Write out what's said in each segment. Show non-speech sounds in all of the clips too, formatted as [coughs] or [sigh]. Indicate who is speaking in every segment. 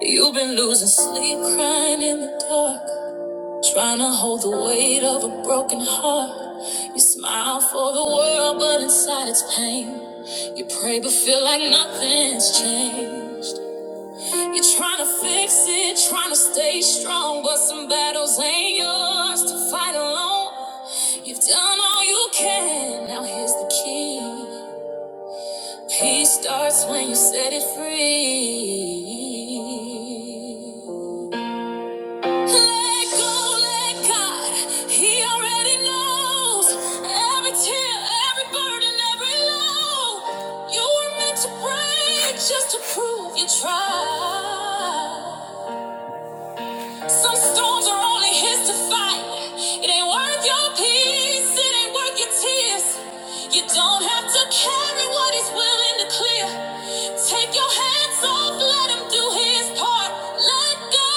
Speaker 1: You've been losing sleep, crying in the dark, trying to hold the weight of a broken heart. You smile for the world, but inside it's pain. You pray, but feel like nothing's changed. You're trying to fix it, trying to stay strong, but some battles ain't yours to fight alone. You've done all you can, now here's the key. Peace starts when you set it free. Let go, let God. He already knows every tear, every burden, every low. You were meant to break just to prove you tried. Some storms are only his to fight. It ain't worth your peace, it ain't worth your tears. You don't have to carry what he's willing to clear. Take your hands off, let him do his part. Let go.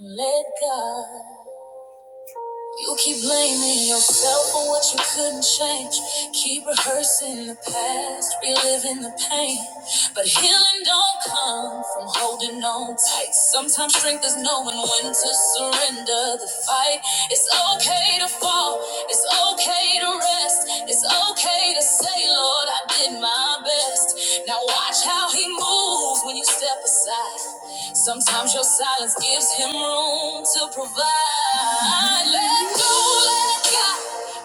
Speaker 1: And let God. You keep blaming yourself for what you couldn't change. Keep rehearsing the past, reliving the pain. But healing don't come from holding on tight. Sometimes strength is knowing when to surrender the fight. It's okay to fall, it's okay to rest, it's okay to say, Lord, I did my best past. Now watch how he moves when you step aside. Sometimes your silence gives him room to provide. Let go, let God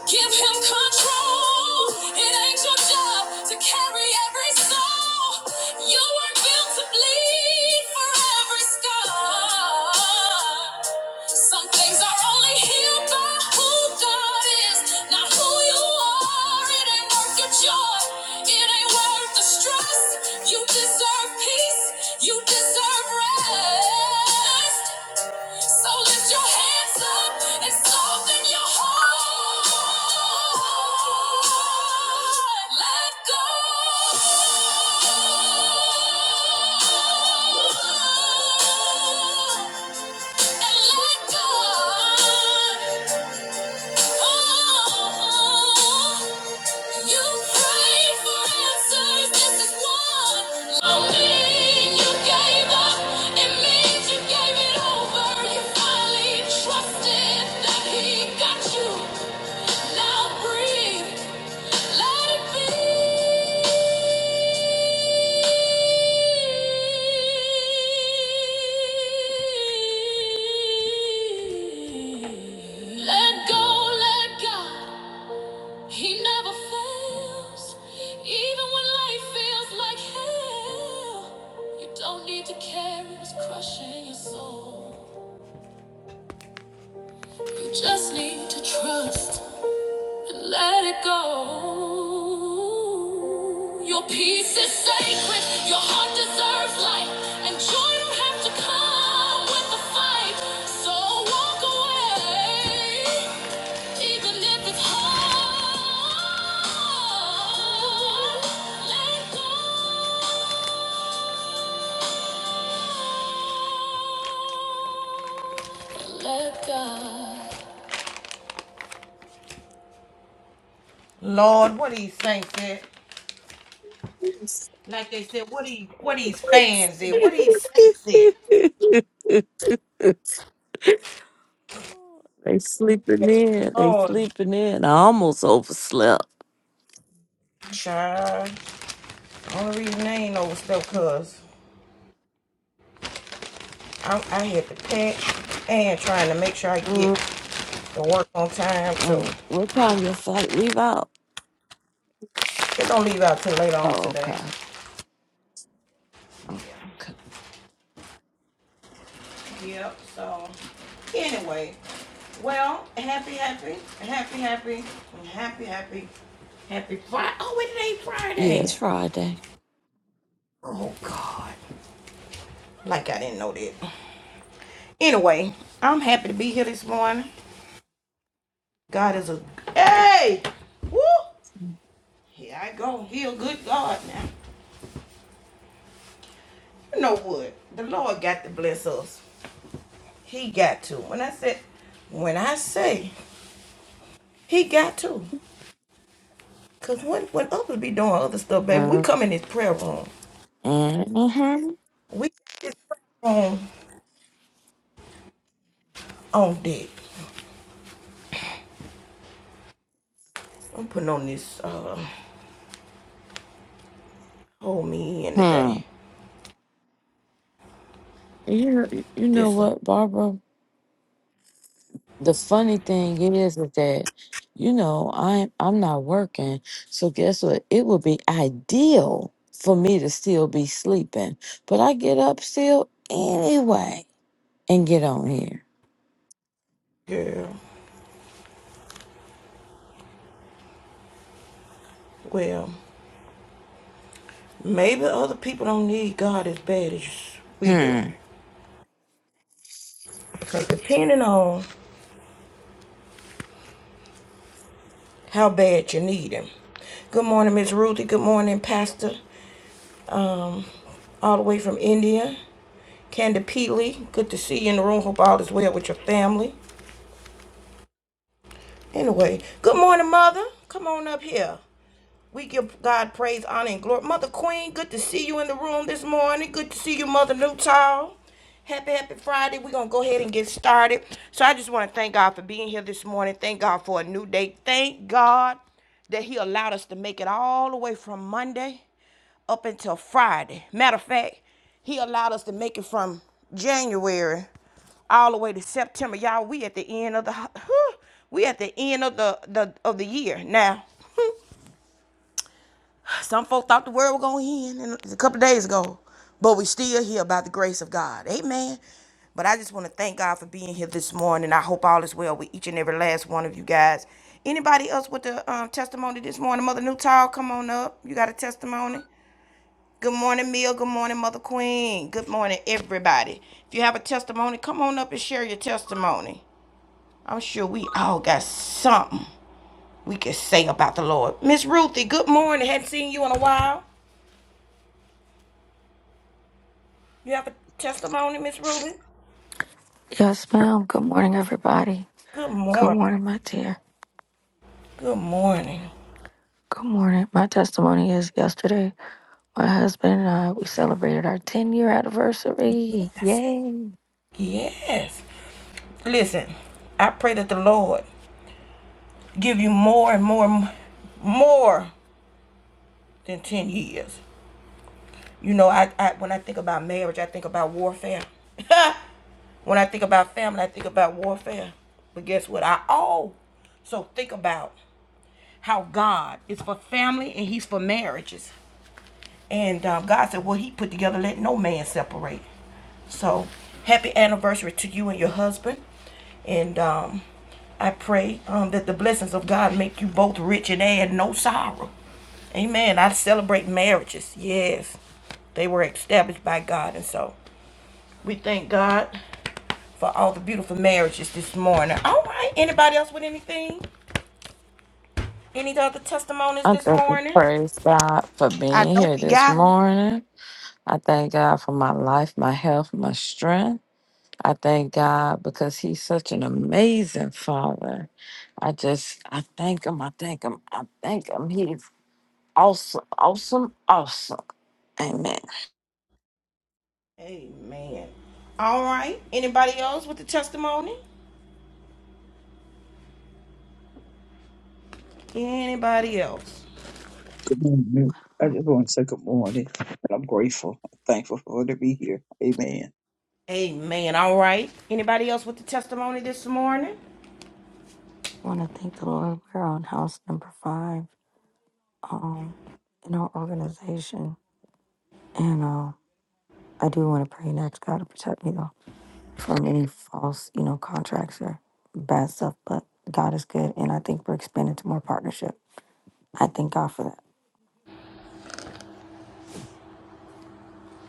Speaker 1: give him control. It ain't your job to carry every soul. You were not built to bleed for every scar. Some things are only healed by who God is, not who you are. It ain't worth your joy. It ain't worth the stress. You deserve peace. You deserve rest. So lift your hands up and soften your heart. Let go. And let God. Let go, let go. He never fails, even when life feels like hell. You don't need to carry what's crushing your soul. You just need to trust and let it go. Your peace is sacred, your heart deserves light, and joy don't have to come with the fight. So walk away. Even if it's hard, let go. Lord, what these saints said.
Speaker 2: [laughs]
Speaker 1: Like they said, what these what these fans did, what these saints did.
Speaker 2: they sleeping in. They
Speaker 1: Lord,
Speaker 2: sleeping in. I almost overslept.
Speaker 1: child. Only reason I ain't know was stuff cause I, I had to pack and trying to make sure I get
Speaker 2: Mm,
Speaker 1: to work on time too.
Speaker 2: mm. What time your flight leave out?
Speaker 1: It don't leave out till later on
Speaker 2: Oh,
Speaker 1: today.
Speaker 2: okay. okay.
Speaker 1: Yep, so anyway, well, happy, happy, happy, happy, happy, happy, happy Friday. Oh, wait, it ain't Friday,
Speaker 2: Yeah,
Speaker 1: ain't
Speaker 2: it's
Speaker 1: it?
Speaker 2: Friday.
Speaker 1: Oh, God. Like I didn't know that. Anyway, I'm happy to be here this morning. God is a. Hey! Woo! Here I go. He a good God now. You know what? The Lord got to bless us. He got to. When I said, when I say, He got to. Cause what what others be doing other stuff, baby. We come in this prayer room.
Speaker 2: Mm-hmm.
Speaker 1: We this prayer room on deck. I'm putting on this uh hold me in
Speaker 2: Hmm.
Speaker 1: today.
Speaker 2: You, you know
Speaker 1: This uh,
Speaker 2: what, Barbara? the funny thing is, is that you know I'm I'm not working, so guess what? It would be ideal for me to still be sleeping, but I get up still anyway and get on here.
Speaker 1: girl. Well, maybe other people don't need God as bad as we do.
Speaker 2: Hmm.
Speaker 1: Cause depending on how bad you need him. Good morning, Miss Ruthie. Good morning, Pastor. Um, all the way from India. Candy Peely, good to see you in the room. Hope all is well with your family. Anyway, good morning, mother. Come on up here. We give God praise, honor, and glory. Mother Queen, good to see you in the room this morning. Good to see you, Mother Newtall. Happy, happy Friday. We're going to go ahead and get started. So I just want to thank God for being here this morning. Thank God for a new day. Thank God that He allowed us to make it all the way from Monday up until Friday. Matter of fact, He allowed us to make it from January all the way to September. Y'all, we at the end of the we at the end of the, the of the year now. Some folk thought the world was going to end a couple of days ago, but we still here by the grace of God. Amen. But I just want to thank God for being here this morning. I hope all is well with each and every last one of you guys. Anybody else with the um, testimony this morning? Mother Newtall, come on up. You got a testimony? Good morning, Mill. Good morning, Mother Queen. Good morning, everybody. If you have a testimony, come on up and share your testimony. I'm sure we all got something we can say about the Lord. Miss Ruthie, good morning. Hadn't seen you in a while. You have a testimony, Miss Rubin?
Speaker 3: Yes, ma'am. Good morning, everybody.
Speaker 1: Good
Speaker 3: Good
Speaker 1: morning.
Speaker 3: morning, my dear.
Speaker 1: Good morning.
Speaker 3: Good morning. My testimony is yesterday, my husband and I, we celebrated our 10 year anniversary. Yay!
Speaker 1: yes. yes. Listen, I pray that the Lord give you more and more, more than 10 years. You know, I, I when I think about marriage, I think about warfare. [laughs] when I think about family, I think about warfare. But guess what? I also think about how God is for family and He's for marriages. And um, God said, Well, He put together, let no man separate. So, happy anniversary to you and your husband. And um, I pray um, that the blessings of God make you both rich and add no sorrow. Amen. I celebrate marriages. Yes. They were established by God. And so we thank God for all the beautiful marriages this morning. All right. Anybody else with anything? Any other testimonies
Speaker 2: I
Speaker 1: this
Speaker 2: thank and
Speaker 1: morning?
Speaker 2: praise God for being here this morning. I thank God for my life, my health, my strength. I thank God because He's such an amazing Father. I just I thank Him. I thank Him. I thank Him. He Awesome, awesome, awesome. Amen.
Speaker 1: Amen. All right. Anybody else with a testimony? Anybody else?
Speaker 4: Good morning. I just want to say good morning, and I'm grateful, thankful for to be here. Amen.
Speaker 1: Amen. All right. Anybody else with the testimony this morning?
Speaker 3: I want to thank the Lord. We're on house number five um, in our organization. And uh, I do want to pray next God to protect me, though, from any false, you know, contracts or bad stuff. But God is good. And I think we're expanding to more partnership. I thank God for that.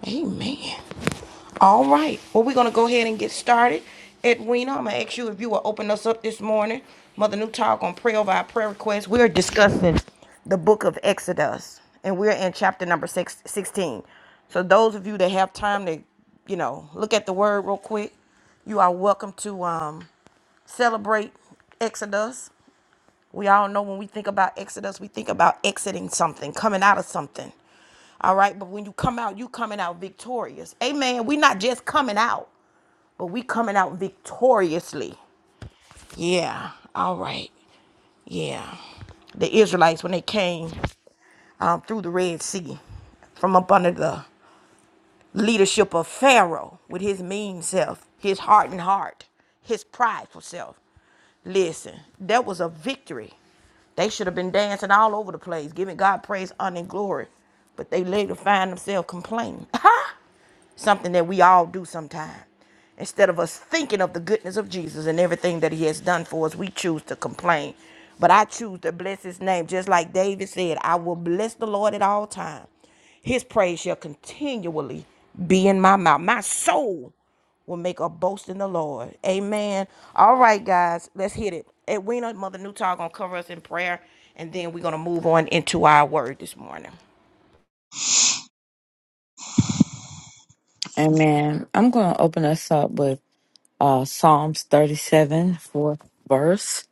Speaker 1: Amen. All right. Well, we're going to go ahead and get started. Edwina, I'm going to ask you if you will open us up this morning. Mother New Talk on Pray Over Our Prayer Request. We're discussing the book of Exodus, and we're in chapter number six, sixteen. So, those of you that have time to, you know, look at the word real quick, you are welcome to um, celebrate Exodus. We all know when we think about Exodus, we think about exiting something, coming out of something. All right, but when you come out, you coming out victorious. Amen. We not just coming out, but we coming out victoriously. Yeah. All right. Yeah. The Israelites when they came um, through the Red Sea, from up under the leadership of Pharaoh with his mean self, his hardened heart, his prideful self. Listen, that was a victory. They should have been dancing all over the place, giving God praise, honor, and glory. But they later find themselves complaining. [laughs] something that we all do sometime. Instead of us thinking of the goodness of Jesus and everything that he has done for us, we choose to complain. But I choose to bless his name. Just like David said, I will bless the Lord at all times. His praise shall continually be in my mouth. My soul will make a boast in the Lord. Amen. All right, guys, let's hit it. Edwina, Mother Newtall, gonna cover us in prayer, and then we're gonna move on into our word this morning.
Speaker 2: Amen. I'm going to open us up with uh, Psalms 37, fourth verse.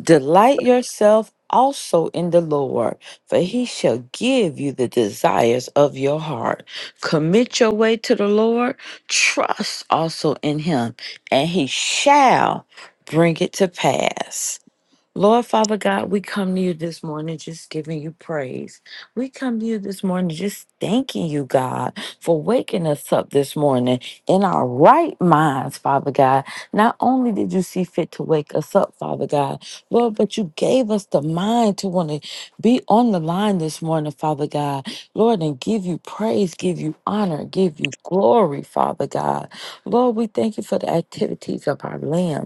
Speaker 2: Delight yourself also in the Lord, for he shall give you the desires of your heart. Commit your way to the Lord. Trust also in him, and he shall bring it to pass. Lord Father God, we come to you this morning just giving you praise. We come to you this morning just thanking you, God, for waking us up this morning in our right minds, Father God. Not only did you see fit to wake us up, Father God, Lord, but you gave us the mind to want to be on the line this morning, Father God. Lord, and give you praise, give you honor, give you glory, Father God. Lord, we thank you for the activities of our land.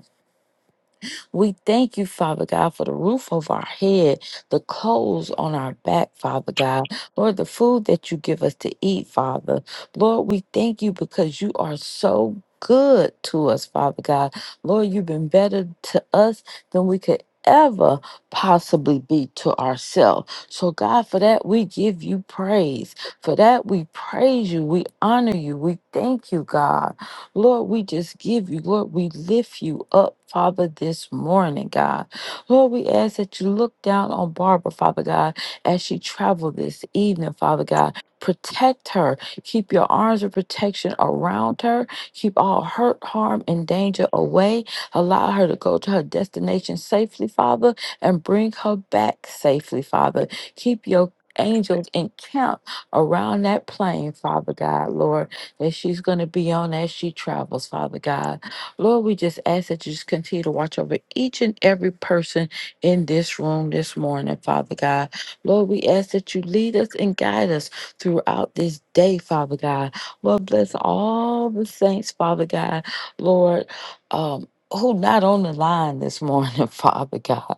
Speaker 2: We thank you, Father God, for the roof over our head, the clothes on our back, Father God. Lord, the food that you give us to eat, Father. Lord, we thank you because you are so good to us, Father God. Lord, you've been better to us than we could ever possibly be to ourselves. So, God, for that, we give you praise. For that, we praise you. We honor you. We thank you, God. Lord, we just give you, Lord, we lift you up, Father, this morning, God. Lord, we ask that you look down on Barbara, Father God, as she traveled this evening, Father God. Protect her. Keep your arms of protection around her. Keep all hurt, harm, and danger away. Allow her to go to her destination safely, Father, and bring her back safely, Father. Keep your angels encamped around that plane, Father God, Lord that she's going to be on as she travels, Father God. Lord, we just ask that you just continue to watch over each and every person in this room this morning, Father God. Lord, we ask that you lead us and guide us throughout this day, Father God. Lord, bless all the saints, Father God. Lord, um, who not on the line this morning, [laughs] Father God.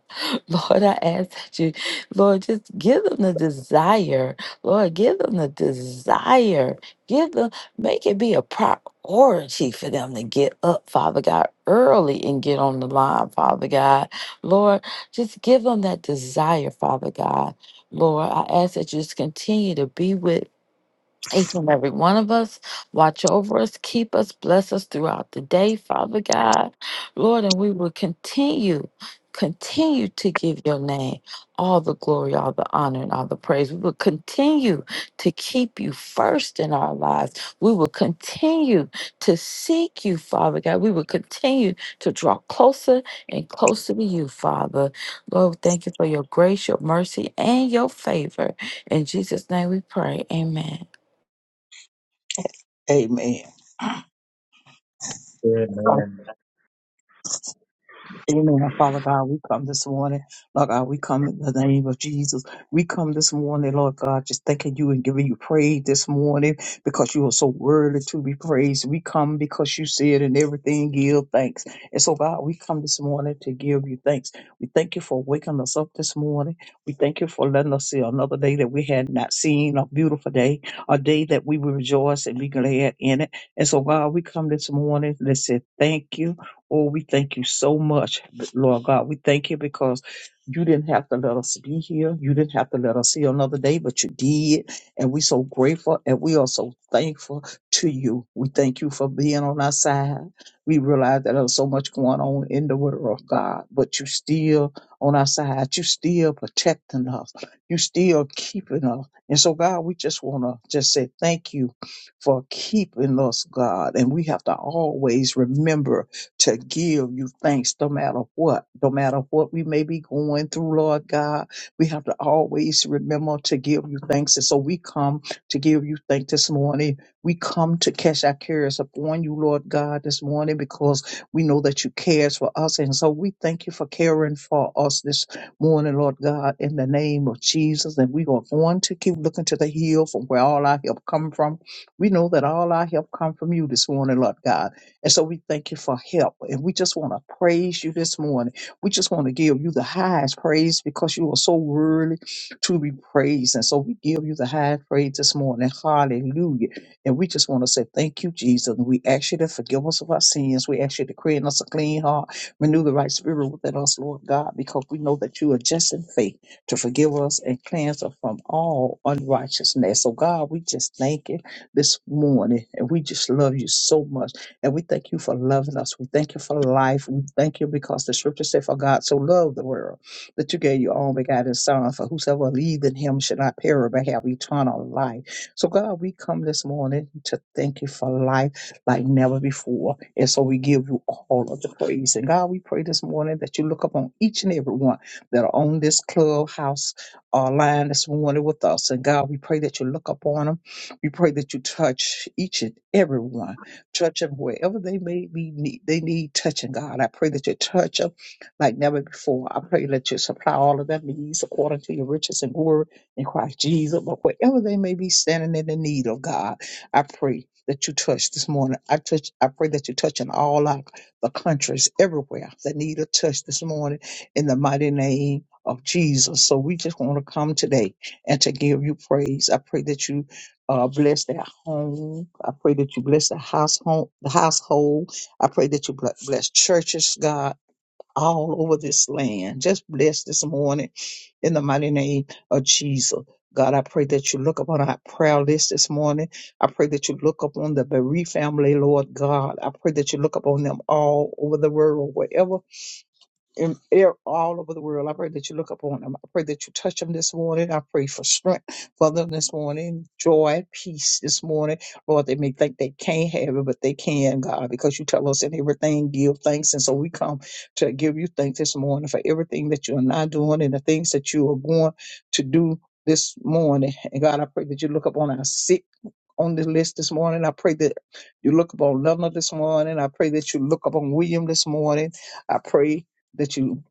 Speaker 2: Lord, I ask that you, Lord, just give them the desire. Lord, give them the desire. Give them Make it be a priority for them to get up, Father God, early and get on the line, Father God. Lord, just give them that desire, Father God. Lord, I ask that you just continue to be with each and every one of us, watch over us, keep us, bless us throughout the day, Father God. Lord, and we will continue, continue to give your name all the glory, all the honor, and all the praise. We will continue to keep you first in our lives. We will continue to seek you, Father God. We will continue to draw closer and closer to you, Father. Lord, we thank you for your grace, your mercy, and your favor. In Jesus' name we pray. Amen.
Speaker 4: Amen.
Speaker 5: Amen.
Speaker 4: Amen. Father God, we come this morning. Lord God, we come in the name of Jesus. We come this morning, Lord God, just thanking you and giving you praise this morning because you are so worthy to be praised. We come because you said in everything, give thanks. And so, God, we come this morning to give you thanks. We thank you for waking us up this morning. We thank you for letting us see another day that we had not seen, a beautiful day, a day that we will rejoice and be glad in it. And so, God, we come this morning. Let's say thank you. Oh, we thank you so much, Lord God. We thank you because you didn't have to let us be here. You didn't have to let us see another day, but you did. And we're so grateful and we are so thankful to you. We thank you for being on our side. We realize that there's so much going on in the world, God, but you still on our side. You still protecting us. You still keeping us. And so, God, we just want to just say thank you for keeping us, God. And we have to always remember to give you thanks no matter what, no matter what we may be going through, Lord God. We have to always remember to give you thanks. And so we come to give you thanks this morning. We come to cast our cares upon you, Lord God, this morning because we know that you cares for us. And so we thank you for caring for us this morning, Lord God, in the name of Jesus. And we are going to keep looking to the hill from where all our help come from. We know that all our help come from you this morning, Lord God. And so we thank you for help. And we just want to praise you this morning. We just want to give you the highest praise because you are so worthy to be praised. And so we give you the highest praise this morning. Hallelujah. And we just want to say thank you, Jesus. And we ask you to forgive us of our sins. We ask you to create in us a clean heart, renew the right spirit within us, Lord God, because we know that you are just in faith to forgive us and cleanse us from all unrighteousness. So, God, we just thank you this morning. And we just love you so much. And we thank you for loving us. We thank you for life. We thank you because the scripture said, For God so loved the world that you gave your own begotten Son, for whosoever believes in him should not perish but have eternal life. So, God, we come this morning to thank you for life like never before. And so we give you all of the praise. And God, we pray this morning that you look upon each and every one that are on this clubhouse uh, line this morning with us. And God, we pray that you look upon them. We pray that you touch each and every one touch them wherever they may be need. They need touching, God. I pray that you touch them like never before. I pray that you supply all of their needs according to your riches and glory in Christ Jesus. But wherever they may be standing in the need of God, I pray that you touch this morning. I touch. I pray that you touch in all our, the countries everywhere that need a touch this morning in the mighty name of Jesus. So we just want to come today and to give you praise. I pray that you uh, bless their home. I pray that you bless the household. The household. I pray that you bl- bless churches, God, all over this land. Just bless this morning in the mighty name of Jesus. God, I pray that you look upon our prayer list this morning. I pray that you look upon the bereaved family, Lord God. I pray that you look upon them all over the world, wherever in, air- all over the world. I pray that you look upon them. I pray that you touch them this morning. I pray for strength for them this morning, joy, peace this morning. Lord, they may think they can't have it, but they can, God, because you tell us in everything, give thanks. And so we come to give you thanks this morning for everything that you are not doing and the things that you are going to do this morning. And God, I pray that you look upon our sick. On the list this morning, I pray that you look upon Lena this morning. I pray that you look upon William this morning. I pray that you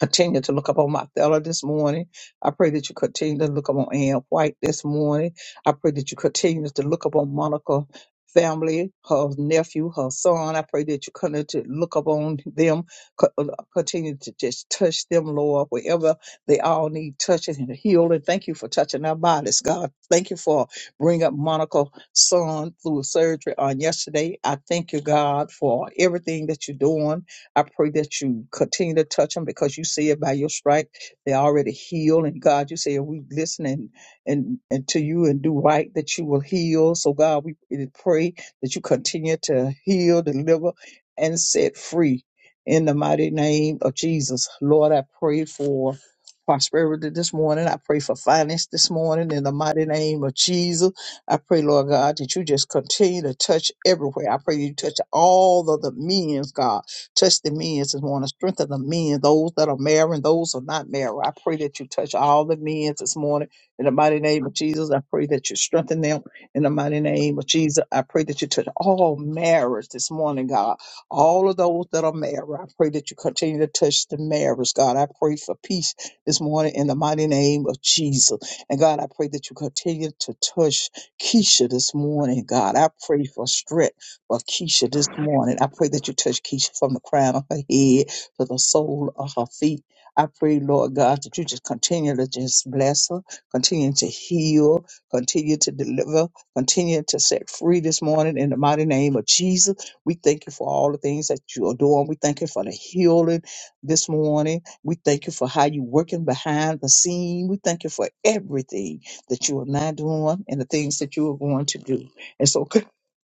Speaker 4: continue to look up on Thella this morning. I pray that you continue to look up on Ann White this morning. I pray that you continue to look up on Monica family, her nephew, her son. I pray that you continue to look up on them, co- uh, continue to just touch them, Lord, wherever they all need touching and healing. Thank you for touching our bodies, God. Thank you for bringing up Monica's son through surgery on yesterday. I thank you, God, for everything that you're doing. I pray that you continue to touch them because you see it by your stripe. They already heal. And God, you say, if we listen and, and, and to you and do right, that you will heal. So God, we really pray that you continue to heal, deliver, and set free in the mighty name of Jesus. Lord, I pray for prosperity this morning. I pray for finance this morning in the mighty name of Jesus. I pray, Lord God, that you just continue to touch everywhere. I pray you touch all of the means, God. Touch the men this morning. Strengthen the men, those that are married and those who are not married. I pray that you touch all the men this morning in the mighty name of Jesus. I pray that you strengthen them in the mighty name of Jesus. I pray that you touch all marriage this morning, God. All of those that are married, I pray that you continue to touch the marriage, God. I pray for peace this morning in the mighty name of Jesus. And God, I pray that you continue to touch Keisha this morning, God. I pray for strength for Keisha this morning. I pray that you touch Keisha from the crown of her head to the sole of her feet. I pray, Lord God, that you just continue to just bless her, continue to heal, continue to deliver, continue to set free this morning in the mighty name of Jesus. We thank you for all the things that you are doing. We thank you for the healing this morning. We thank you for how you're working behind the scene. We thank you for everything that you are now doing and the things that you are going to do. And so [laughs]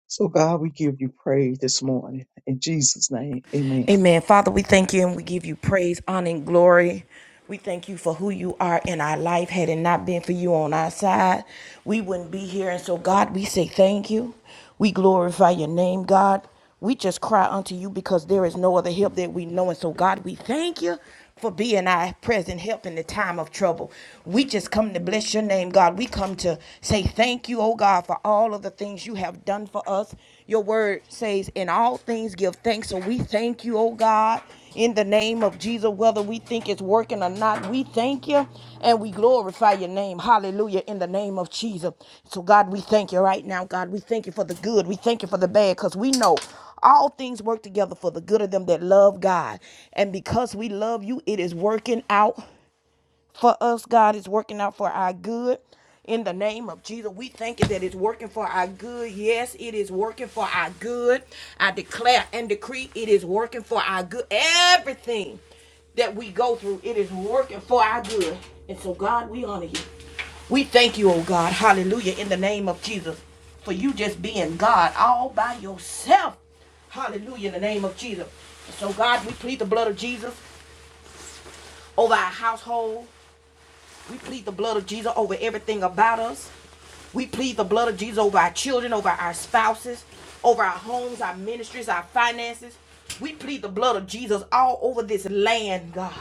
Speaker 4: So, God, we give you praise this morning. In Jesus' name, amen.
Speaker 1: Amen. Father, we thank you and we give you praise, honor, and glory. We thank you for who you are in our life. Had it not been for you on our side, we wouldn't be here. And so, God, we say thank you. We glorify your name, God. We just cry unto you because there is no other help that we know. And so, God, we thank you for being our present help in the time of trouble. We just come to bless your name, God. We come to say thank you, oh God, for all of the things you have done for us. Your word says, in all things give thanks. So we thank you, oh God, in the name of Jesus, whether we think it's working or not. We thank you and we glorify your name. Hallelujah, in the name of Jesus. So, God, we thank you right now, God. We thank you for the good. We thank you for the bad because we know. All things work together for the good of them that love God. And because we love you, it is working out for us, God. It's working out for our good. In the name of Jesus, we thank you that it's working for our good. Yes, it is working for our good. I declare and decree it is working for our good. Everything that we go through, it is working for our good. And so, God, we honor you. We thank you, oh God. Hallelujah. In the name of Jesus, for you just being God all by yourself. Hallelujah. In the name of Jesus. So, God, we plead the blood of Jesus over our household, we plead the blood of Jesus over everything about us. We plead the blood of Jesus over our children, over our spouses, over our homes, our ministries, our finances. We plead the blood of Jesus all over this land, God.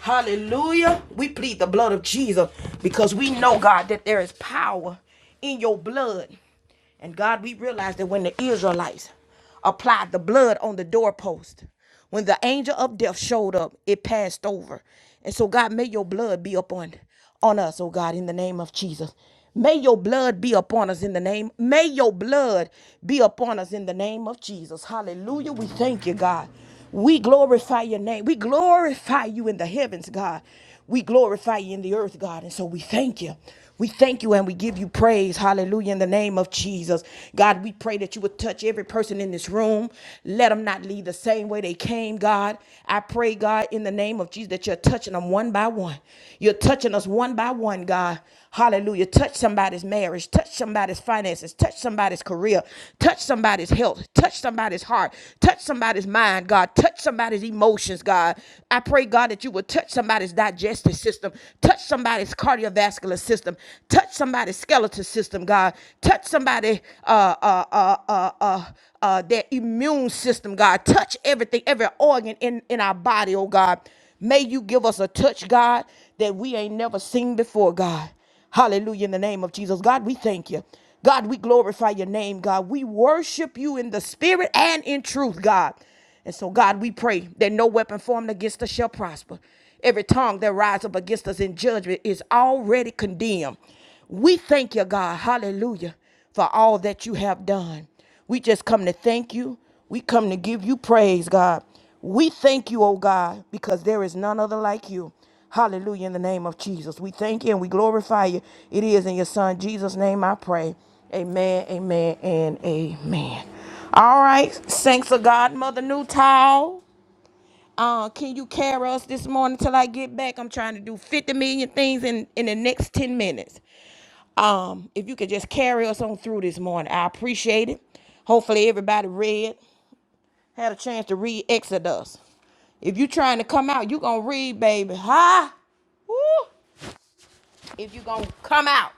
Speaker 1: Hallelujah. We plead the blood of Jesus because we know, God, that there is power in your blood. And God, we realize that when the Israelites applied the blood on the doorpost. When the angel of death showed up, it passed over. And so, God, may your blood be upon on us, oh God, in the name of Jesus. May your blood be upon us in the name. May your blood be upon us in the name of Jesus. Hallelujah. We thank you, God. We glorify your name. We glorify you in the heavens, God. We glorify you in the earth, God. And so we thank you. We thank you and we give you praise. Hallelujah. In the name of Jesus. God, we pray that you would touch every person in this room. Let them not leave the same way they came, God. I pray, God, in the name of Jesus, that you're touching them one by one. You're touching us one by one, God. Hallelujah. Touch somebody's marriage. Touch somebody's finances. Touch somebody's career. Touch somebody's health. Touch somebody's heart. Touch somebody's mind, God. Touch somebody's emotions, God. I pray, God, that you that you would touch somebody's digestive system, touch somebody's cardiovascular system, touch somebody's skeletal system, God, touch somebody uh uh uh uh uh, uh their immune system, God, touch everything, every organ in in our body, oh God. May you give us a touch, God, that we ain't never seen before, God. Hallelujah. In the name of Jesus. God, we thank you. God, we glorify your name, God. We worship you in the spirit and in truth, God. And so, God, we pray that no weapon formed against us shall prosper. Every tongue that rises up against us in judgment is already condemned. We thank you, God. Hallelujah for all that you have done. We just come to thank you. We come to give you praise, God. We thank you, oh God, because there is none other like you. Hallelujah, in the name of Jesus. We thank you and we glorify you. It is in your Son, Jesus' name, I pray. Amen, amen, and amen. All right, thanks of God, Mother Newtile. Uh, can you carry us this morning till I get back? I'm trying to do 50 million things in, in the next 10 minutes. Um, if you could just carry us on through this morning, I appreciate it. Hopefully everybody read, had a chance to read Exodus. If you trying to come out, you gonna read, baby. Huh? Woo! If you gonna come out,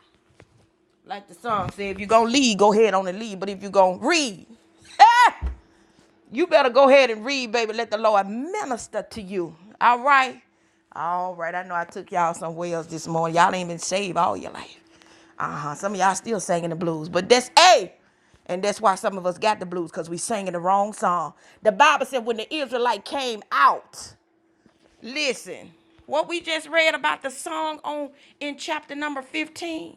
Speaker 1: like the song said, if you gonna lead, go ahead on and lead. But if you gonna read, [laughs] You better go ahead and read, baby. Let the Lord minister to you. All right. All right. I know I took y'all somewhere else this morning. Y'all ain't been saved all your life. Uh-huh. Some of y'all still singing the blues. But that's A. And that's why some of us got the blues, because we singing the wrong song. The Bible said when the Israelite came out. Listen, what we just read about the song on in chapter number 15,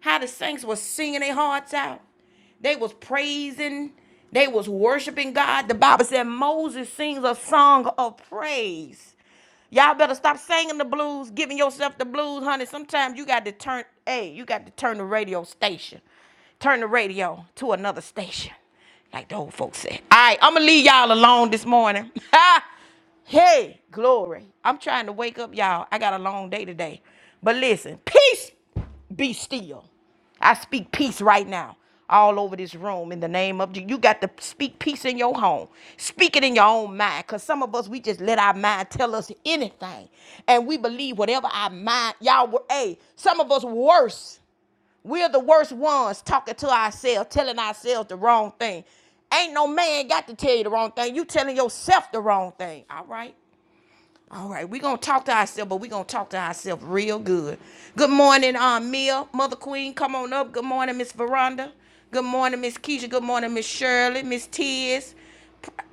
Speaker 1: how the saints was singing their hearts out. They was praising, they was worshiping God. The Bible said Moses sings a song of praise. Y'all better stop singing the blues, giving yourself the blues, honey. Sometimes you got to turn, hey, you got to turn the radio station. Turn the radio to another station. Like the old folks said. All right, I'm gonna leave y'all alone this morning. [laughs] Hey, glory. I'm trying to wake up, y'all. I got a long day today. But listen, peace be still. I speak peace right now all over this room in the name of Jesus. You got to speak peace in your home. Speak it in your own mind. Because some of us, we just let our mind tell us anything. And we believe whatever our mind, y'all were, hey, some of us worse. We're the worst ones talking to ourselves, telling ourselves the wrong thing. Ain't no man got to tell you the wrong thing. You telling yourself the wrong thing. All right. All right. We're gonna talk to ourselves, but we're gonna talk to ourselves real good. Good morning, um, Mia, Mother Queen. Come on up. Good morning, Miss Veranda. Good morning, Miss Keisha. Good morning, Miss Shirley, Miss Tiz.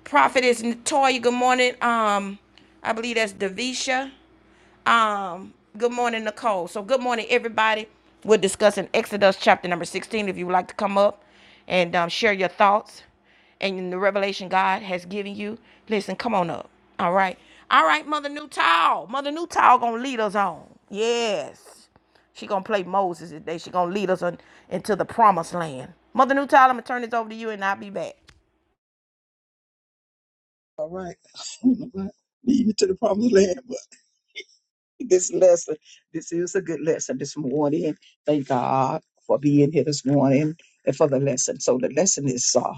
Speaker 1: Prophetess Natoya, good morning. Um, I believe that's Davisha. Um, good morning, Nicole. So good morning, everybody. We're discussing Exodus chapter number 16. If you would like to come up and um, share your thoughts and the revelation God has given you, listen, come on up. All right. All right, Mother Newtall. Mother Newtall gonna lead us on. Yes. She gonna play Moses today. She gonna lead us on into the promised land. Mother Newtall, I'm gonna turn this over to you and I'll be back.
Speaker 4: All right. [laughs] Lead you to the promised land. But this lesson, this is a good lesson this morning. Thank God for being here this morning and for the lesson. So, the lesson is uh,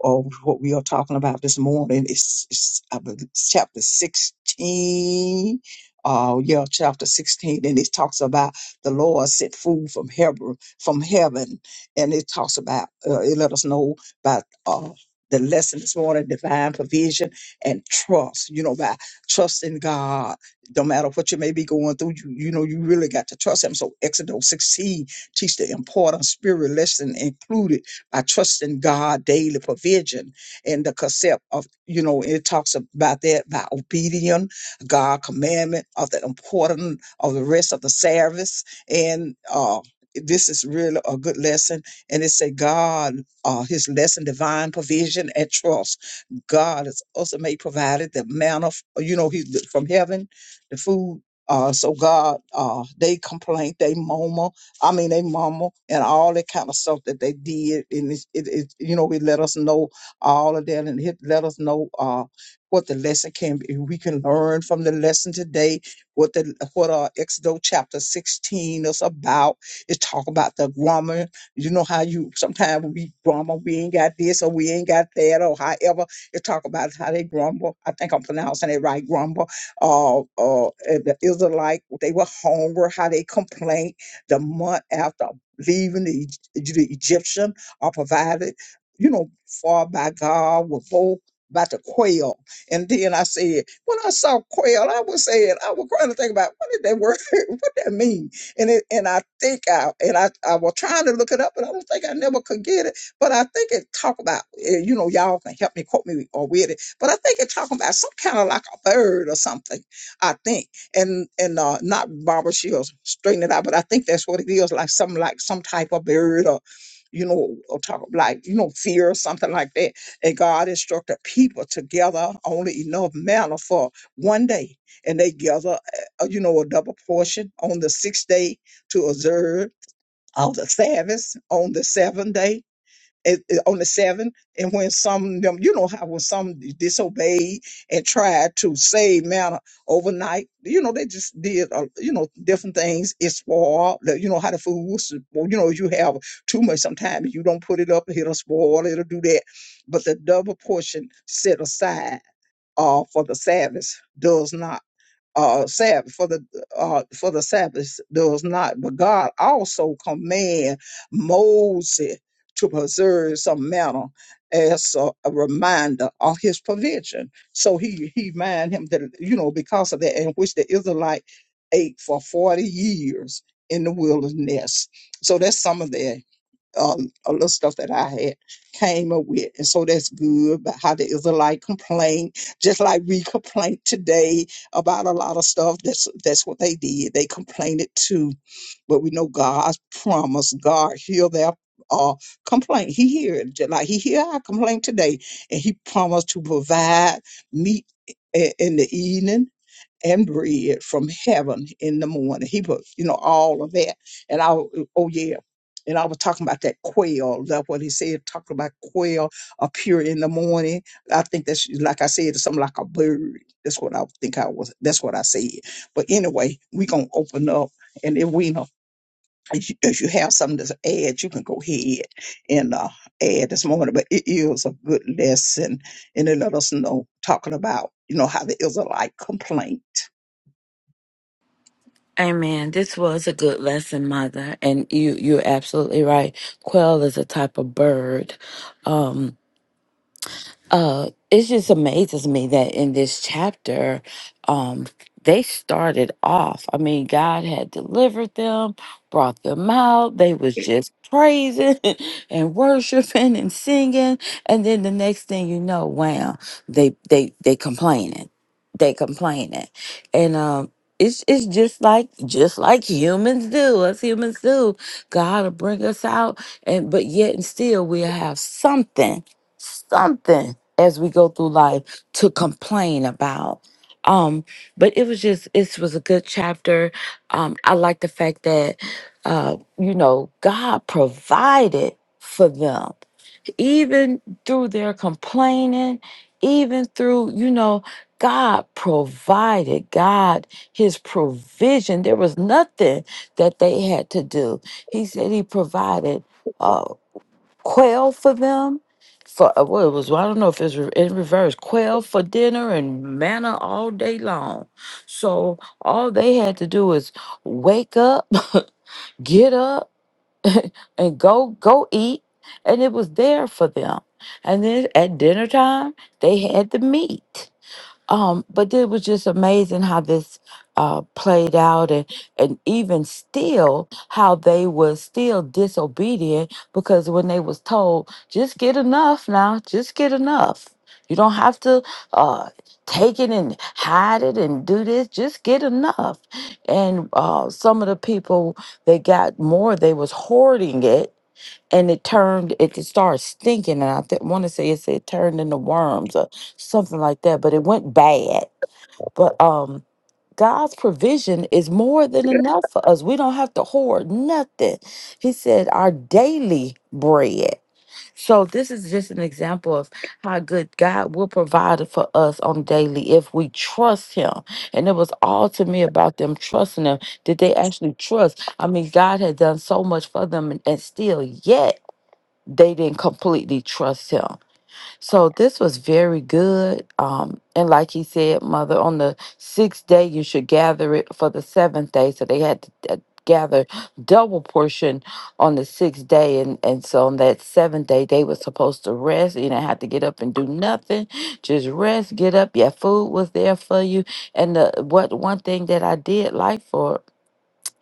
Speaker 4: or what we are talking about this morning is, is I believe, it's chapter 16. Uh, yeah, chapter 16. And it talks about the Lord sent food from heaven, from heaven. And it talks about, uh, it let us know about, uh, the lesson this morning, divine provision and trust, you know, by trusting God, no matter what you may be going through, you, you know, you really got to trust him. So Exodus 16 teach the important spirit lesson included I trust in God daily provision and the concept of, you know, it talks about that by obedience, God commandment of the important of the rest of the service. And uh this is really a good lesson. And it said God, uh his lesson, divine provision and trust. God has also made provided the manna, f- you know, he from heaven, the food. Uh, so God, uh, they complain, they murmur, I mean, they mama and all that kind of stuff that they did, and it, it, it you know, it let us know all of that, and it let us know uh, what the lesson can be. We can learn from the lesson today. What the what uh, Exodus chapter sixteen is about. It talk about the grammar. You know how you sometimes we grammar we ain't got this or we ain't got that or however. It talk about how they grumble. I think I'm pronouncing it right. Grumble. Uh, uh, and the Israelite they were hungry. How they complained the month after leaving the, Eg- the Egyptian are provided, you know, for by God with both about the quail. And then I said, when I saw quail, I was saying, I was trying to think about what did that word, [laughs] what that mean? And it, and I think I, and I, I was trying to look it up and I don't think I never could get it, but I think it talk about, eh, you know, y'all can help me quote me or with it, but I think it talking about some kind of like a bird or something, I think and and uh, not Barbara Shields, straighten it out. But I think that's what it is, like some like some type of bird or you know, or talk like you know fear or something like that. And God instructed people to gather only enough manna for one day, and they gather uh, you know a double portion on the sixth day to observe all the Sabbath on the seventh day at- at- on the seven, and when some of them, you know how when some disobeyed and tried to save manna overnight, you know they just did, uh, you know, different things. It's spoiled. the- You know how the food was, spoiled. you know, you have too much sometimes. You don't put it up, it'll spoil. It'll do that. But the double portion set aside uh, for the Sabbath does not uh Sabbath for the uh for the Sabbath does not, but God also command Moses to preserve some manner as a, a reminder of his provision. So he he mind him that you know because of that in which the Israelite ate for 40 years in the wilderness. So that's some of that um, a little stuff that I had came up with. And so that's good. But how the Israelite complain, just like we complain today about a lot of stuff. That's that's what they did. They complained it too. But we know God's promise. God hear their uh, complaint. He hear it. Just like He hear our complaint today. And He promised to provide meat i- in the evening and bread from heaven in the morning. He was, you know, all of that. And I, oh yeah. And I was talking about that quail. That's what he said, talking about quail appear in the morning. I think that's, like I said, it's something like a bird. That's what I think I was, that's what I said. But anyway, we going to open up. And if we do if you, if you have something to add, you can go ahead and uh, add this morning. But it is a good lesson, and it let us know talking about you know how the Israelite complaint.
Speaker 2: Amen. This was a good lesson, Mother, and you you're absolutely right. Quail is a type of bird, Um, uh it just amazes me that in this chapter um they started off i mean god had delivered them brought them out they was just praising [laughs] and worshiping and singing and then the next thing you know wow they they they complaining they complaining and um it's, it's just like just like humans do us humans do god will bring us out and but yet and still we'll have something something as we go through life to complain about. Um, but it was just it was a good chapter. Um, I like the fact that uh, you know God provided for them, even through their complaining, even through you know God provided God His provision. There was nothing that they had to do. He said He provided. uh, quail for them for uh, well, it was well, I don't know if it's re- in reverse quail for dinner and manna all day long. So all they had to do is wake up, [laughs] get up, and go go eat, and it was there for them. And then at dinner time, they had the meat. Um, but it was just amazing how this uh, played out, and and even still, how they were still disobedient because when they was told, just get enough now, just get enough. You don't have to uh, take it and hide it and do this. Just get enough. And uh, some of the people they got more, they was hoarding it and it turned it just started stinking and i th- want to say it said turned into worms or something like that but it went bad but um god's provision is more than enough for us we don't have to hoard nothing he said our daily bread so this is just an example of how good god will provide for us on daily if we trust him and it was all to me about them trusting him did they actually trust i mean god had done so much for them and, and still yet they didn't completely trust him. So this was very good. Um, and like he said, mother, on the sixth day you should gather it for the seventh day. So they had to uh, gather double portion on the sixth day, and and so on that seventh day they were supposed to rest. You didn't have to get up and do nothing, just rest, get up. Your food was there for you, and the, what one thing that I did like for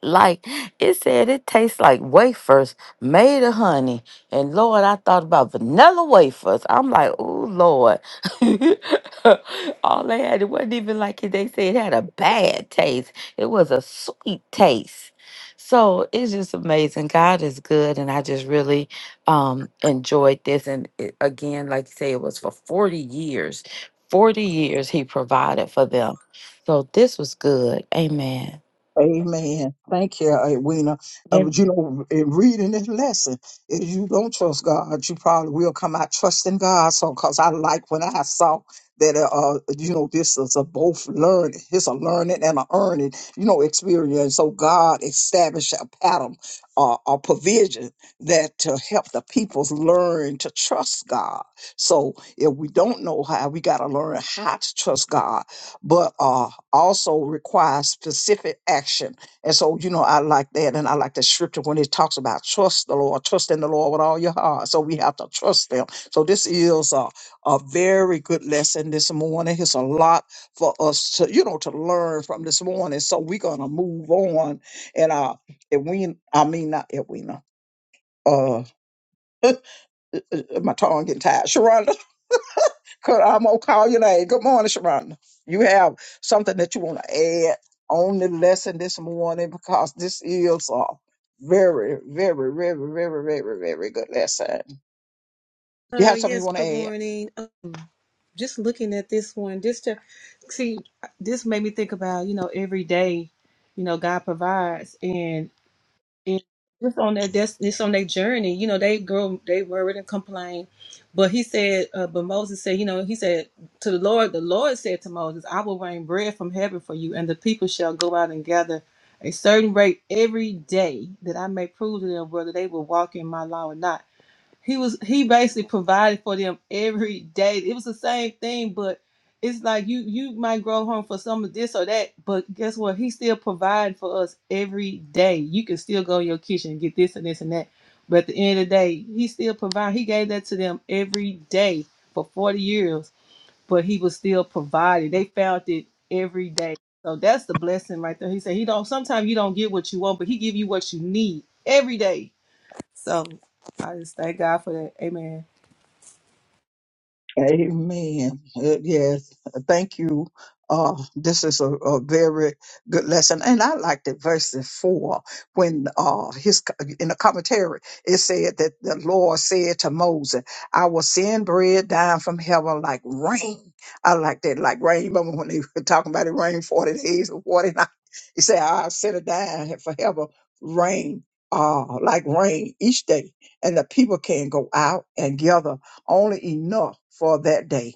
Speaker 2: like it said, it tastes like wafers made of honey. And Lord, I thought about vanilla wafers. I'm like, oh Lord. [laughs] All they had, it wasn't even like it. They said it had a bad taste. It was a sweet taste. So it's just amazing. God is good, and I just really um enjoyed this. And it, again, like you say, it was for 40 years. 40 years he provided for them. So this was good. Amen.
Speaker 4: Amen. Thank you, Edwina. Uh, but you know, in reading this lesson, if you don't trust God, you probably will come out trusting God. So, because I like when I saw that, uh, uh, you know, this is a both learning, it's a learning and a earning, you know, experience. So, God established a pattern, uh, a provision that to help the peoples learn to trust God. So, if we don't know how, we got to learn how to trust God. But, uh also requires specific action. And so, you know, I like that. And I like the scripture when it talks about trust the Lord, trust in the Lord with all your heart. So we have to trust them. So this is a, a very good lesson this morning. It's a lot for us to, you know, to learn from this morning. So we're gonna move on. And uh if we I mean not if we know. Uh, uh, my tongue getting tired. Sharonda, Could- I'm gonna call your name. Good morning, Sharonda. You have something that you want to add on the lesson this morning because this is a very, very, very, very, very, very good lesson. You
Speaker 6: Uh,
Speaker 4: have something you
Speaker 6: yes,
Speaker 4: want to
Speaker 6: good
Speaker 4: add?
Speaker 6: morning. Um, just looking at this one, just to see, this made me think about, you know, every day, you know, God provides and, and just on that, that's just on their journey, you know, they grow, they worried and complain, but he said, uh, but Moses said, you know, he said to the Lord, the Lord said to Moses, I will rain bread from heaven for you and the people shall go out and gather a certain rate every day that I may prove to them whether they will walk in my law or not he was he basically provided for them every day. It was the same thing, but it's like you you might grow home for some of this or that, but guess what? He still providing for us every day. You can still go in your kitchen and get this and this and that. But at the end of the day, he still provide. He gave that to them every day for 40 years, but he was still providing. They found it every day. So that's the blessing right there. He said he don't sometimes you don't get what you want, but he give you what you need every day so I just thank God for that. Amen.
Speaker 4: Amen. Uh, Yes. Thank you. Uh, this is a, a very good lesson. And I liked it, verse 4, when uh, his co- in the commentary, it said that the Lord said to Moses, I will send bread down from heaven like rain. I like that, like rain. Remember when they [laughs] were talking about it rain 40 days or 40 nights? He said, I'll send it down for heaven, rain, uh, like rain each day. And the people can go out and gather only enough for that day.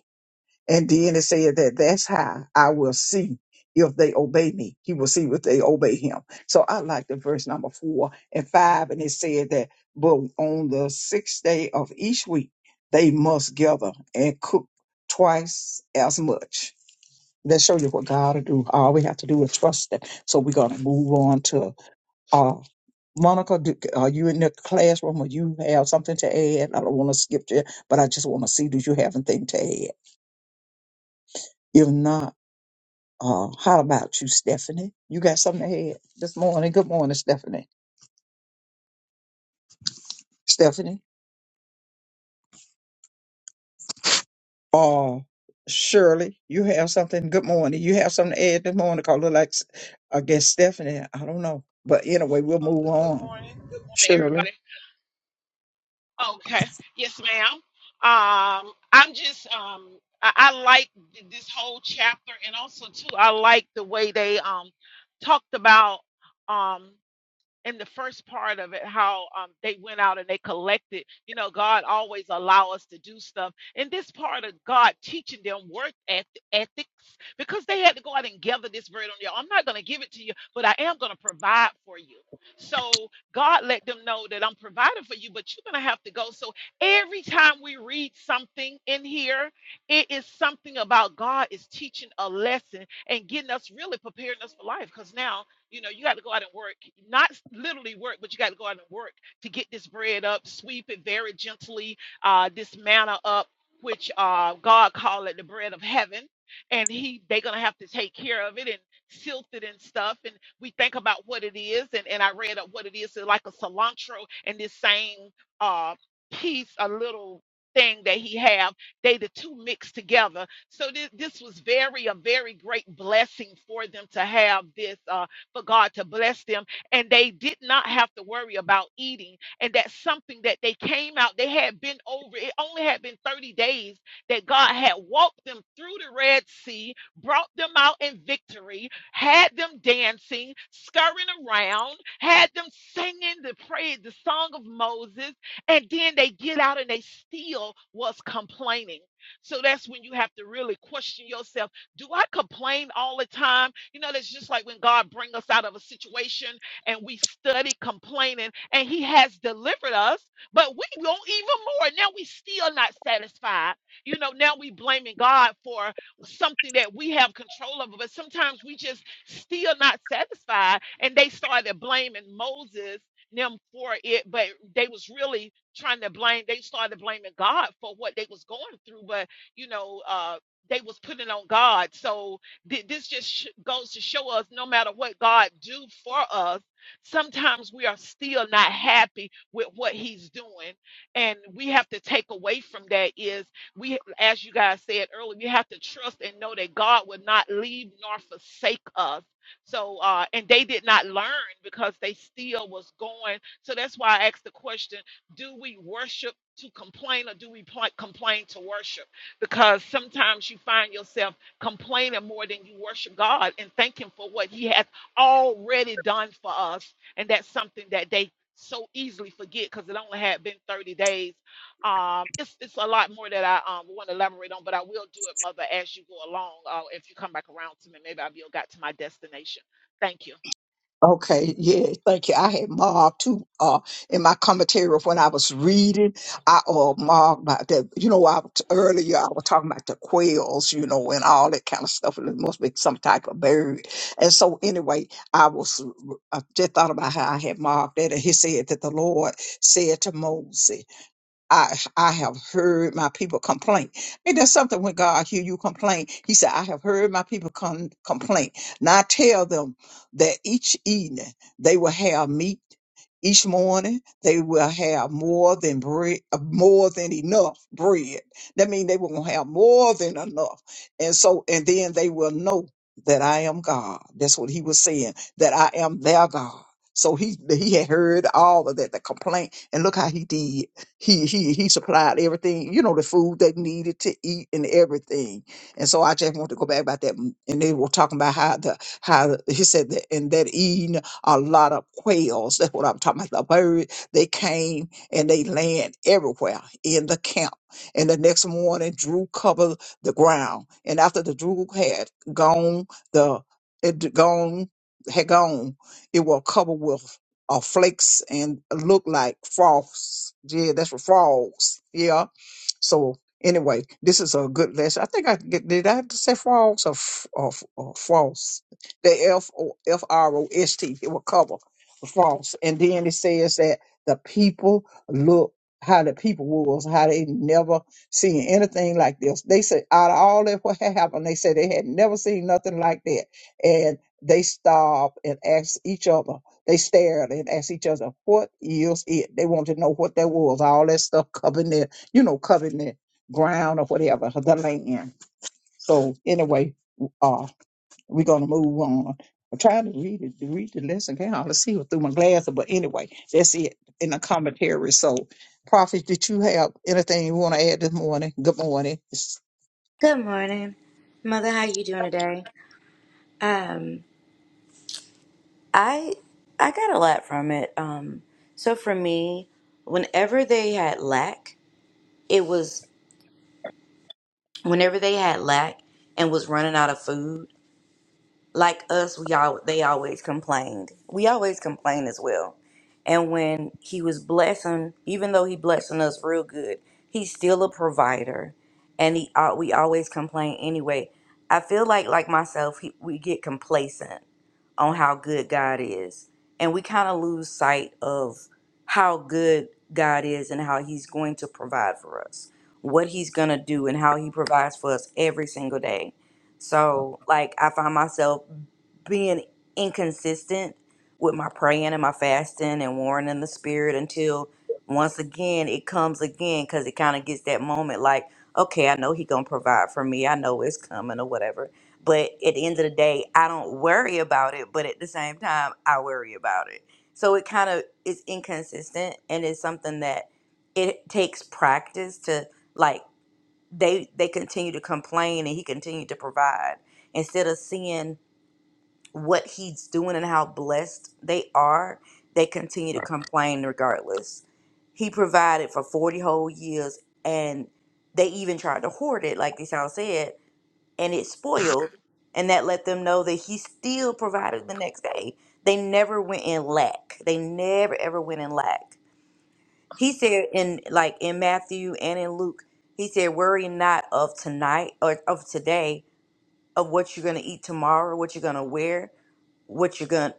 Speaker 4: And then it said that that's how I will see if they obey me. He will see if they obey him. So I like the verse number four and five. And it said that, but on the sixth day of each week, they must gather and cook twice as much. Let's show you what God will do. All we have to do is trust Him. So we're going to move on to. Uh, Monica, do, are you in the classroom or you have something to add? I don't want to skip you, but I just want to see do you have anything to add? If not, uh, how about you, Stephanie? You got something to add this morning? Good morning, Stephanie. Stephanie? Uh, Shirley, you have something? Good morning. You have something to add this morning? Call it like, I guess, Stephanie. I don't know. But anyway, we'll move
Speaker 7: Father, Good
Speaker 4: on.
Speaker 7: morning. Good morning,
Speaker 4: Shirley?
Speaker 7: everybody. Okay. Yes, ma'am. Um, I'm just um I, I like th- this whole chapter and also too I like the way they um talked about um in the first part of it how um, they went out and they collected you know god always allow us to do stuff and this part of god teaching them work eth- ethics because they had to go out and gather this bread on their own. i'm not going to give it to you but i am going to provide for you so god let them know that i'm providing for you but you're going to have to go so every time we read something in here it is something about god is teaching a lesson and getting us really preparing us for life because now you know, you got to go out and work, not literally work, but you got to go out and work to get this bread up, sweep it very gently, uh, this manna up, which uh, God called it the bread of heaven. And he, they're gonna have to take care of it and silt it and stuff. And we think about what it is, and, and I read up what it is, so like a cilantro and this same uh piece, a little thing that he have, they the two mixed together. So this, this was very a very great blessing for them to have this. uh for God to bless them. And they did not have to worry about eating. And that's something that they came out, they had been over, it only had been 30 days that God had walked them through the Red Sea, brought them out in victory, had them dancing, scurrying around, had them singing the praise, the song of Moses. And then they get out and they still was complaining. So that's when you have to really question yourself do I complain all the time? You know, that's just like when God brings us out of a situation and we study complaining and he has delivered us, but we want even more. Now we still not satisfied. You know, now we blaming God for something that we have control over, but sometimes we just still not satisfied. And they started blaming Moses them for it, but they was really trying to blame. They started blaming God for what they was going through, but you know. uh they was putting on God. So thi- this just sh- goes to show us, no matter what God do for us, sometimes we are still not happy with what He's doing, and we have to take away from that is we, as you guys said earlier, we have to trust and know that God will not leave nor forsake us. So, uh, and they did not learn because they still was going. So that's why I asked the question: Do we worship to complain, or do we pl- complain to worship? because sometimes you find yourself complaining more than you worship God and thank Him for what He has already done for us. And that's something that they so easily forget because it only had been 30 days. Um, it's, it's a lot more that I um, want to elaborate on, but I will do it, Mother, as you go along. Uh, if you come back around to me, maybe I'll be got to my destination. Thank you.
Speaker 4: Okay, yeah, thank you. I had marked too uh in my commentary of when I was reading, I uh marked by that you know, I was- earlier I was talking about the quails, you know, and all that kind of stuff, and it must be some type of bird. And so anyway, I was I just thought about how I had marked that and he said that the Lord said to Moses. I I have heard my people complain. And there's something when God hear you complain. He said, I have heard my people con- complain. Now I tell them that each evening they will have meat. Each morning they will have more than bread, uh, more than enough bread. That means they will have more than enough. And so, and then they will know that I am God. That's what he was saying, that I am their God. So he he had heard all of that, the complaint, and look how he did. He he he supplied everything, you know, the food they needed to eat and everything. And so I just want to go back about that. mm, And they were talking about how the how the- he said that and that eating a lot of quails. That's what I'm talking about. The bird they came and they land everywhere in the camp. And the next morning, Drew covered the ground. And after the Drew had gone, the it d- gone had gone, it was covered with or flakes and look like frogs. Yeah, that's what frogs. Yeah so anyway, this is a good lesson. I think I get- did. I have to say false or, f- or, f- or false. The F O F R O S T. It will cover false. And then it says that the people look how the people was how they never seen anything like this. They said out of all that what had happened, they said they had never seen nothing like that. And they stopped and asked each other. They stared and asked each other, "What is it?" They wanted to know what that was. All that stuff covered you know, covenant ground or whatever, the land. So anyway, uh, we're gonna move on. I'm trying to read it, to read the lesson now. Let's see it through my glasses, but anyway, that's it in the commentary. So, prophet, did you have anything you want to add this morning? Good morning.
Speaker 8: Good morning, Mother. How you doing today? Um, I I got a lot from it. Um, so for me, whenever they had lack, it was whenever they had lack and was running out of food. Like us, we all they always complained. We always complained as well. And when he was blessing, even though he blessing us real good, he's still a provider, and he uh, we always complain anyway. I feel like like myself, he, we get complacent on how good God is. And we kind of lose sight of how good God is and how He's going to provide for us, what He's going to do, and how He provides for us every single day. So, like, I find myself being inconsistent with my praying and my fasting and warring in the spirit until once again it comes again because it kind of gets that moment like okay i know he gonna provide for me i know it's coming or whatever but at the end of the day, I don't worry about it, but at the same time, I worry about it. So it kind of is inconsistent and it's something that it takes practice to like they they continue to complain and he continued to provide instead of seeing what he's doing and how blessed they are, they continue to complain regardless. He provided for 40 whole years and they even tried to hoard it like Deshaun said and it spoiled and that let them know that he still provided the next day they never went in lack they never ever went in lack he said in like in matthew and in luke he said worry not of tonight or of today of what you're going to eat tomorrow what you're going to wear what you're going to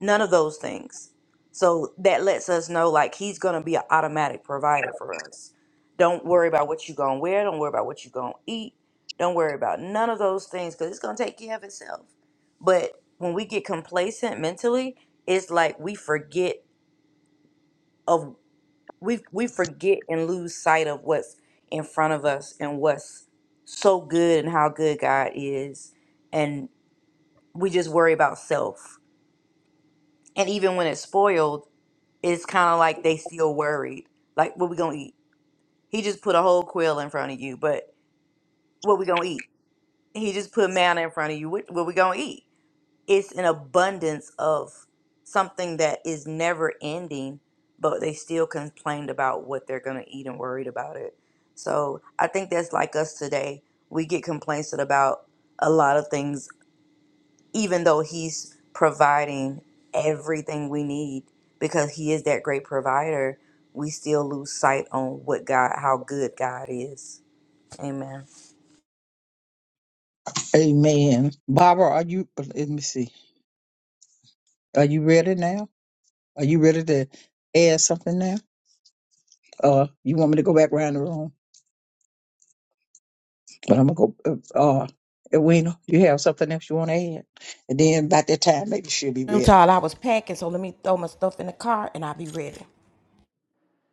Speaker 8: None of those things. So that lets us know like he's gonna be an automatic provider for us. Don't worry about what you gonna wear. Don't worry about what you gonna eat. Don't worry about none of those things because it's gonna take care of itself. But when we get complacent mentally, it's like we forget of we we forget and lose sight of what's in front of us and what's so good and how good God is, and we just worry about self. And even when it's spoiled it's kind of like they still worried. Like, what we gonna eat? He just put a whole quill in front of you, but what we gonna eat? He just put manna in front of you. What, what we gonna eat? It's an abundance of something that is never ending, but they still complained about what they're gonna eat and worried about it. So I think that's like us today. We get complaints about a lot of things even though he's providing everything we need because he is that great provider we still lose sight on what god how good god is amen
Speaker 4: Amen. Barbara, are you? Let me see. Are you ready now? Are you ready to add something now? Uh, you want me to go back around the room? But I'm gonna go. Uh, uh, Edwina, you have something else you want to add? And then by that time, maybe she'll be ready.
Speaker 1: Newtall, I was packing, so let me throw my stuff in the car and I'll be ready.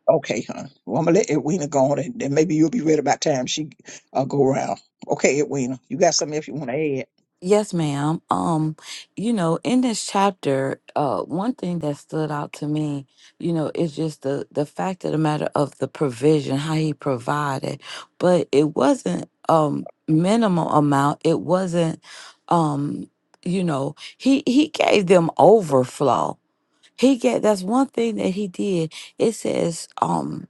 Speaker 4: Okay, huh? Well, I'm gonna let Edwina go on, and then maybe you'll be ready by the time she uh, go around. Okay, Edwina, you got something else you want to add?
Speaker 2: Yes, ma'am. Um, you know, in this chapter, uh, one thing that stood out to me, you know, is just the the fact of the matter of the provision, how he provided, but it wasn't um minimal amount. It wasn't, um, you know, he he gave them overflow. He get that's one thing that he did. It says, um,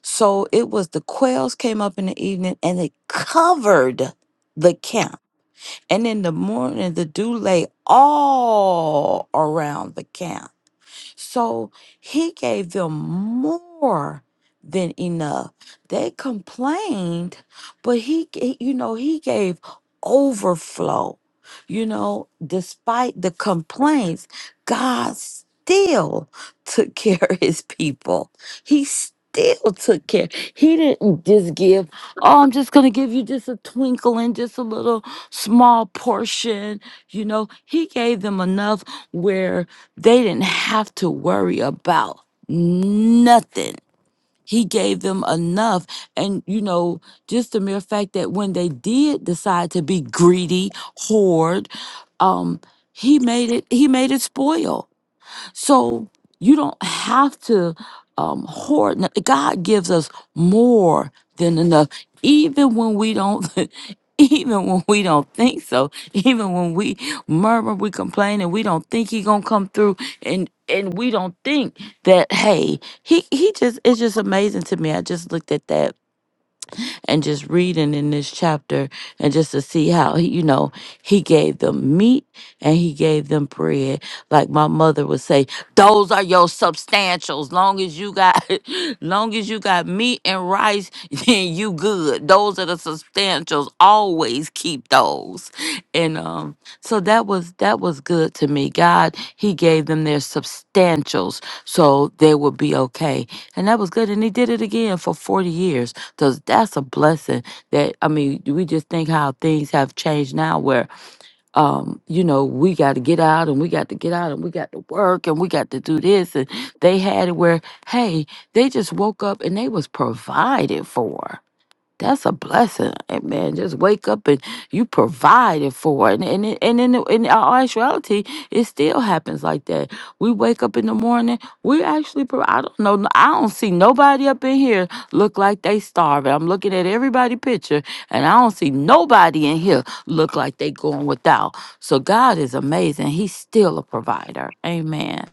Speaker 2: so it was the quails came up in the evening and they covered the camp and in the morning the dew lay all around the camp. So he gave them more than enough. They complained, but he, g- you know, he gave overflow. You know, despite the complaints, God still took [laughs] care of his people. He still took care. He didn't just give, oh, I'm just going to give you just a twinkle and just a little small portion. You know, he gave them enough where they didn't have to worry about nothing. He gave them enough. And, you know, just the mere fact that when they did decide to be greedy, hoard, um, he made it, he made it spoil. So you don't have to um, hoard. no- God gives us more than enough, even when we don't. [laughs] Even when we don't think so, even when we murmur, we complain, and we don't think he gonna come through, and and we don't think that hey, he he just it's just amazing to me. I just looked at that and just reading in this chapter and just to see how he, you know, he gave them meat and he gave them bread. Like my mother would say, those are your substantials. Long as you got [laughs] long as you got meat and rice, [laughs] then you good. Those are the substantials. Always keep those. And um, so that was that was good to me. God, he gave them their substantials so they would be okay. And that was good. And he did it again for 40 years. Cause that's a blessing that I mean, we just think how things have changed now where um, you know, we gotta get out and we got to get out and we got to work and we got to do this and they had it where, hey, they just woke up and they was provided for. That's a blessing, and man. Just wake up and you provided for, it. and and it- and in the- in our actuality, it still happens like that. We wake up in the morning. We actually, pro- I don't know, I don't see nobody up in here look like they starving. I'm looking at everybody picture, and I don't see nobody in here look like they going without. So God is amazing. He's still a provider. Amen.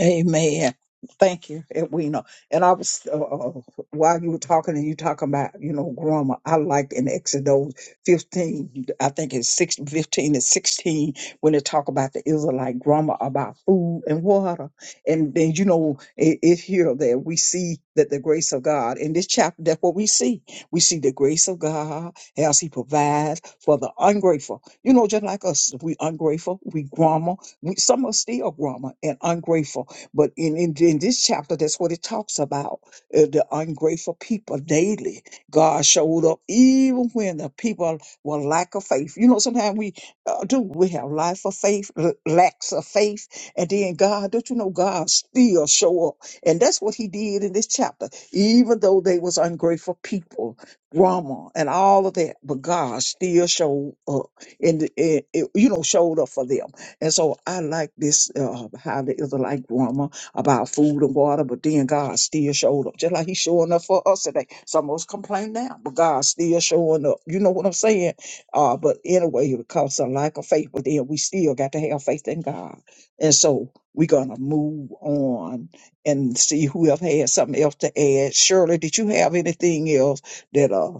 Speaker 4: Amen. Thank you, Edwina. And I was uh, uh, while you were talking and you talking about you know grammar. I liked in Exodus fifteen, I think it's six, 15 and sixteen when they talk about the Israelite grammar about food and water. And then you know it, it here that we see that the grace of God in this chapter. That's what we see. We see the grace of God as He provides for the ungrateful. You know, just like us, if we ungrateful, we grammar. We, some are still grammar and ungrateful but in, in, in this chapter, that's what it talks about uh, the ungrateful people daily. God showed up even when the people were lack of faith. You know, sometimes we uh, do, we have life of faith, l- lacks of faith, and then God, don't you know, God still show up. And that's what he did in this chapter, even though they was ungrateful people, drama and all of that, but God still showed up and the, in, in- you know, showed up for them. And so I like this, uh, how the Israelite grandma about food and water, but then God still showed up, just like He's showing up for us today. Some of us complain now, but God still showing up. You know what I'm saying? Uh, but anyway, it comes a lack of faith, but then we still got to have faith in God. And so we're going to move on and see who else has something else to add. Shirley, did you have anything else that, uh,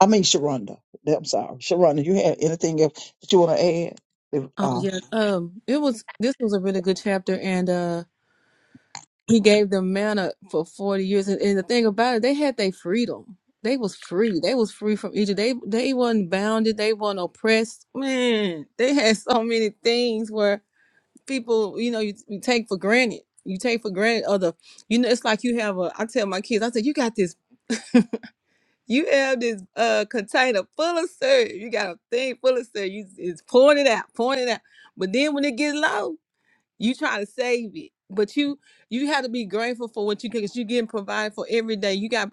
Speaker 4: I mean, Sharonda, I'm sorry. Sharonda, you have anything else that you want to add?
Speaker 6: Oh yeah. Um it was this was a really good chapter and uh he gave them manna for forty years and, and the thing about it, they had their freedom. They was free. They was free from Egypt. They they wasn't bounded, they wasn't oppressed. Man, they had so many things where people, you know, you, you take for granted. You take for granted other you know, it's like you have a I tell my kids, I said, You got this [laughs] You have this uh container full of syrup. You got a thing full of syrup. You it's pouring it out, pouring it out. But then when it gets low, you try to save it. But you you have to be grateful for what you get. 'cause you getting provided for every day. You got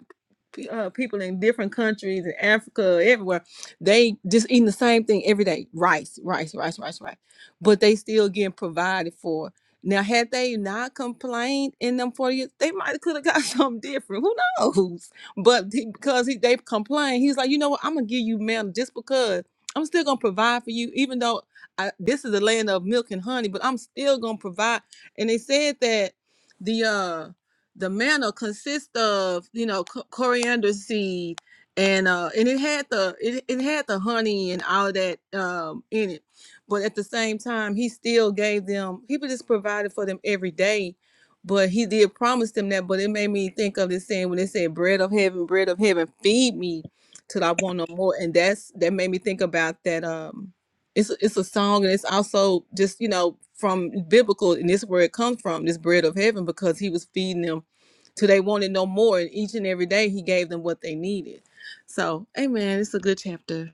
Speaker 6: pe- uh, people in different countries in Africa, everywhere, they just eating the same thing every day: rice, rice, rice, rice, rice. But they still getting provided for. Now, had they not complained in them forty years, they might could have got [laughs] something different. Who knows? But he, because he, they complained, he's like, you know what? I'm gonna give you manna just because I'm still gonna provide for you, even though I, this is the land of milk and honey. But I'm still gonna provide. And they said that the uh the manna consists of you know co- coriander seed and uh and it had the it, it had the honey and all of that um in it but at the same time he still gave them he just provided for them every day but he did promise them that but it made me think of this saying when they said bread of heaven bread of heaven feed me till i want no more and that's that made me think about that um it's a, it's a song and it's also just you know from biblical and this is where it comes from this bread of heaven because he was feeding them till they wanted no more. And each and every day, he gave them what they needed. So, amen. It's a good chapter.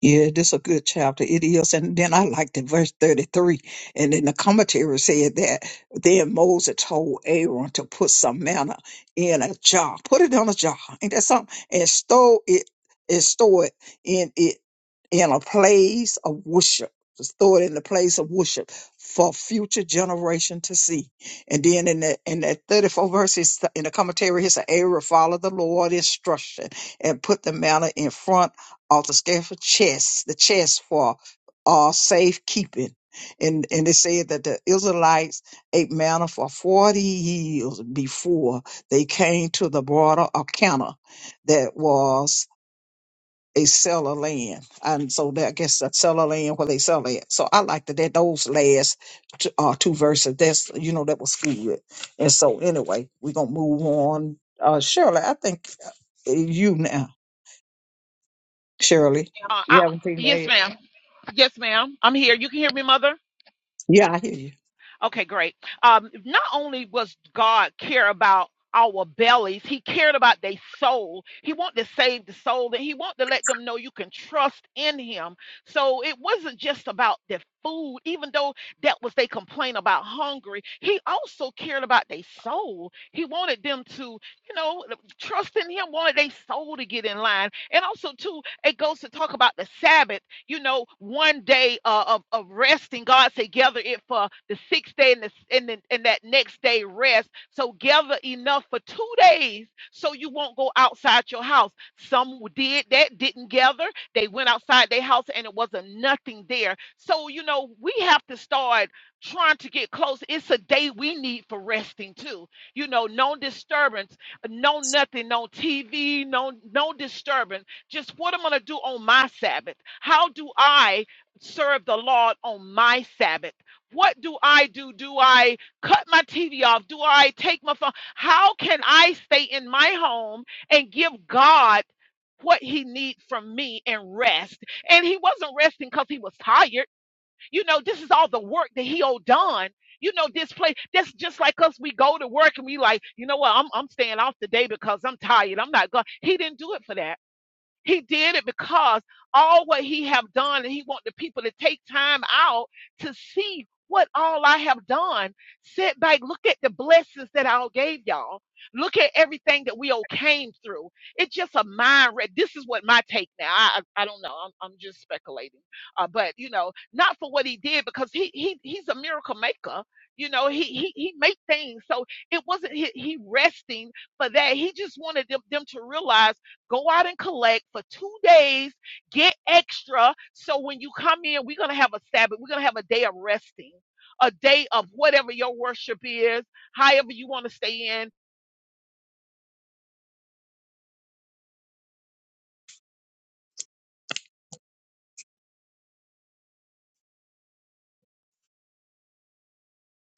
Speaker 4: Yeah, this is a good chapter. It is. And then I liked in verse 33. And then the commentary said that then Moses told Aaron to put some manna in a jar. Put it on a jar. Ain't that something? And store it and store it in it in a place of worship. Just throw it in the place of worship for future generation to see. And then in that in that 34 verses in the commentary, he said, Aaron followed the Lord's instruction and put the manna in front altar scared for chests, the chest for uh, safekeeping. And and they said that the Israelites ate manna for forty years before they came to the border of Canaan, that was a seller land, and so that, I guess that seller land where they sell it. So I like that that those last two, uh, two verses. That's you know that was good. And so anyway, we're gonna move on. Uh, Shirley, I think uh, you now, Shirley.
Speaker 7: Uh,
Speaker 4: You
Speaker 7: I,
Speaker 4: haven't seen
Speaker 7: yes,
Speaker 4: that.
Speaker 7: ma'am. Yes, ma'am. I'm here. You can hear me, Mother?
Speaker 4: Yeah, I hear you.
Speaker 7: Okay, great. Um, not only was God care about our bellies, He cared about their soul. He wanted to save the soul, and He wanted to let them know you can trust in Him. So it wasn't just about the food, even though that was they complaint about hungry. He also cared about their soul. He wanted them to, you know, trust in Him. Wanted their soul to get in line, and also too, it goes to talk about the Sabbath you know, one day uh, of, of resting. God said, gather it for the sixth day and, the, and, then and that next day rest. So gather enough for two days so you won't go outside your house. Some did that, didn't gather. They went outside their house and it wasn't nothing there. So, you know, we have to start trying to get close. It's a day we need for resting too. You know, no disturbance, no nothing, no TV, no no disturbance just what i am going to do on my Sabbath? How do I serve the Lord on my Sabbath? What do I do? Do I cut my TV off? Do I take my phone? How can I stay in my home and give God what he needs from me and rest? And he wasn't resting because he was tired. You know, this is all the work that he owed done. You know, this place, that's just like us. We go to work and we like, you know what, I'm I'm staying off today because I'm tired. I'm not going. He didn't do it for that. He did it because all what he have done, and he want the people to take time out to see what all I have done. Sit back, look at the blessings that I gave y'all. Look at everything that we all came through. It's just a mind read. This is what my take now. I I, I don't know. I'm I'm just speculating. Uh, but you know, not for what he did because he he he's a miracle maker. You know, he he he made things. So it wasn't he, he resting for that. He just wanted them, them to realize. Go out and collect for two days. Get extra. So when you come in, we're going to have a Sabbath. We're going to have a day of resting, a day of whatever your worship is, however you want to stay in.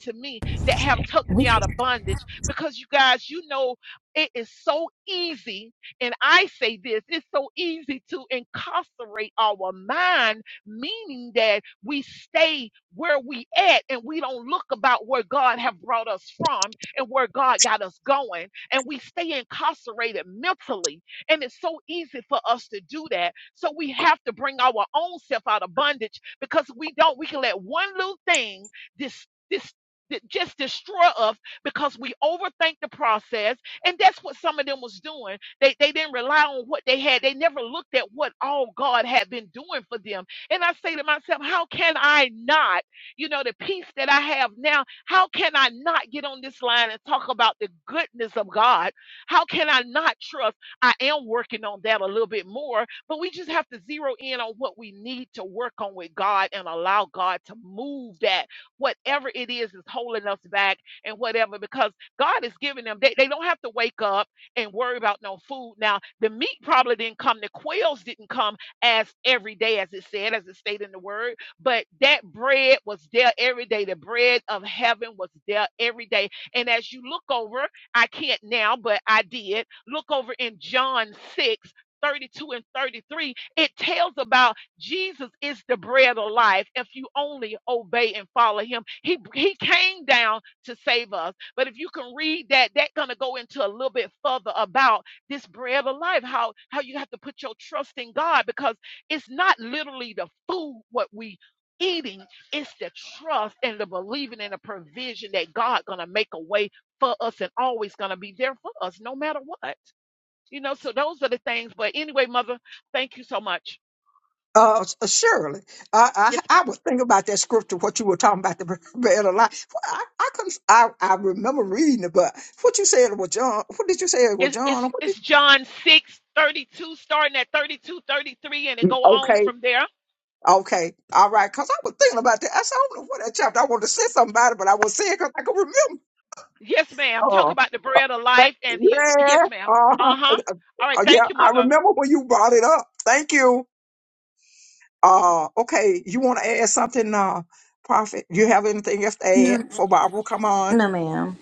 Speaker 7: to me that have took me
Speaker 1: We,
Speaker 7: out of bondage because you guys you know it is so easy and i say this it's so easy to incarcerate our mind meaning that we stay where we at and we don't look about where god have brought us from and where god got us going and we stay incarcerated mentally and it's so easy for us to do that so we have to bring our own self out of bondage because we don't we can let one little thing this d- just destroy us because we overthink the process and that's what some of them was doing they they didn't rely on what they had they never looked at what all god had been doing for them and i say to myself how can i not you know the peace that i have now how can i not get on this line and talk about the goodness of god how can i not trust i am working on that a little bit more but we just have to zero in on what we need to work on with god and allow god to move that whatever it is is holding us back and whatever, because God is giving them, they, they don't have to wake up and worry about no food. Now, the meat probably didn't come, the quails didn't come as every day, as it said, as it stated in the word, but that bread was there every day. The bread of heaven was there every day. And as you look over, I can't now, but I did look over in John 6 32 and 33, it tells about Jesus is the bread of life. If you only obey and follow him, he he came down to save us. But if you can read that, that's gonna go into a little bit further about this bread of life, how how you have to put your trust in God because it's not literally the food what we eating, it's the trust and the believing and the provision that God gonna make a way for us and always gonna be there for us, no matter what. You know, so those are the things. But anyway, mother, thank you so much.
Speaker 4: Uh, s- uh, surely, I, I
Speaker 7: Yes,
Speaker 4: I would think about that scripture. What you were talking about the [laughs] bread of life. Well, I I, couldn't, I I remember reading it, but what you said was John. What did you say it was
Speaker 7: It's,
Speaker 4: John?
Speaker 7: it's,
Speaker 4: What did
Speaker 7: it's
Speaker 4: you,
Speaker 7: John 6 32, starting at 32 33, and it go on
Speaker 4: okay,
Speaker 7: from there.
Speaker 4: okay, all right. Because I was thinking about that. I said I don't know what that chapter. I wanted to say something about it, but I was saying because I could remember.
Speaker 7: Yes, ma'am. Talk
Speaker 4: Oh,
Speaker 7: about the bread of
Speaker 4: thank,
Speaker 7: life. And you,
Speaker 4: yeah,
Speaker 7: yes, ma'am.
Speaker 4: uh,
Speaker 7: Uh huh.
Speaker 4: uh,
Speaker 7: All right.
Speaker 4: uh, yeah.
Speaker 7: Thank you,
Speaker 4: I
Speaker 7: mother.
Speaker 4: remember when you brought it up. Thank you. Uh, okay, you want to add something, uh, Prophet? You have anything else to
Speaker 8: No,
Speaker 4: add for Barbara? Come on.
Speaker 8: no ma'am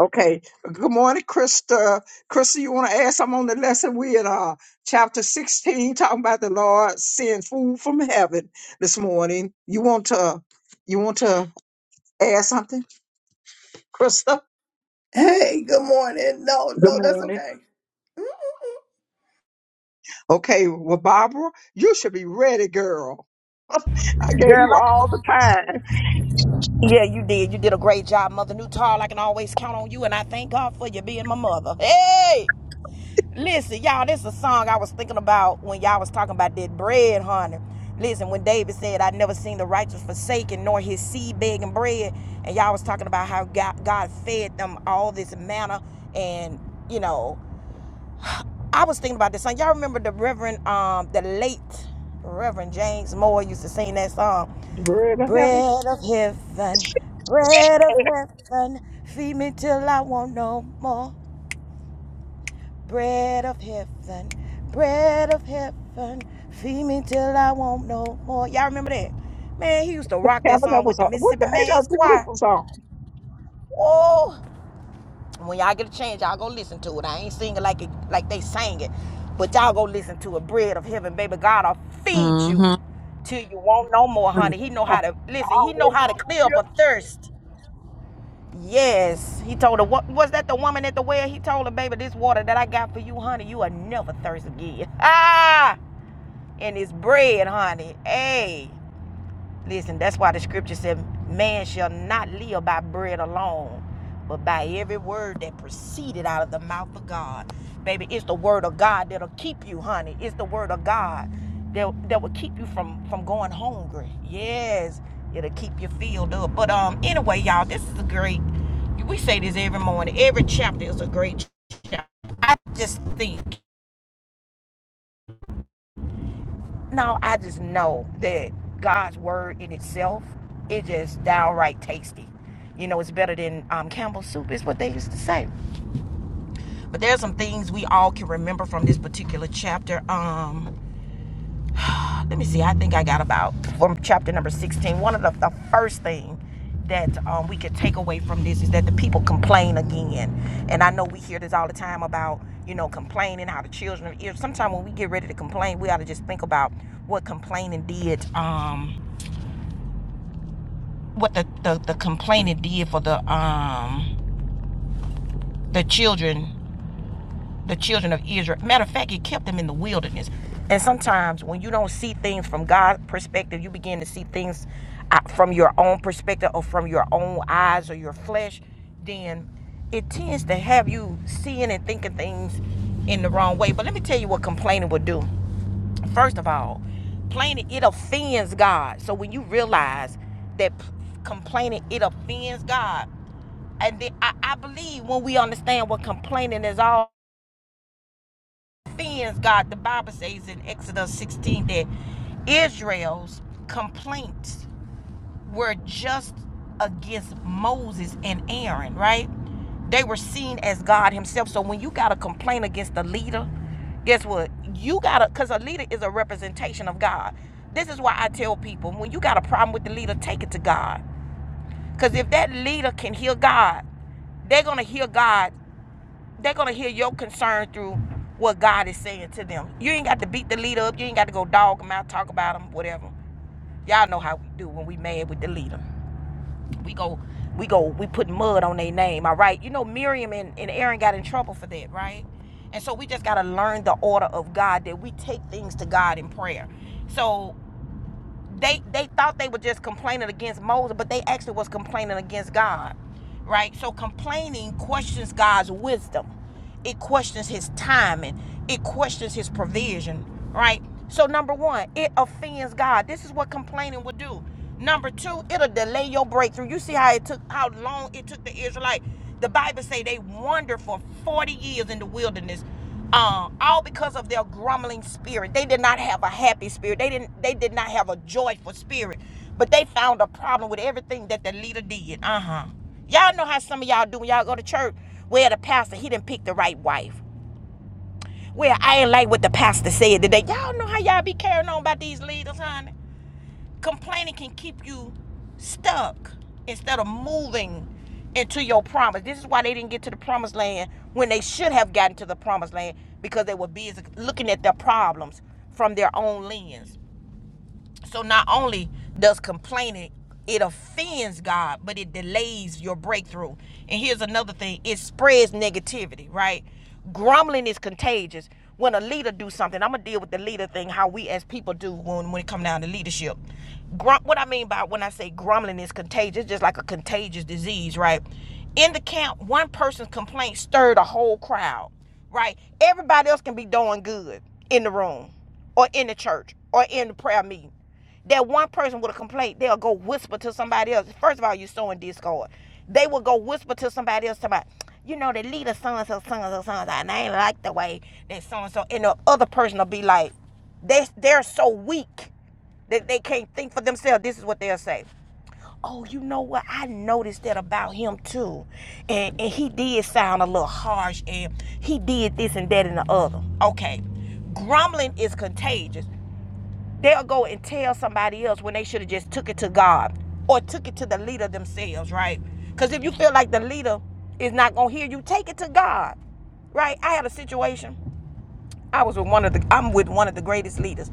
Speaker 4: Okay. Good morning, Krista. Krista, you want to add something on the lesson? We in uh, chapter 16 talking about the Lord send food from heaven this morning. You want to, you want to add something, Krista?
Speaker 9: Hey, good morning. No,
Speaker 4: Good
Speaker 9: no, that's
Speaker 4: morning.
Speaker 9: okay.
Speaker 4: Okay. Well, Barbara, you should be ready, girl. [laughs] I gave you
Speaker 1: Girl,
Speaker 4: all the time.
Speaker 1: Yeah, you did. You did a great job, Mother Newtall. I can always count on you, and I thank God for you being my mother. Hey, listen, y'all, this is a song I was thinking about when y'all was talking about that bread, honey. Listen, when David said, "I never seen the righteous forsaken, nor his seed begging bread," and y'all was talking about how God, God fed them all this manna, and you know, I was thinking about this song. Y'all remember the Reverend, um, the late Reverend James Moore used to sing that song.
Speaker 4: The bread of heaven.
Speaker 1: Bread of heaven, bread of heaven, feed me till I want no more. Bread of heaven, bread of heaven, feed me till I want no more. Y'all remember that? Man, he used to rock that song
Speaker 4: Tabernacle
Speaker 1: with the
Speaker 4: song. What the
Speaker 1: Mississippi
Speaker 4: ain't that a
Speaker 1: Man's Choir.
Speaker 4: beautiful song?
Speaker 1: Oh, when y'all get a chance, y'all go listen to it. I ain't singing like it, like they sang it, but y'all go listen to it. Bread of heaven, baby, God'll feed you
Speaker 6: Mm-hmm.
Speaker 1: till you want no more, honey. He know
Speaker 4: Oh,
Speaker 1: how to listen. He know how to clear up
Speaker 4: Hallelujah.
Speaker 1: a thirst. Yes, he told her. What was that? The woman at the well. He told her, "Baby, this water that I got for you, honey, you will never thirst again." [laughs] Ah, and this bread, honey. Hey, Listen, that's why the scripture said, Man shall not live by bread alone, but by every word that proceeded out of the mouth of God. Baby, it's the word of God that'll keep you, honey. It's the word of God that, that will keep you from, from going hungry. Yes, it'll keep you filled up. But um, anyway, y'all, this is a great, we say this every morning. Every chapter is a great chapter. I just think No, I just know that God's word in itself is just downright tasty. You know, it's better than um, Campbell's soup, is what they used to say. But there's some things we all can remember from this particular chapter. Um, uh, let me see. I think I got about from chapter number 16. One of the, the first thing that um, we could take away from this is that the people complain again. And I know we hear this all the time about, you know, complaining, how the children, sometimes when we get ready to complain, we ought to just think about what complaining did. Um, what the, the, the complainant did for the um the children the children of Israel. Matter of fact, it kept them in the wilderness. And sometimes when you don't see things from God's perspective, you begin to see things uh, from your own perspective or from your own eyes or your flesh. Then it tends to have you seeing and thinking things in the wrong way. But let me tell you what complaining will do. First of all, complaining it offends God. So when you realize that complaining it offends God, and then I, I believe when we understand what complaining is all offends God, the Bible says in Exodus 16 that Israel's complaints were just against Moses and Aaron, right? They were seen as God Himself. So when you got a complaint against the leader, guess what? You got to, because a leader is a representation of God. This is why I tell people when you got a problem with the leader, take it to God. Because if that leader can hear God, they're going to hear God. They're going to hear your concern through what God is saying to them. You ain't got to beat the leader up. You ain't got to go dog them out, talk about them, whatever. Y'all know how we do when we mad with the leader. We go, we go, we put mud on their name. All right. You know, Miriam and, and Aaron got in trouble for that, right? And so we just got to learn the order of God that we take things to God in prayer. So they they thought they were just complaining against Moses, but they actually was complaining against God. Right? So complaining questions God's wisdom. It questions his timing. It questions his provision. Right? So number one, it offends God. This is what complaining would do. Number two, it'll delay your breakthrough. You see how it took how long it took the Israelite. The Bible say they wandered for 40 years in the wilderness um, all because of their grumbling spirit. They did not have a happy spirit. They didn't. They did not have a joyful spirit. But they found a problem with everything that the leader did. Uh huh. Y'all know how some of y'all do when y'all go to church. Where the pastor he didn't pick the right wife. Well, I ain't like what the pastor said today. Y'all know how y'all be carrying on about these leaders, honey. Complaining can keep you stuck instead of moving into your promise. This is why they didn't get to the promised land when they should have gotten to the promised land because they were busy looking at their problems from their own lens. So not only does complaining it offends God, but it delays your breakthrough. And here's another thing: it spreads negativity, right? Grumbling is contagious. When a leader do something, I'm gonna deal with the leader thing. How we as people do when when it come down to leadership. Grum- what I mean by when I say grumbling is contagious, just like a contagious disease, right? In the camp, one person's complaint stirred a whole crowd right? Everybody else can be doing good in the room or in the church or in the prayer meeting. That one person with a complaint, they'll go whisper to somebody else. First of all, you're sowing discord. They will go whisper to somebody else about, you know, the leader so and so, so and so, so and so, and I ain't like the way that so and so. And the other person will be like, they, they're so weak that they can't think for themselves. This is what they'll say oh, you know what? I noticed that about him too. And and he did sound a little harsh and he did this and that and the other. Okay. Grumbling is contagious. They'll go and tell somebody else when they should have just took it to God or took it to the leader themselves, right? Because if you feel like the leader is not gonna hear you, take it to God. Right? I had a situation. I was with one of the I'm with one of the greatest leaders.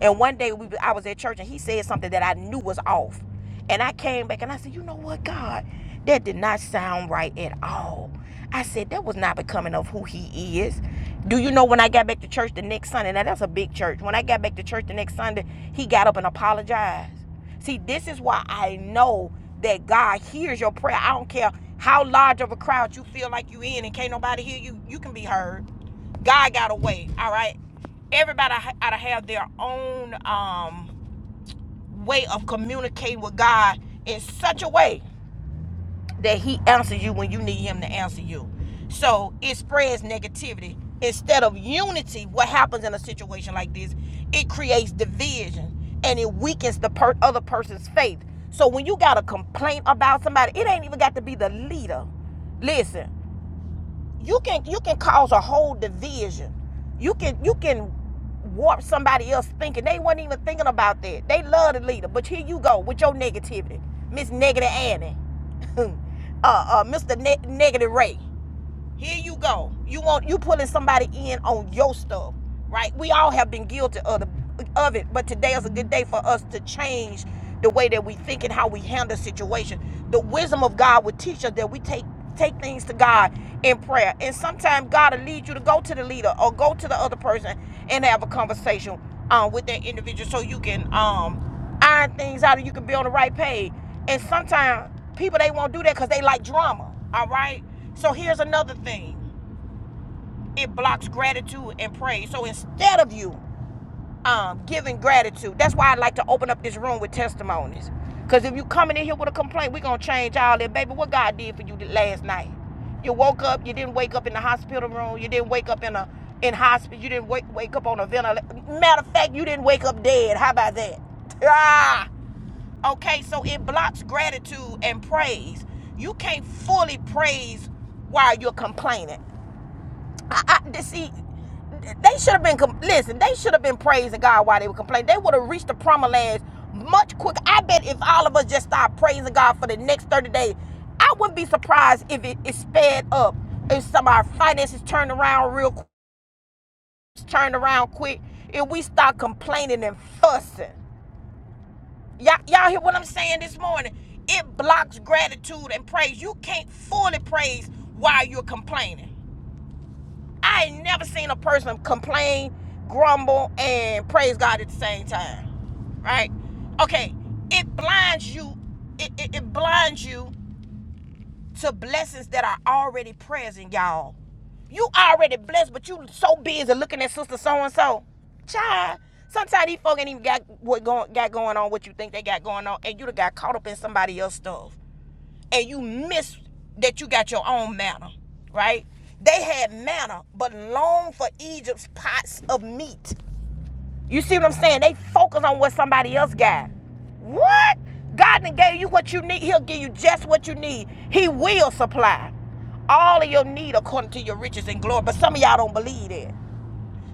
Speaker 1: And one day we I was at church and he said something that I knew was off. And I came back and I said, "You know what, God? That did not sound right at all." I said, "That was not becoming of who he is." Do you know when I got back to church the next Sunday? Now that's a big church. When I got back to church the next Sunday, he got up and apologized. See, this is why I know that God hears your prayer. I don't care how large of a crowd you feel like you in and can't nobody hear you, you can be heard. God got a way. All right. Everybody ought to have their own um, way of communicating with God in such a way that He answers you when you need Him to answer you. So it spreads negativity instead of unity. What happens in a situation like this? It creates division and it weakens the per- other person's faith. So when you got a complaint about somebody, it ain't even got to be the leader. Listen, you can you can cause a whole division. You can you can warp somebody else thinking they weren't even thinking about that. They love the leader, but here you go with your negativity, Miss Negative Annie, [laughs] uh, uh, Mr. Ne- negative Ray. Here you go. You want you pulling somebody in on your stuff, right? We all have been guilty of the, of it, but today is a good day for us to change the way that we think and how we handle situations. The wisdom of God will teach us that we take take things to God in prayer, and sometimes God will lead you to go to the leader or go to the other person and have a conversation um, with that individual so you can um iron things out and you can be on the right page. And sometimes people they won't do that because they like drama. All right. So here's another thing. It blocks gratitude and praise. So instead of you um, giving gratitude, that's why I like to open up this room with testimonies. Cause if you coming in here with a complaint, we gonna change all that, baby. What God did for you last night? You woke up. You didn't wake up in the hospital room. You didn't wake up in a in hospital. You didn't wake wake up on a ventilator. Matter of fact, you didn't wake up dead. How about that? [laughs] Ah! Okay, so it blocks gratitude and praise. You can't fully praise while you're complaining. I, I see. They should have been listen. They should have been praising God while they were complaining. They would have reached the promised land much quicker. I bet if all of us just start praising God for the next thirty days, I wouldn't be surprised if it is sped up. If some of our finances turned around real, quick, turned around quick. If we start complaining and fussing. Y'all, y'all hear what I'm saying this morning? It blocks gratitude and praise. You can't fully praise while you're complaining. I ain't never seen a person complain, grumble, and praise God at the same time. Right? Okay, it blinds you, it, it, it blinds you to blessings that are already present, y'all. You already blessed, but you so busy looking at sister so and so. Child, sometimes these folk ain't even got what going got going on, what you think they got going on, and you done got caught up in somebody else's stuff, and you miss that you got your own manner, right? They had manna, but longed for Egypt's pots of meat. You see what I'm saying? They focus on what somebody else got. What? God done gave you what you need. He'll give you just what you need. He will supply all of your need according to your riches and glory. But some of y'all don't believe that.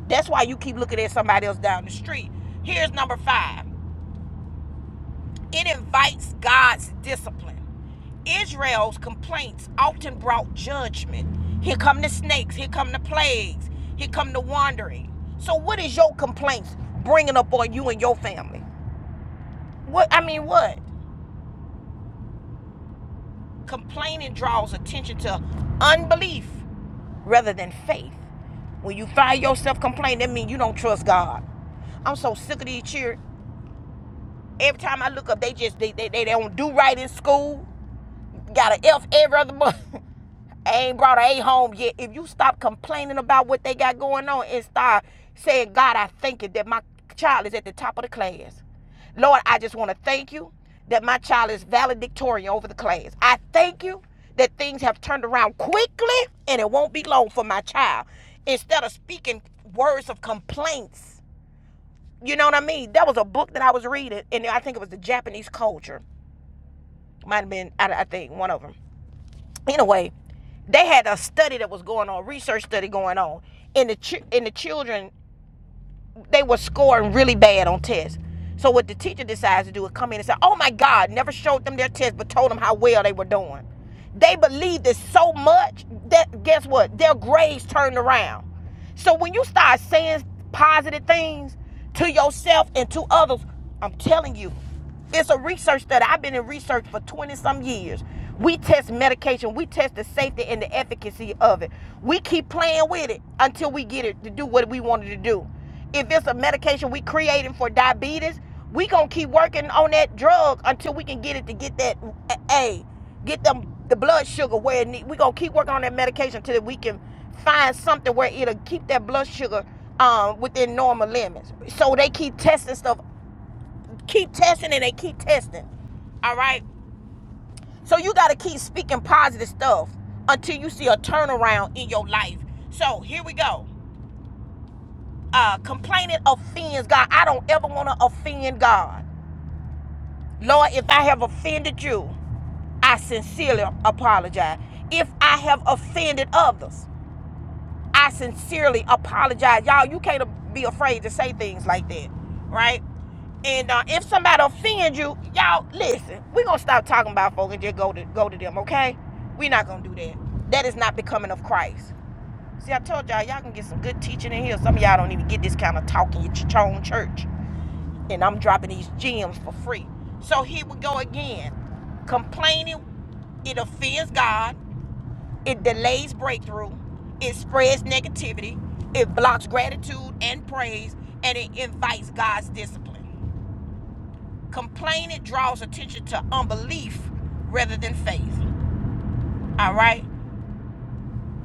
Speaker 1: That's why you keep looking at somebody else down the street. Here's number five. It invites God's discipline. Israel's complaints often brought judgment. Here come the snakes, here come the plagues, here come the wandering. So what is your complaints bringing up on you and your family? What I mean, what? Complaining draws attention to unbelief rather than faith. When you find yourself complaining, that means you don't trust God. I'm so sick of these children. Every time I look up, they just they they, they don't do right in school. Got an F every other month. [laughs] ain't brought a home yet. If you stop complaining about what they got going on and start saying, God, I thank you that my child is at the top of the class. Lord, I just want to thank you that my child is valedictorian over the class. I thank you that things have turned around quickly and it won't be long for my child. Instead of speaking words of complaints, you know what I mean? That was a book that I was reading, and I think it was the Japanese culture. Might have been, I, I think, one of them anyway, they had a study that was going on, research study going on, and the ch- and the children they were scoring really bad on tests. So what the teacher decides to do is come in and say, "Oh my God!" Never showed them their test, but told them how well they were doing. They believed it so much that guess what? Their grades turned around. So when you start saying positive things to yourself and to others, I'm telling you, it's a research study. I've been in research for 20 some years. We test medication, we test the safety and the efficacy of it. We keep playing with it until we get it to do what we wanted to do. If it's a medication we creating for diabetes, we gonna keep working on that drug until we can get it to get that A, get them the blood sugar where it need. We gonna keep working on that medication until we can find something where it'll keep that blood sugar um, within normal limits. So they keep testing stuff Keep testing and they keep testing. All right? So you got to keep speaking positive stuff until you see a turnaround in your life. So here we go. Uh, complaining offends God. I don't ever want to offend God. Lord, if I have offended you, I sincerely apologize. If I have offended others, I sincerely apologize. Y'all, you can't be afraid to say things like that, right? And uh, if somebody offends you, y'all listen. We're gonna stop talking about folk and just go to go to them, okay? We're not gonna do that. That is not becoming of Christ. See, I told y'all, y'all can get some good teaching in here. Some of y'all don't even get this kind of talking at your own church. And I'm dropping these gems for free. So here we go again. Complaining, it offends God it delays breakthrough. It spreads negativity. It blocks gratitude and praise. And it invites God's discipline. Complaining draws attention to unbelief rather than faith. All right?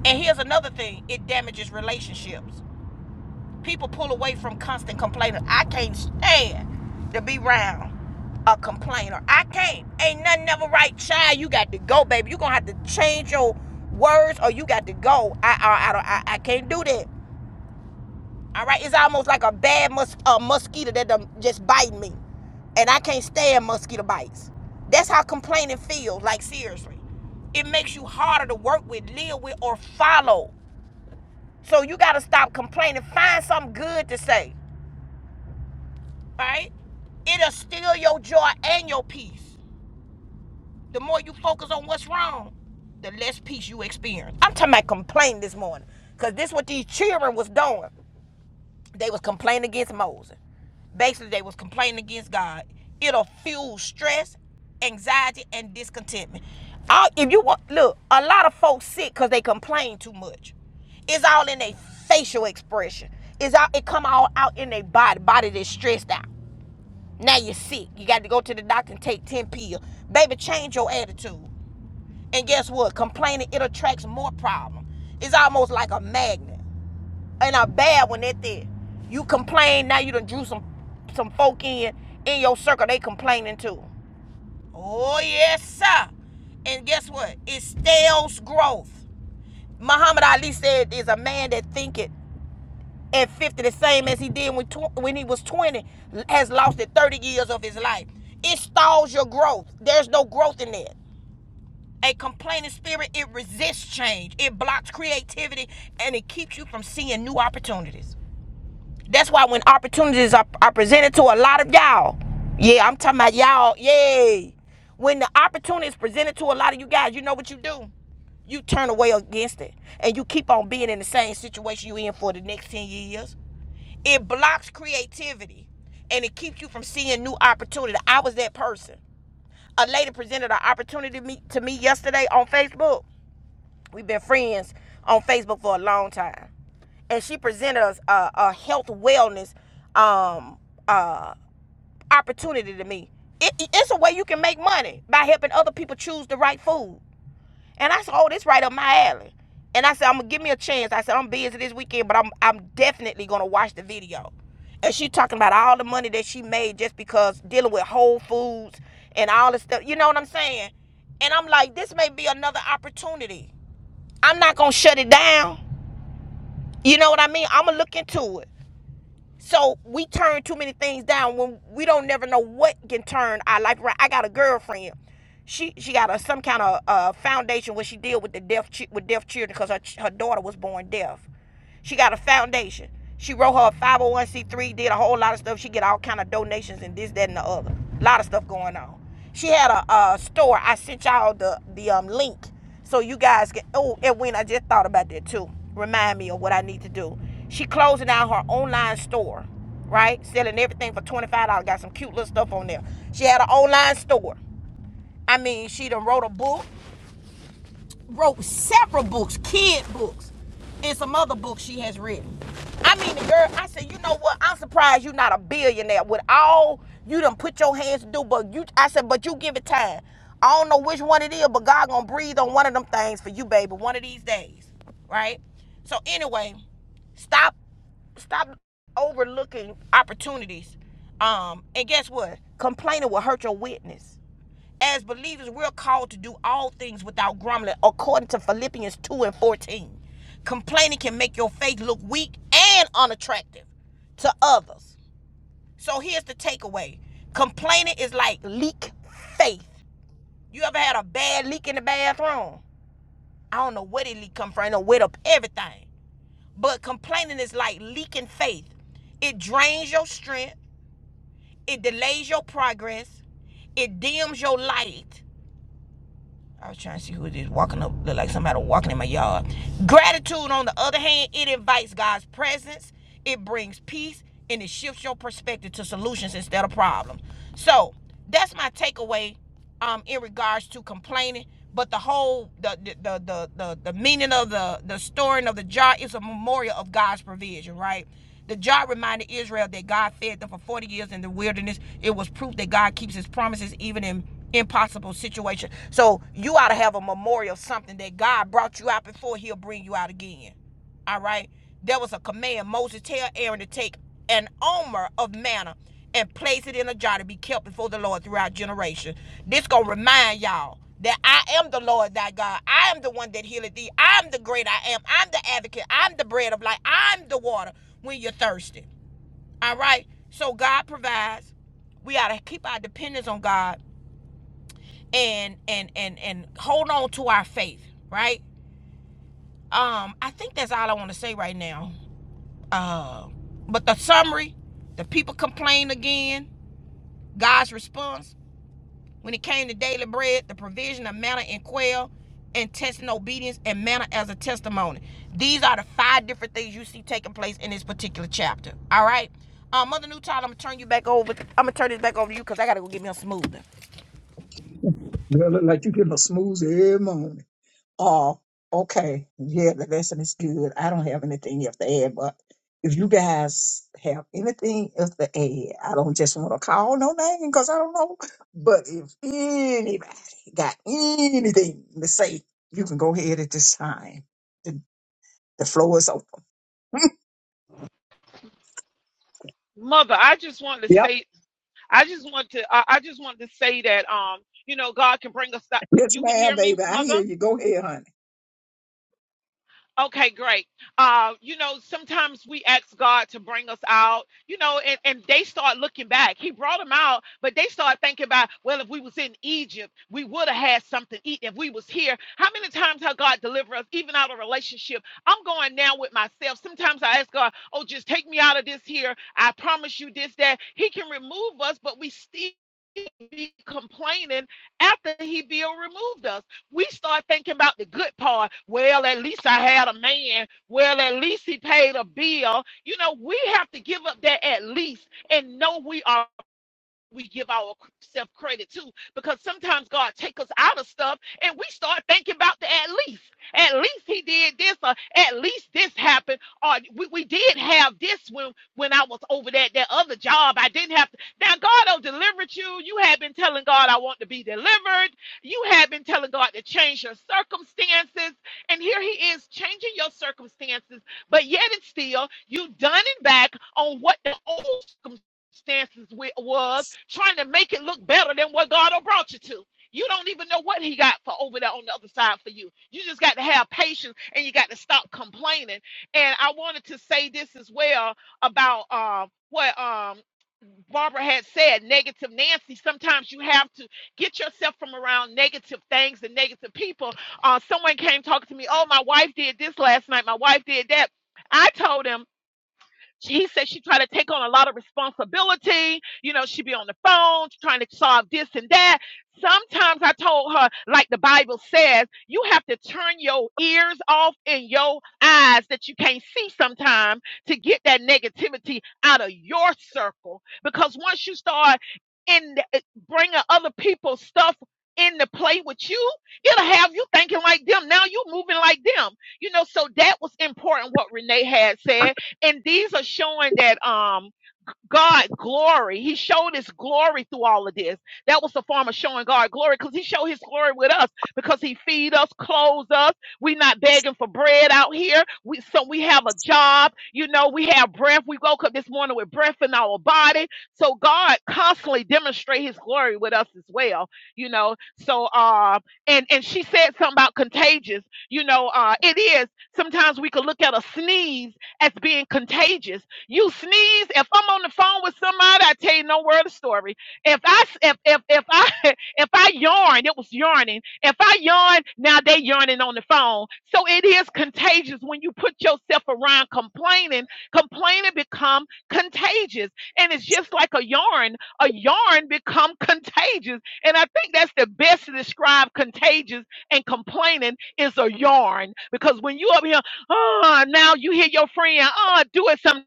Speaker 1: And here's another thing it damages relationships. People pull away from constant complaining. I can't stand to be around a complainer. I can't. Ain't nothing ever right, child. You got to go, baby. you are going to have to change your words or you got to go. I, I, I, I, I can't do that. All right, it's almost like a bad mus- a mosquito that done just biting me, and I can't stand mosquito bites. That's how complaining feels. Like seriously, it makes you harder to work with, live with, or follow. So you gotta stop complaining. Find something good to say. All right, it'll steal your joy and your peace. The more you focus on what's wrong, the less peace you experience. I'm talking about complaining this morning, cause this is what these children was doing. they was complaining against Moses. Basically, they was complaining against God. It'll fuel stress, anxiety, and discontentment. All, if you want, look, a lot of folks sick because they complain too much. It's all in their facial expression. It's all it come all out in their body. Body that's stressed out. Now you're sick. You got to go to the doctor and take ten pills. Baby, change your attitude. And guess what? Complaining it attracts more problems. It's almost like a magnet and a bad one at that. You complain now. You done drew some some folk in in your circle. They complaining too. Oh yes, sir. And guess what? It stales growth. Muhammad Ali said, "Is a man that thinketh at fifty the same as he did when tw- when he was twenty has lost at thirty years of his life. It stalls your growth. There's no growth in that." A complaining spirit, it resists change, it blocks creativity, and it keeps you from seeing new opportunities. That's why when opportunities are, are presented to a lot of y'all, yeah, I'm talking about y'all, yay. When the opportunity is presented to a lot of you guys, you know what you do? You turn away against it and you keep on being in the same situation you in for the next 10 years. It blocks creativity and it keeps you from seeing new opportunity. I was that person. A lady presented an opportunity to me, to me yesterday on Facebook. We've been friends on Facebook for a long time, and she presented us a, a health wellness um, uh, opportunity to me. It, it's a way you can make money by helping other people choose the right food. And I said, "Oh, this right up my alley." And I said, "I'm gonna give me a chance." I said, "I'm busy this weekend, but I'm I'm definitely gonna watch the video." And she talking about all the money that she made just because dealing with Whole Foods and all this stuff. You know what I'm saying? And I'm like, this may be another opportunity. I'm not gonna shut it down. You know what I mean? I'm gonna look into it. So we turn too many things down when we don't never know what can turn our life around. I got a girlfriend. She she got a some kind of uh, foundation where she deal with the deaf with deaf children because her her daughter was born deaf. She got a foundation. She wrote her a 501c3, did a whole lot of stuff. She get all kind of donations and this, that, and the other. A lot of stuff going on. She had a, uh store. I sent y'all the the um link so you guys can. Oh, Edwin, I just thought about that too. Remind me of what I need to do. She closing out her online store, right? Selling everything for twenty five dollars. Got some cute little stuff on there. She had an online store. I mean, she done wrote a book wrote several books, kid books, and some other books she has written. I mean, the girl, I said, you know what? I'm surprised you're not a billionaire with all you done put your hands to do, but you, I said, but you give it time. I don't know which one it is, but God gonna breathe on one of them things for you, baby, one of these days, right? So anyway, stop, stop overlooking opportunities. Um, and guess what? Complaining will hurt your witness as believers, we're called to do all things without grumbling, according to Philippians 2 and 14. Complaining can make your faith look weak and unattractive to others. So here's the takeaway complaining is like leak faith. You ever had a bad leak in the bathroom? I don't know where the leak come from, I know where up everything. But complaining is like leaking faith. It drains your strength, it delays your progress, it dims your light, I was trying to see who it is walking up, look like somebody walking in my yard. Gratitude, on the other hand, it invites God's presence, it brings peace, and it shifts your perspective to solutions instead of problems. So that's my takeaway um, in regards to complaining. But the whole the the the the, the, the meaning of the the storing of the jar is a memorial of God's provision, right? The jar reminded Israel that God fed them for 40 years in the wilderness. It was proof that God keeps his promises even in impossible situations. So you ought to have a memorial, something that God brought you out before he'll bring you out again. All right. There was a command. Moses tell Aaron to take an omer of manna and place it in a jar to be kept before the Lord throughout generation. This gonna remind y'all that I am the Lord thy God. I am the one that healeth thee. I'm the great I am. I'm the advocate. I'm the bread of life. I'm the water when you're thirsty. All right. So God provides. We ought to keep our dependence on God and and and and hold on to our faith, right? Um, I think that's all I want to say right now. Uh, but the summary, the people complained again. God's response when it came to daily bread, the provision of manna and quail, and testing obedience and manna as a testimony. These are the five different things you see taking place in this particular chapter. All right, uh, Mother Newton, I'm gonna turn you back over. I'm gonna turn this back over to you because I gotta go get me a smoothie.
Speaker 4: Girl, look like you getting a smooth every morning. Oh, okay. Yeah, the lesson is good. I don't have anything else to add, but if you guys have anything else to add, I don't just want to call no name because I don't know. But if anybody got anything to say, you can go ahead at this time. The, the floor is open.
Speaker 7: Mother, I just wanted to
Speaker 4: Yep.
Speaker 7: say, I just want to, I, I just wanted to say that, um, you know, God can bring us. Th-
Speaker 4: Yes,
Speaker 7: you can
Speaker 4: ma'am,
Speaker 7: hear me,
Speaker 4: baby. I
Speaker 7: mother.
Speaker 4: hear you. Go ahead, honey.
Speaker 7: Okay, great. Uh, you know, sometimes we ask God to bring us out, you know, and, and they start looking back. He brought them out, but they start thinking about, well, if we was in Egypt, we would have had something to eat. If we was here, how many times have God delivered us, even out of relationship? I'm going now with myself. Sometimes I ask God, oh, just take me out of this here. I promise you this, that. He can remove us, but we still be complaining after he be removed us we start thinking about the good part. Well, at least I had a man. Well, at least he paid a bill. You know, we have to give up that at least and know we are we give ourselves credit to because sometimes God take us out of stuff and we start thinking about the at least. At least he did this or at least this happened or we, we did have this when when I was over that that other job. I didn't have to. Now God will deliver you. You have been telling God I want to be delivered. You have been telling God to change your circumstances and here he is changing your circumstances but yet and still you done and back on what the old circumstances circumstances with was trying to make it look better than what God done brought you to. You don't even know what he got for over there on the other side for you. You just got to have patience and you got to stop complaining. And I wanted to say this as well about um, what um, Barbara had said, negative Nancy, sometimes you have to get yourself from around negative things and negative people. Uh, someone came talking to me, oh, my wife did this last night, my wife did that. I told him. She, he said she tried to take on a lot of responsibility. You know, she'd be on the phone trying to solve this and that. Sometimes I told her, like the Bible says, you have to turn your ears off and your eyes that you can't see sometimes to get that negativity out of your circle. Because once you start in the, eh, bringing other people's stuff in to play with you, it'll have you thinking like them. Now you moving like them. You know, so that was important what Renee had said and these are showing that um God glory. He showed his glory through all of this. That was the form of showing God glory because he showed his glory with us because he feed us, clothes us. we are not begging for bread out here. We, so we have a job. You know, we have breath. We woke up this morning with breath in our body. So God constantly demonstrate his glory with us as well. You know, so uh and and she said something about contagious. You know, uh it is sometimes we could look at a sneeze as being contagious you sneeze. If I'm on the phone with somebody, I tell you no word of story. If I if if if I [laughs] if I yawn, it was yawning. If I yawn, now they yawning on the phone. So it is contagious when you put yourself around complaining. Complaining become contagious, and it's just like a yarn. A yarn become contagious, and I think that's the best to describe contagious and complaining is a yarn because when you up here, oh, now you hear your friend, oh, do it some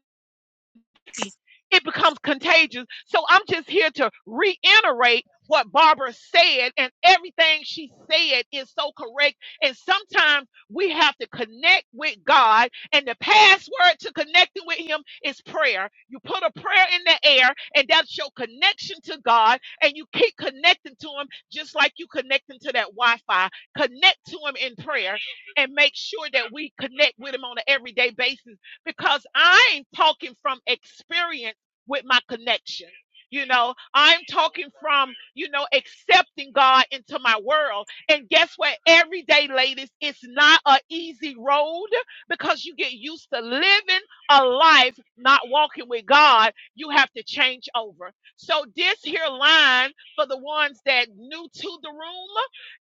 Speaker 7: it becomes contagious. So I'm just here to reiterate what Barbara said, and everything she said is so correct. And sometimes we have to connect with God, and the password to connecting with Him is prayer. You put a prayer in the air, and that's your connection to God, and you keep connecting to Him just like you connecting to that Wi Fi. Connect to Him in prayer and make sure that we connect with Him on an everyday basis because i ain't talking from experience with my connection. You know, I'm talking from, you know, accepting God into my world. And guess what? Every day, ladies, it's not an easy road because you get used to living a life not walking with God. You have to change over. So this here line for the ones that new to the room,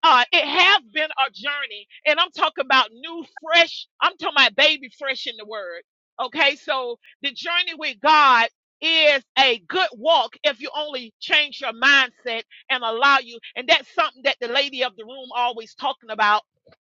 Speaker 7: uh, it has been a journey, and I'm talking about new, fresh. I'm talking about baby fresh in the word. Okay, so the journey with God is a good walk if you only change your mindset and allow you. And that's something that the lady of the room always talking about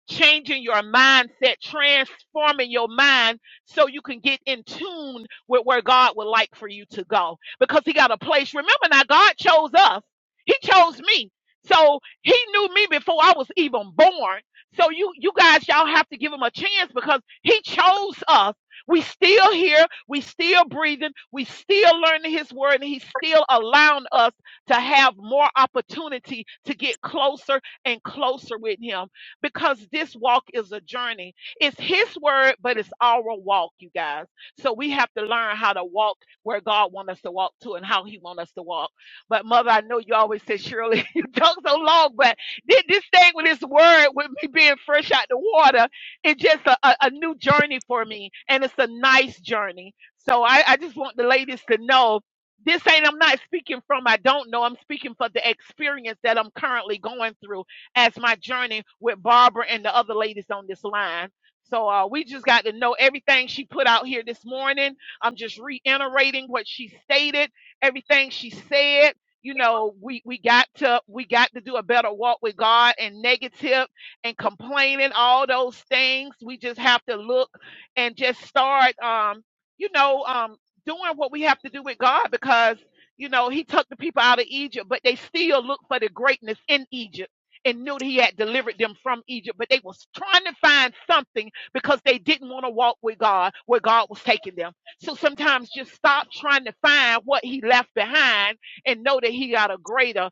Speaker 7: changing your mindset, transforming your mind so you can get in tune with where God would like for you to go because He got a place. Remember now, God chose us, He chose me. So he knew me before I was even born. So you you guys y'all have to give him a chance because he chose us we still here, we still breathing, we still learning his word, and he's still allowing us to have more opportunity to get closer and closer with him because this walk is a journey. It's his word, but it's our walk, you guys. So we have to learn how to walk where God wants us to walk to and how he wants us to walk. But mother, I know you always say, Shirley, [laughs] you talk so long, but thi- this thing with this word, with me being fresh out the water it's just a, a, a new journey for me and it's a nice journey so I, I just want the ladies to know this ain't i'm not speaking from i don't know i'm speaking for the experience that i'm currently going through as my journey with barbara and the other ladies on this line so uh, we just got to know everything she put out here this morning i'm just reiterating what she stated everything she said you know we we got to we got to do a better walk with god and negative and complaining, all those things. We just have to look and just start, um, you know, um, doing what we have to do with God because, you know, He took the people out of Egypt, but they still looked for the greatness in Egypt and knew that He had delivered them from Egypt, but they was trying to find something because they didn't want to walk with God where God was taking them. So sometimes just stop trying to find what He left behind and know that He got a greater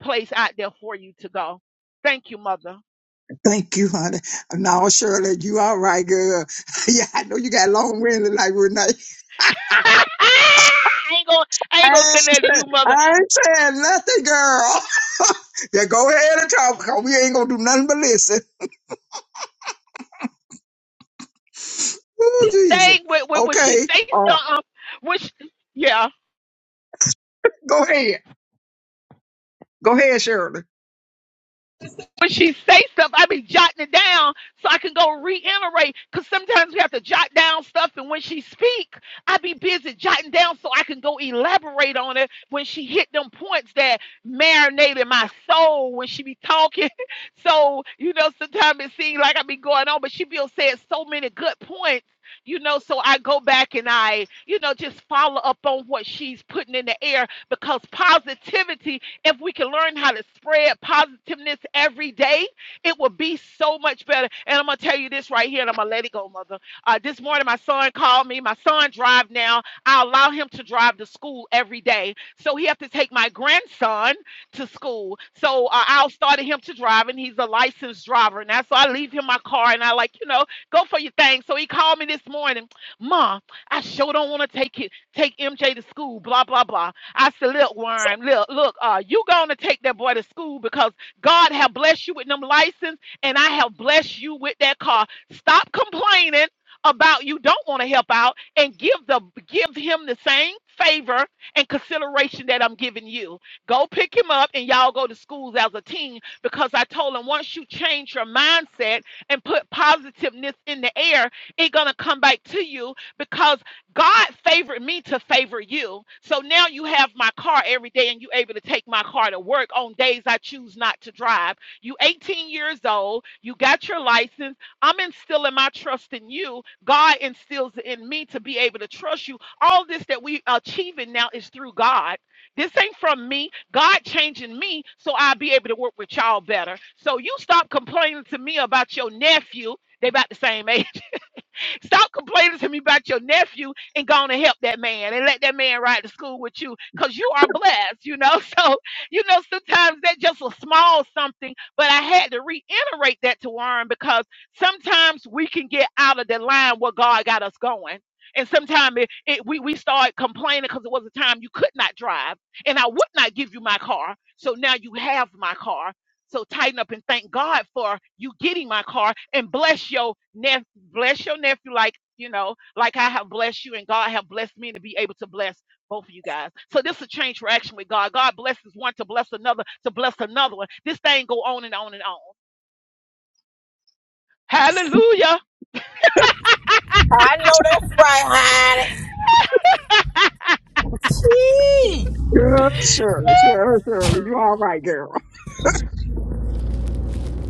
Speaker 7: place out there for you to go. Thank you, Mother.
Speaker 4: Thank you, honey. No, Shirley, you all right, girl. [laughs] Yeah, I know you got long winded like Renee. [laughs]
Speaker 7: [laughs] I ain't gonna, I
Speaker 4: I
Speaker 7: ain't
Speaker 4: ain't
Speaker 7: gonna connect to
Speaker 4: saying,
Speaker 7: you, mother.
Speaker 4: I ain't saying nothing, girl. [laughs] yeah, go ahead and talk, 'cause we ain't gonna do nothing but listen. Ooh, Jesus.
Speaker 7: Dang, when, when, when she
Speaker 4: Okay.
Speaker 7: say
Speaker 4: Uh,
Speaker 7: something, when she, yeah,
Speaker 4: go ahead. Go ahead, Shirley.
Speaker 7: when she say stuff, I be jotting it down so I can go reiterate. Cause sometimes we have to jot down stuff, and when she speak, I be busy jotting down so I can go elaborate on it when she hit them points that marinated my soul when she be talking. [laughs] so you know, sometimes it seems like I be going on, but she be saying so many good points. You know, so I go back and I, you know, just follow up on what she's putting in the air because positivity if we can learn how to spread positiveness every day, it will be so much better. And I'm gonna tell you this right here, and I'm gonna let it go, mother. Uh, this morning, my son called me. My son drives now. I allow him to drive to school every day, so he have to take my grandson to school. So uh, I'll start him to drive, and he's a licensed driver now. So I leave him my car, and I like you know go for your thing. So he called me this morning, Ma, I sure don't want to take it, take MJ to school, blah blah blah. I said, look, worm, look, look, uh, you gonna take that boy to school because God have blessed you with them license and I have blessed you with that car. Stop complaining about you don't want to help out and give the give him the same favor and consideration that I'm giving you. Go pick him up and y'all go to schools as a team because I told him once you change your mindset and put positiveness in the air, it gonna come back to you because God favored me to favor you. So now you have my car every day and you're able to take my car to work on days I choose not to drive. You 18 years old, you got your license. I'm instilling my trust in you. God instills it in me to be able to trust you. All this that we achieving now is through God. This ain't from me. God changing me so I'll be able to work with y'all better. So you stop complaining to me about your nephew. They about the same age Stop complaining to me about your nephew and go on and help that man and let that man ride to school with you because you are blessed, you know. [laughs] So, you know, sometimes that's just a small something, but I had to reiterate that to Warren because sometimes we can get out of the line where God got us going. And sometimes it, it, we, we start complaining because it was a time you could not drive and I would not give you my car. So now you have my car so tighten up and thank God for you getting my car and bless your nephew, bless your nephew like you know, like I have blessed you and God have blessed me to be able to bless both of you guys. So this is a change for action with God. God blesses one to bless another to bless another one. This thing go on and on and on. Hallelujah,
Speaker 1: I know that's right, honey. Jeez.
Speaker 4: Good, Shirley. Shirley, Shirley. You all right, girl.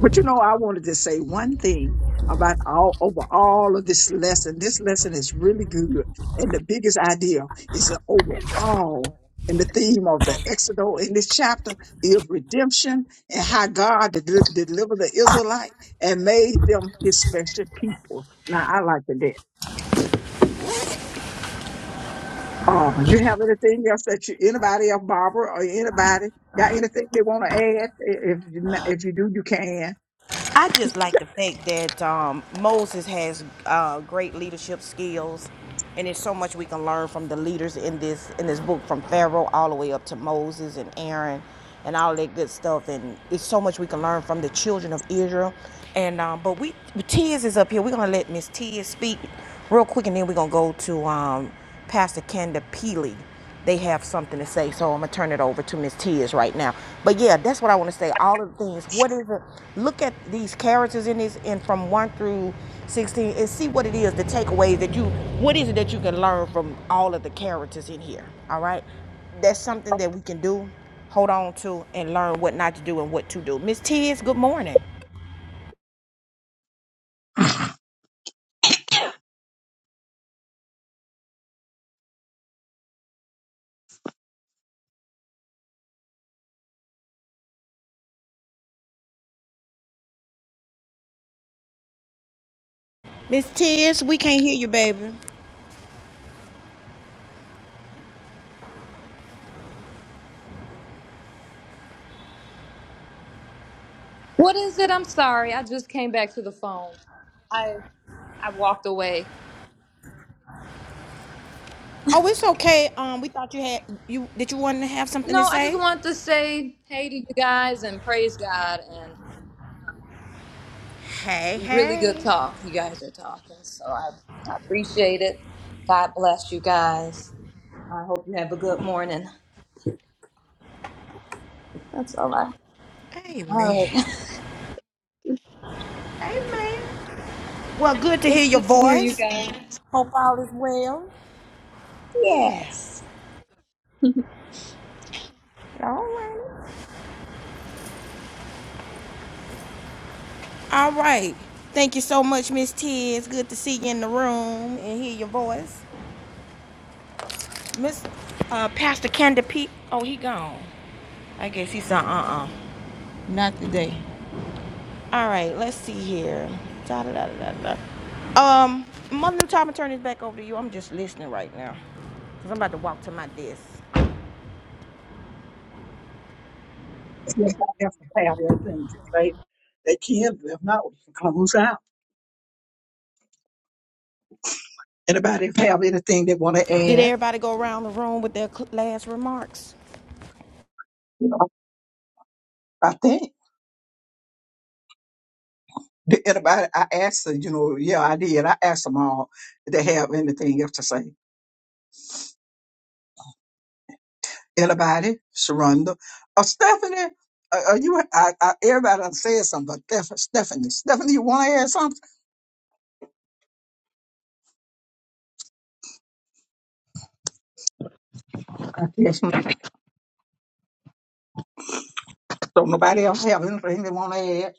Speaker 4: But you know, I wanted to say one thing about all over all of this lesson. This lesson is really good. And the biggest idea is that overall. And the theme of the Exodus in this chapter is redemption and how God de- delivered the Israelite and made them his special people. Now, I like that. Um, you have anything else that you, anybody else, Barbara or anybody, got anything they want to add? If you, if you do, you can.
Speaker 1: I just like the fact that um, Moses has uh, great leadership skills, and there's so much we can learn from the leaders in this in this book, from Pharaoh all the way up to Moses and Aaron, and all that good stuff. And it's so much we can learn from the children of Israel. And um, but we Tiz is up here. We're gonna let Miss Tiz speak real quick, and then we're gonna go to um, Pastor Kenda Peely they have something to say. So I'm gonna turn it over to Miss Tears right now. But yeah, that's what I want to say. All of the things. What is it? Look at these characters in this, and from one through sixteen, and see what it is. The takeaway that you. What is it that you can learn from all of the characters in here? All right, that's something that we can do. Hold on to and learn what not to do and what to do. Miss Tears, good morning. Miss Tears, we can't hear you, baby.
Speaker 10: What is it? I'm sorry. I just came back to the phone. I I walked away.
Speaker 1: Oh, it's okay. Um, we thought you had you. Did you want to have something to
Speaker 10: No, I just
Speaker 1: say?
Speaker 10: wanted to say hey to you guys and praise God and
Speaker 1: Hey,
Speaker 10: really good
Speaker 1: hey.
Speaker 10: talk you guys are talking. So I, I appreciate it. God bless you guys. I hope you have a good morning. That's all I. All
Speaker 1: Amen.
Speaker 10: right. [laughs]
Speaker 1: Amen. Well, good to hear
Speaker 10: It's
Speaker 1: your
Speaker 10: good to hear you
Speaker 1: voice.
Speaker 10: guys.
Speaker 1: Hope all is well. Yeah.
Speaker 10: Yes.
Speaker 1: All right. All right. Thank you so much, Miss T. It's good to see you in the room and hear your voice. Miss uh, Pastor Candy Pete. Oh, he gone. I guess he said uh-uh. Not today. All right, let's see here. Da, da, da, da, da. da. Um, Mother New Time, I turn this back over to you. I'm just listening right now. Because I'm about to walk to my desk.
Speaker 4: See, Everybody have to have their thing to say? They can, but if not, we can close out. Anybody have anything they want to
Speaker 1: Did
Speaker 4: add?
Speaker 1: everybody go around the room with their cl- last remarks?
Speaker 4: I think. Did Anybody, I asked, them, you know, yeah, I did. I asked them all if they have anything else to say. Anybody? Sharonda? Oh, Stephanie? Uh, are you, I, I, everybody done said something, but Steph- Stephanie, Stephanie, you want to add something? Yes, ma'am. So nobody else have anything they want to add?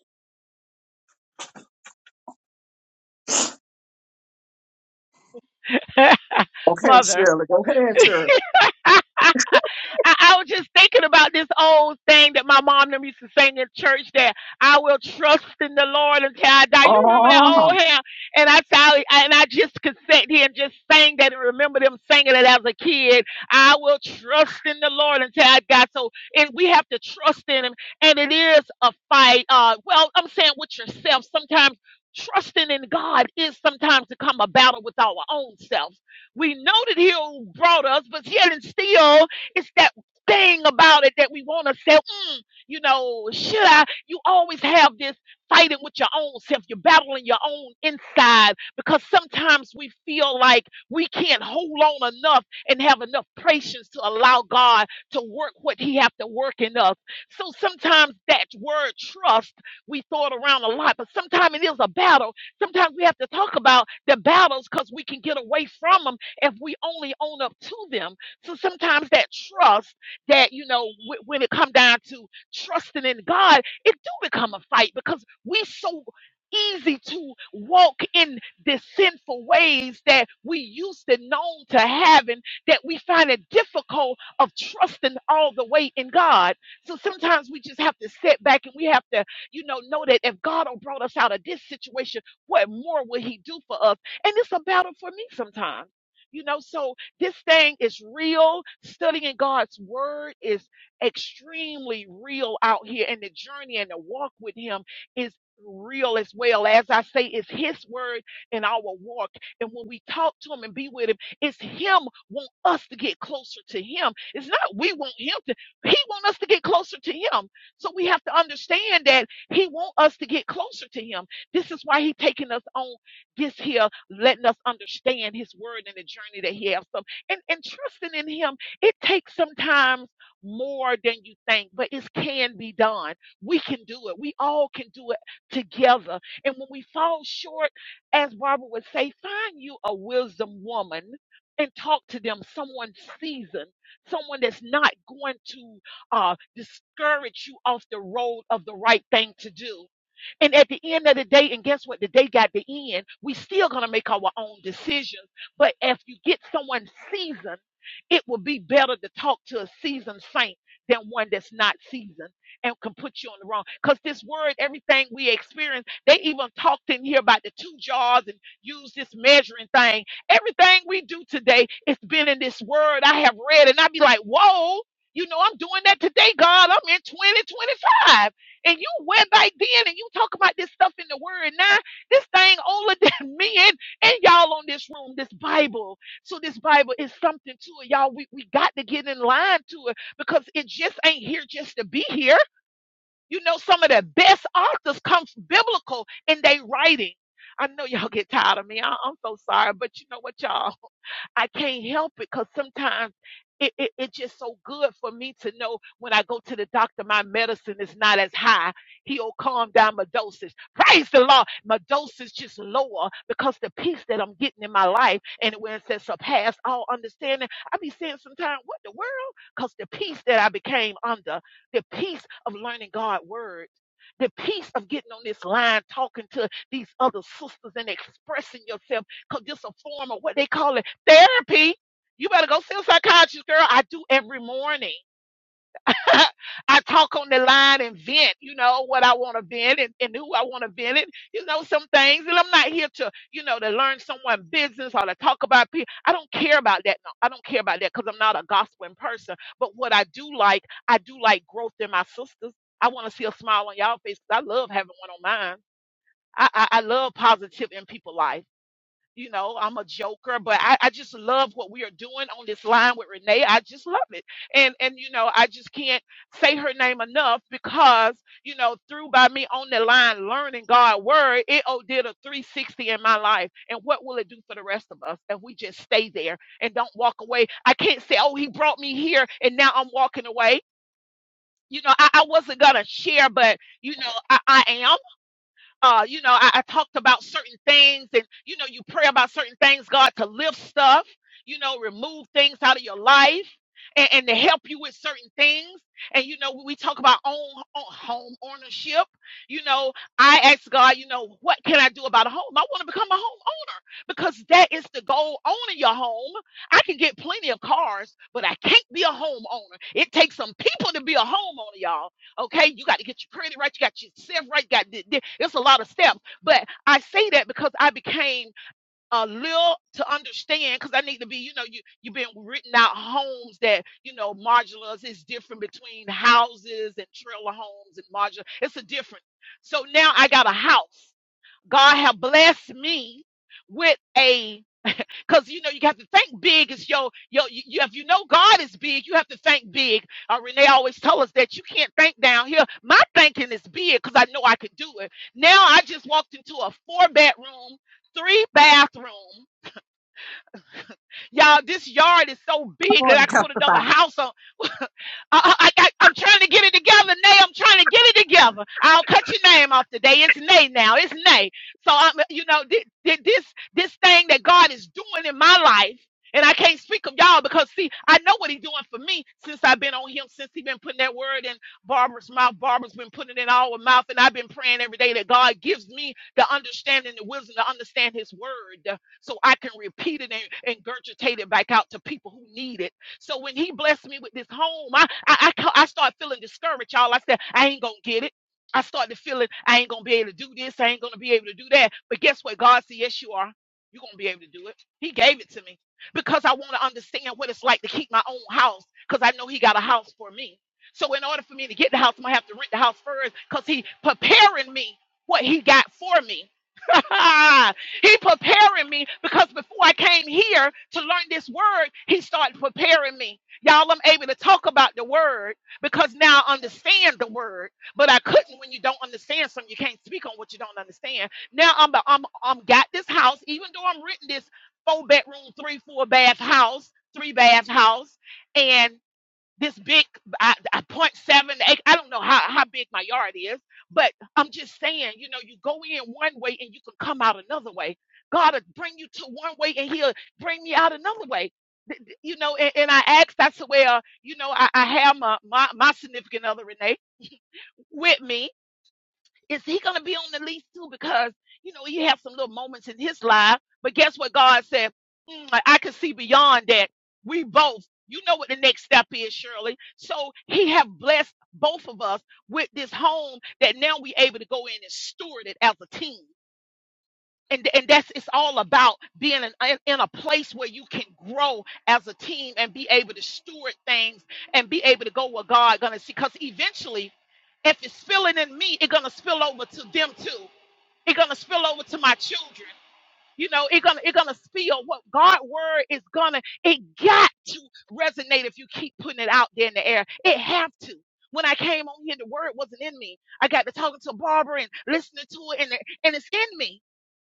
Speaker 7: [laughs]
Speaker 4: Okay,
Speaker 7: mother.
Speaker 4: Shirley, go ahead, Shirley.
Speaker 7: [laughs] I, I was just thinking about this old thing that my mom them used to sing in church that I will trust in the Lord until I die. You remember that
Speaker 4: Oh,
Speaker 7: old
Speaker 4: come
Speaker 7: hymn? And I, I and I just could sit here and just sing that and remember them singing it as a kid. I will trust in the Lord until I die. So and we have to trust in him. And it is a fight. Uh well, I'm saying with yourself. Sometimes trusting in God is sometimes to come a battle with our own self we know that he who brought us, but yet and still, it's that thing about it that we want to say, mm, you know, should I? You always have this fighting with your own self. You're battling your own inside because sometimes we feel like we can't hold on enough and have enough patience to allow God to work what he have to work in us. So sometimes that word trust, we throw it around a lot, but sometimes it is a battle sometimes we have to talk about the battles because we can get away from them if we only own up to them. So sometimes that trust that, you know, w- when it come down to trusting in God, it do become a fight because we so easy to walk in the sinful ways that we used to known to having that we find it difficult of trusting all the way in God. So sometimes we just have to sit back and we have to, you know, know that if God done brought us out of this situation, what more will he do for us? And it's a battle for me sometimes. You know, so this thing is real. Studying God's word is extremely real out here, and the journey and the walk with Him is real as well. As I say, it's His word in our walk. And when we talk to Him and be with Him, it's Him want us to get closer to Him. It's not we want Him to, He want us to get closer to Him. So we have to understand that He want us to get closer to Him. This is why He taking us on gets here letting us understand his word and the journey that he has. So and, and trusting in him, it takes sometimes more than you think, but it can be done. We can do it. We all can do it together. And when we fall short, as Barbara would say, find you a wisdom woman and talk to them, someone seasoned, someone that's not going to uh, discourage you off the road of the right thing to do and at the end of the day, and guess what? The day got the end. We still gonna make our own decisions. But if you get someone seasoned, it will be better to talk to a seasoned saint than one that's not seasoned and can put you on the wrong. Because this word, everything we experience, they even talked in here about the two jars and use this measuring thing. Everything we do today, it's been in this word I have read, and i be like, whoa. You know, I'm doing that today, God. I'm in 2025 and you went back then and you talk about this stuff in the word now. This thing older [laughs] than me and, and y'all on this room, this Bible. So this Bible is something to it. Y'all, we, we got to get in line to it because it just ain't here just to be here. You know, some of the best authors come from biblical in their writing. I know y'all get tired of me. I, I'm so sorry, but you know what, y'all? I can't help it because sometimes it, it, it's just so good for me to know when I go to the doctor, my medicine is not as high. He'll calm down my dosage. Praise the Lord. My dose is just lower because the peace that I'm getting in my life and when it says surpass all understanding, I be saying sometimes, what the world? Because the peace that I became under, the peace of learning God's word. The peace of getting on this line, talking to these other sisters and expressing yourself, because this a form of what they call it Therapy. You better go see a psychiatrist, girl. I do every morning. [laughs] I talk on the line and vent, you know, what I want to vent and, and who I want to vent it, you know, some things. And I'm not here to, you know, to learn someone's business or to talk about people. I don't care about that. No, I don't care about that because I'm not a gossiping person. But what I do like, I do like growth in my sisters. I want to see a smile on y'all face 'cause I love having one on mine. I, I, I love positive in people's life you know, I'm a joker, but I, I just love what we are doing on this line with Renee. I just love it. And and you know, I just can't say her name enough because, you know, through by me on the line learning God's word, it oh did a 360 in my life. And what will it do for the rest of us if we just stay there and don't walk away? I can't say, Oh, he brought me here and now I'm walking away. You know, I, I wasn't gonna share, but you know, I, I am. Uh, you know, I, I talked about certain things, and you know, you pray about certain things, God, to lift stuff, you know, remove things out of your life and, and to help you with certain things. And you know, when we talk about own, own home ownership, you know, I asked God, you know, what can I do about a home? I want to become a homeowner because that is the goal owning your home. I can get plenty of cars, but I can't be a homeowner. It takes some people to be a homeowner, y'all. Okay, you got to get your credit right, you got yourself right, got th- th- it's a lot of steps. But I say that because I became a little to understand because I need to be, you know, you you've been written out homes that you know modulars is different between houses and trailer homes and modular. It's a different. So now I got a house. God have blessed me with a because you know you have to think big is your your you, you- if you know God is big, you have to think big. Uh, Renee always tell us that you can't think down here. My thinking is big because I know I could do it. Now I just walked into a four bedroom, three bathroom. Y'all, this yard is so big that
Speaker 4: on,
Speaker 7: I could put another
Speaker 4: testify.
Speaker 7: house on. I, I, I, am trying to get it together, Nay. I'm trying to get it together. I'll cut your name off today. It's Nay now. It's Nay. So I'm, you know, thi- thi- this this thing that God is doing in my life, and I can't speak of y'all because see, I know what He's doing for me since I've been on Him, since He's been putting that word in Barbara's mouth. Barbara's been putting it all in our mouth, and I've been praying every day that God gives me the understanding, the wisdom to understand His word, so I can repeat it and, and regurgitate it back out to people who need it so when he blessed me with this home, I I I, I started feeling discouraged, y'all. I said, I ain't gonna get it. I started feeling I ain't gonna be able to do this, I ain't gonna be able to do that. But guess what? God said, Yes, you are. You're gonna be able to do it. He gave it to me because I want to understand what it's like to keep my own house, because I know he got a house for me. So in order for me to get the house, I'm gonna have to rent the house first because he preparing me what he got for me. [laughs] He preparing me because before I came here to learn this word, he started preparing me. Y'all, I'm able to talk about the word because now I understand the word. But I couldn't when you don't understand something. You can't speak on what you don't understand. Now I'm the, I'm I'm got this house, even though I'm renting this four bedroom, three, four bath house, three bath house. and this big I, I point seven eight. I don't know how, how big my yard is, but I'm just saying, you know, you go in one way and you can come out another way. God will bring you to one way and he'll bring me out another way. You know, and, and I asked, I said, well, you know, I, I have my, my, my significant other, Renee, with me is he going to be on the lease too? Because, you know, he have some little moments in his life. But guess what God said? "Mm, I can see beyond that. We both, you know what the next step is, Shirley. So he have blessed both of us with this home that now we able to go in and steward it as a team and and that's it's all about being in, in, in a place where you can grow as a team and be able to steward things and be able to go where God gonna see. Because eventually, if it's spilling in me, it's gonna spill over to them too. It's gonna spill over to my children. You know, it's gonna it's gonna spill. What God word is gonna it got to resonate if you keep putting it out there in the air. It have to. When I came on here, the word wasn't in me. I got to talking to Barbara and listening to it, and, it- and it's in me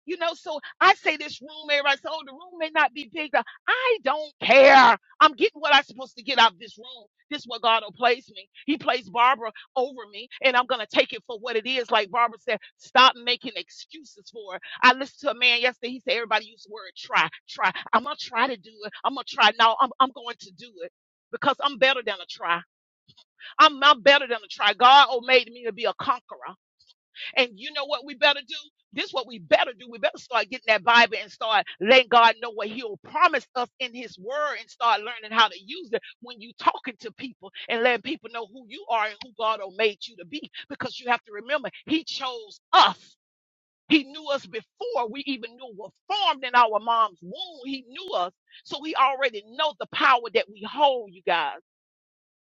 Speaker 7: you know, so I say this room, everybody says, oh, the room may not be big. Uh, I don't care. I'm getting what I'm supposed to get out of this room. This is what God will place me. He placed Barbara over me, and I'm going to take it for what it is. Like Barbara said, stop making excuses for it. I listened to a man yesterday. He said, everybody use the word try, try. I'm going to try to do it. I'm going to try. No, I'm, I'm going to do it because I'm better than a try. I'm, I'm better than a try. God oh, made me to be a conqueror. And you know what we better do? This is what we better do. We better start getting that Bible and start letting God know what He'll promise us in His Word and start learning how to use it when you talking to people and letting people know who you are and who God oh made you to be. Because you have to remember, He chose us. He knew us before we even knew we were formed in our mom's womb. He knew us. So he already knows the power that we hold, you guys.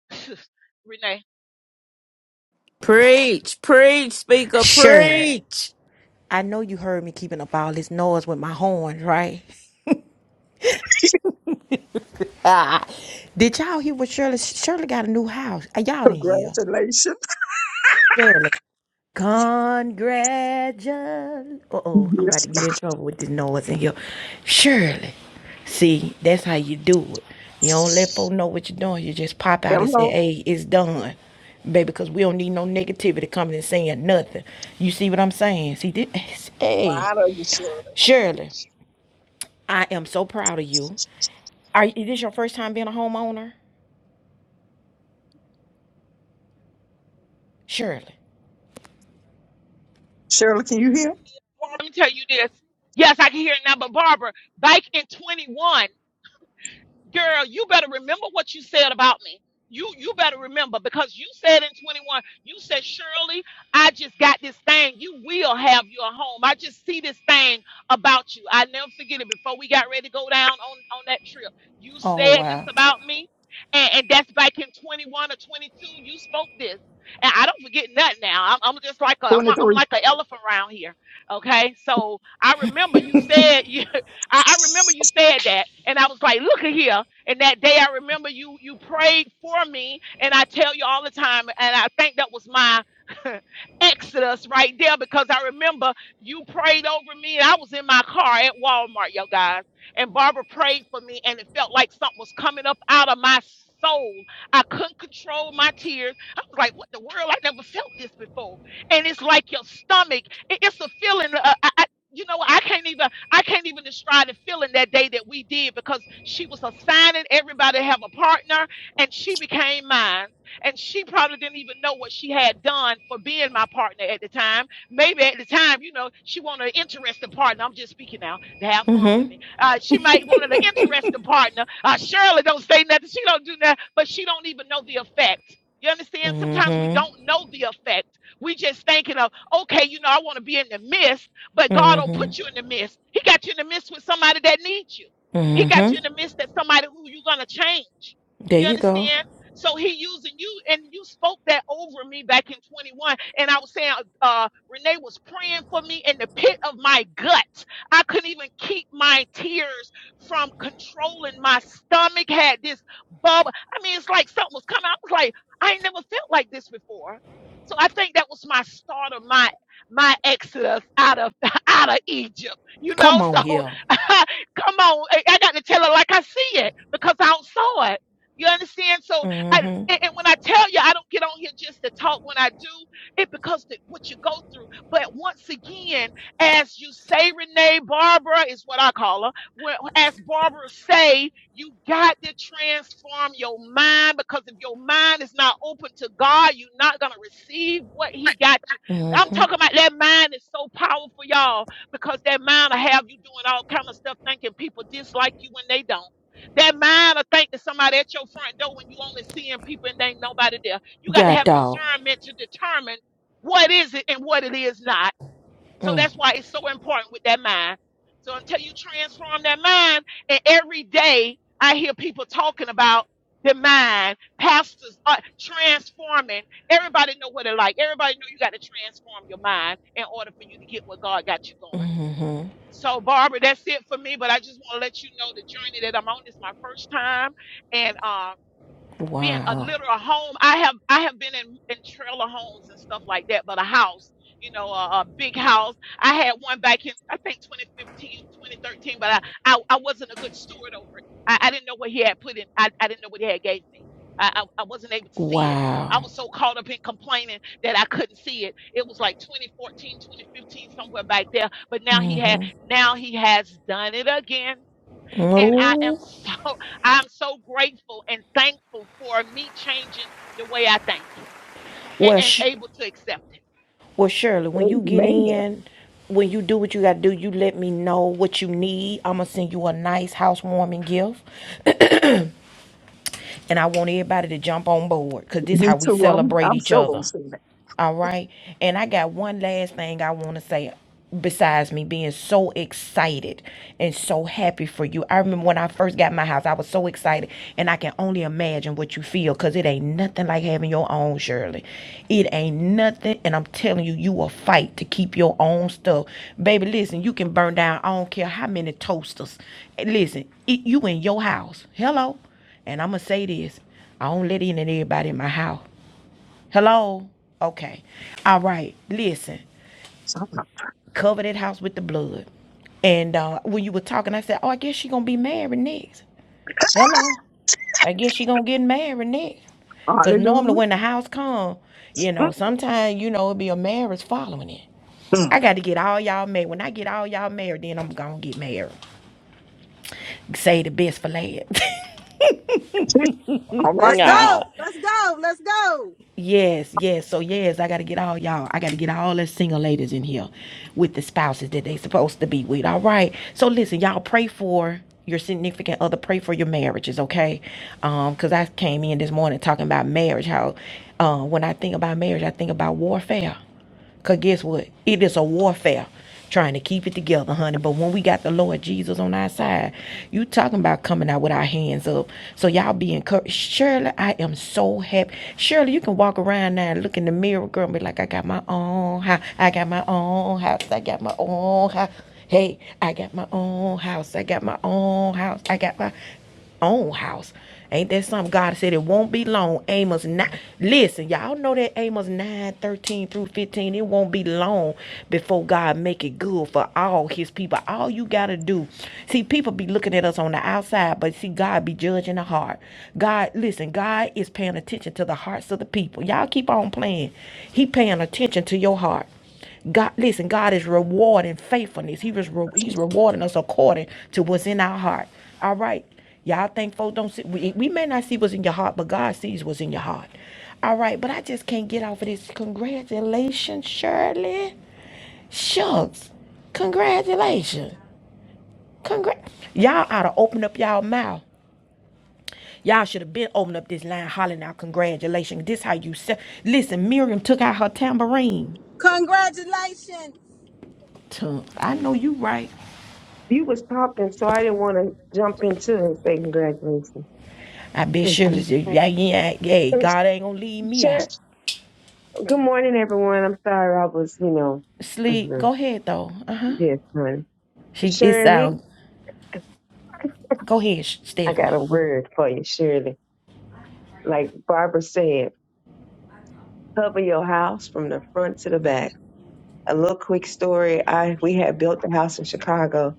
Speaker 7: [laughs] Renee,
Speaker 2: Preach, preach, speaker,
Speaker 1: Shirley,
Speaker 2: preach.
Speaker 1: I know you heard me keeping up all this noise with my horns, right? Ah, Did y'all hear what Shirley? Shirley got a new house. Uh, Y'all didn't hear.
Speaker 4: Congratulations.
Speaker 1: Shirley. Congratulations. Uh oh, I'm about
Speaker 4: Yes.
Speaker 1: to get in trouble with this noise in here. Surely. See, that's how you do it. You don't let folk know what you're doing. You just pop out and say,
Speaker 4: Hello.
Speaker 1: hey, it's done. Baby, because we don't need no negativity coming and saying nothing. You see what I'm saying? See, this,
Speaker 4: How
Speaker 1: hey,
Speaker 4: are you, Shirley?
Speaker 1: Shirley, I am so proud of you. Are is this your first time being a homeowner? Shirley.
Speaker 4: Shirley, can you hear?
Speaker 7: let me tell you this. Yes, I can hear it now, but Barbara, back in 21. girl, you better remember what you said about me. You you better remember because you said in 21, you said, Shirley, I just got this thing. You will have your home. I just see this thing about you. I never forget it before we got ready to go down on, on that trip. You
Speaker 1: Oh
Speaker 7: said this
Speaker 1: wow.
Speaker 7: about me. And, and that's back in 21 or 22. You spoke this. And I don't forget nothing now. I'm, I'm just like a, I'm, a- I'm
Speaker 4: 23.
Speaker 7: like an elephant around here. Okay. So I remember you said, [laughs] I, I remember you said that, and I was like, "Look at here." And that day, I remember you you prayed for me, and I tell you all the time, and I think that was my [laughs] exodus right there because I remember you prayed over me, and I was in my car at Walmart, yo guys, and Barbara prayed for me, and it felt like something was coming up out of my soul. I couldn't control my tears. I was like, "What the world? I never felt this before." And it's like your stomach. it- it's a feeling. Uh, I, I- you know, I can't even. I can't even describe the feeling that day that we did because she was assigning everybody to have a partner and she became mine. And she probably didn't even know what she had done for being my partner at the time. Maybe at the time, you know, she wanted an interesting partner. I'm just speaking now to have fun with
Speaker 1: Mm-hmm.
Speaker 7: me. Uh, she might wanted an interesting partner. Uh, Shirley don't say nothing. She don't do nothing, but she don't even know the effect. You understand? Sometimes we
Speaker 1: Mm-hmm.
Speaker 7: don't know the effect. We just thinking of, okay, you know, I want to be in the midst but God will
Speaker 1: Mm-hmm.
Speaker 7: put you in the midst. He got you in the midst with somebody that needs you. He got
Speaker 1: Mm-hmm.
Speaker 7: you in the midst that somebody who you're gonna change.
Speaker 1: There
Speaker 7: You
Speaker 1: you go.
Speaker 7: understand? So he using you, and you spoke that over me back in 21. And I was saying, uh, Renee was praying for me in the pit of my gut. I couldn't even keep my tears from controlling. My stomach had this bubble. I mean, it's like something was coming. I was like, I ain't never felt like this before. So I think that was my start of my my exodus out of [laughs] out of Egypt. You
Speaker 1: Come
Speaker 7: know,
Speaker 1: on
Speaker 7: so
Speaker 1: here.
Speaker 7: [laughs] come on. I, I got to tell her like I see it because I don't saw it. You understand? So, I,
Speaker 1: Mm-hmm.
Speaker 7: and and when I tell you, I don't get on here just to talk. When I do, it because the, what you go through. But once again, as you say, Renee, Barbara is what I call her. Well, As Barbara say, you got to transform your mind because if your mind is not open to God, you're not gonna receive what He got I'm talking about that mind is so powerful, y'all, because that mind will have you doing all kind of stuff, thinking people dislike you when they don't. That mind will think that somebody at your front door when you only seeing people and there ain't nobody there. You got to
Speaker 1: Get
Speaker 7: have
Speaker 1: out.
Speaker 7: discernment to determine what is it and what it is not. So that's why it's so important with that mind. So until you transform that mind, and every day I hear people talking about the mind, pastors are transforming. Everybody know what it like. Everybody know you got to transform your mind in order for you to get what God got you going. So Barbara, that's it for me. But I just want to let you know the journey that I'm on. This is my first time, and um been a
Speaker 1: Wow.
Speaker 7: literal home. I have I have been in, in trailer homes and stuff like that, but a house, you know, a, a big house. I had one back in I think 2015, 2013, but I I, I wasn't a good steward over it. I, I didn't know what he had put in. I, I didn't know what he had gave me. I, I I wasn't able to see it. I
Speaker 1: Wow.
Speaker 7: was so caught up in complaining that I couldn't see it. It was like 2014, 2015, somewhere back there. But now he had
Speaker 1: Mm-hmm.
Speaker 7: now he has done it again and I am [laughs]
Speaker 1: Oh.
Speaker 7: so I'm so grateful and thankful for me changing the way I think and,
Speaker 1: Well,
Speaker 7: and
Speaker 1: sh-
Speaker 7: able to accept it.
Speaker 1: well, Shirley, when you get
Speaker 4: Amen.
Speaker 1: in, when you do what you got to do, you let me know what you need. I'm going to send you a nice housewarming gift, and I want everybody to jump on board because this is
Speaker 4: Me
Speaker 1: how we
Speaker 4: too. I'm,
Speaker 1: celebrate
Speaker 4: I'm
Speaker 1: each
Speaker 4: sure going
Speaker 1: other.
Speaker 4: to see that.
Speaker 1: All right. And I got one last thing I want to say besides me being so excited and so happy for you. I remember when I first got my house, I was so excited and I can only imagine what you feel cuz it ain't nothing like having your own, Shirley. It ain't nothing and I'm telling you you will fight to keep your own stuff. Baby, listen, you can burn down I don't care how many toasters. Listen, it, you in your house. Hello. And I'm gonna say this. I don't let in and everybody in my house. Hello? Okay. All right. Listen,
Speaker 4: So I'm like,
Speaker 1: cover that house with the blood. And uh, when you were talking, I said, oh, I guess she going to be married next. Hello? I guess she going to get married next. Because normally
Speaker 4: hallelujah.
Speaker 1: when the house come, you know, sometimes, you know, it'll be a marriage following it.
Speaker 4: Mm-mm.
Speaker 1: I got to get all y'all married. When I get all y'all married, then I'm going to get married. Say the best for last.
Speaker 4: She's all
Speaker 1: [laughs]
Speaker 4: right
Speaker 6: Let's
Speaker 4: now.
Speaker 1: nah.
Speaker 6: go. Let's go. Let's go.
Speaker 1: Yes, yes. So yes, I gotta get all y'all. I gotta get all the single ladies in here with the spouses that they supposed to be with. All right. So listen, y'all pray for your significant other. Pray for your marriages, okay? Um, cause I came in this morning talking about marriage. How, uh, when I think about marriage, I think about warfare. Because guess what? It is a warfare trying to keep it together, honey. But when we got the Lord Jesus on our side, you talking about coming out with our hands up. So y'all be encouraged. Shirley, I am so happy. Shirley, you can walk around now and look in the mirror, girl, and be like, I got my own house. I got my own house. I got my own house. Hey, I got my own house. I got my own house. I got my own house. Ain't that something God said it won't be long? Amos 9. Listen, y'all know that Amos 9 13 through 15. It won't be long before God make it good for all his people. All you gotta do. See, people be looking at us on the outside, but see, God be judging the heart. God, listen, God is paying attention to the hearts of the people. Y'all keep on playing. He paying attention to your heart. God, listen, God is rewarding faithfulness. He was re- he's rewarding us according to what's in our heart. All right. Y'all think folks don't see we, we may not see what's in your heart, but God sees what's in your heart. All right, but I just can't get off of this. Congratulations, Shirley. Shucks. Congratulations. Congrats. Y'all ought to open up y'all mouth. Y'all should have been opening up this line hollering out congratulations. This how you say. Listen, Miriam took out her tambourine.
Speaker 6: Congratulations.
Speaker 1: Tum. I know you right.
Speaker 11: you was popping, so I didn't want to jump into it and say congratulations.
Speaker 1: I bet Shirley
Speaker 11: Mhm.
Speaker 1: yeah,
Speaker 11: Um,
Speaker 1: yeah, yeah, God ain't gonna leave me
Speaker 11: Share,
Speaker 1: out.
Speaker 11: good morning, everyone. I'm sorry I was, you know,
Speaker 1: Sleep.
Speaker 11: hmm
Speaker 1: Go ahead though. Uh huh.
Speaker 11: yes, honey.
Speaker 1: She it
Speaker 11: Shirley,
Speaker 1: sound. Go ahead,
Speaker 11: I got
Speaker 1: Stephanie.
Speaker 11: a word for you, Shirley. Like Barbara said, cover your house from the front to the back. A little quick story. I we had built the house in Chicago,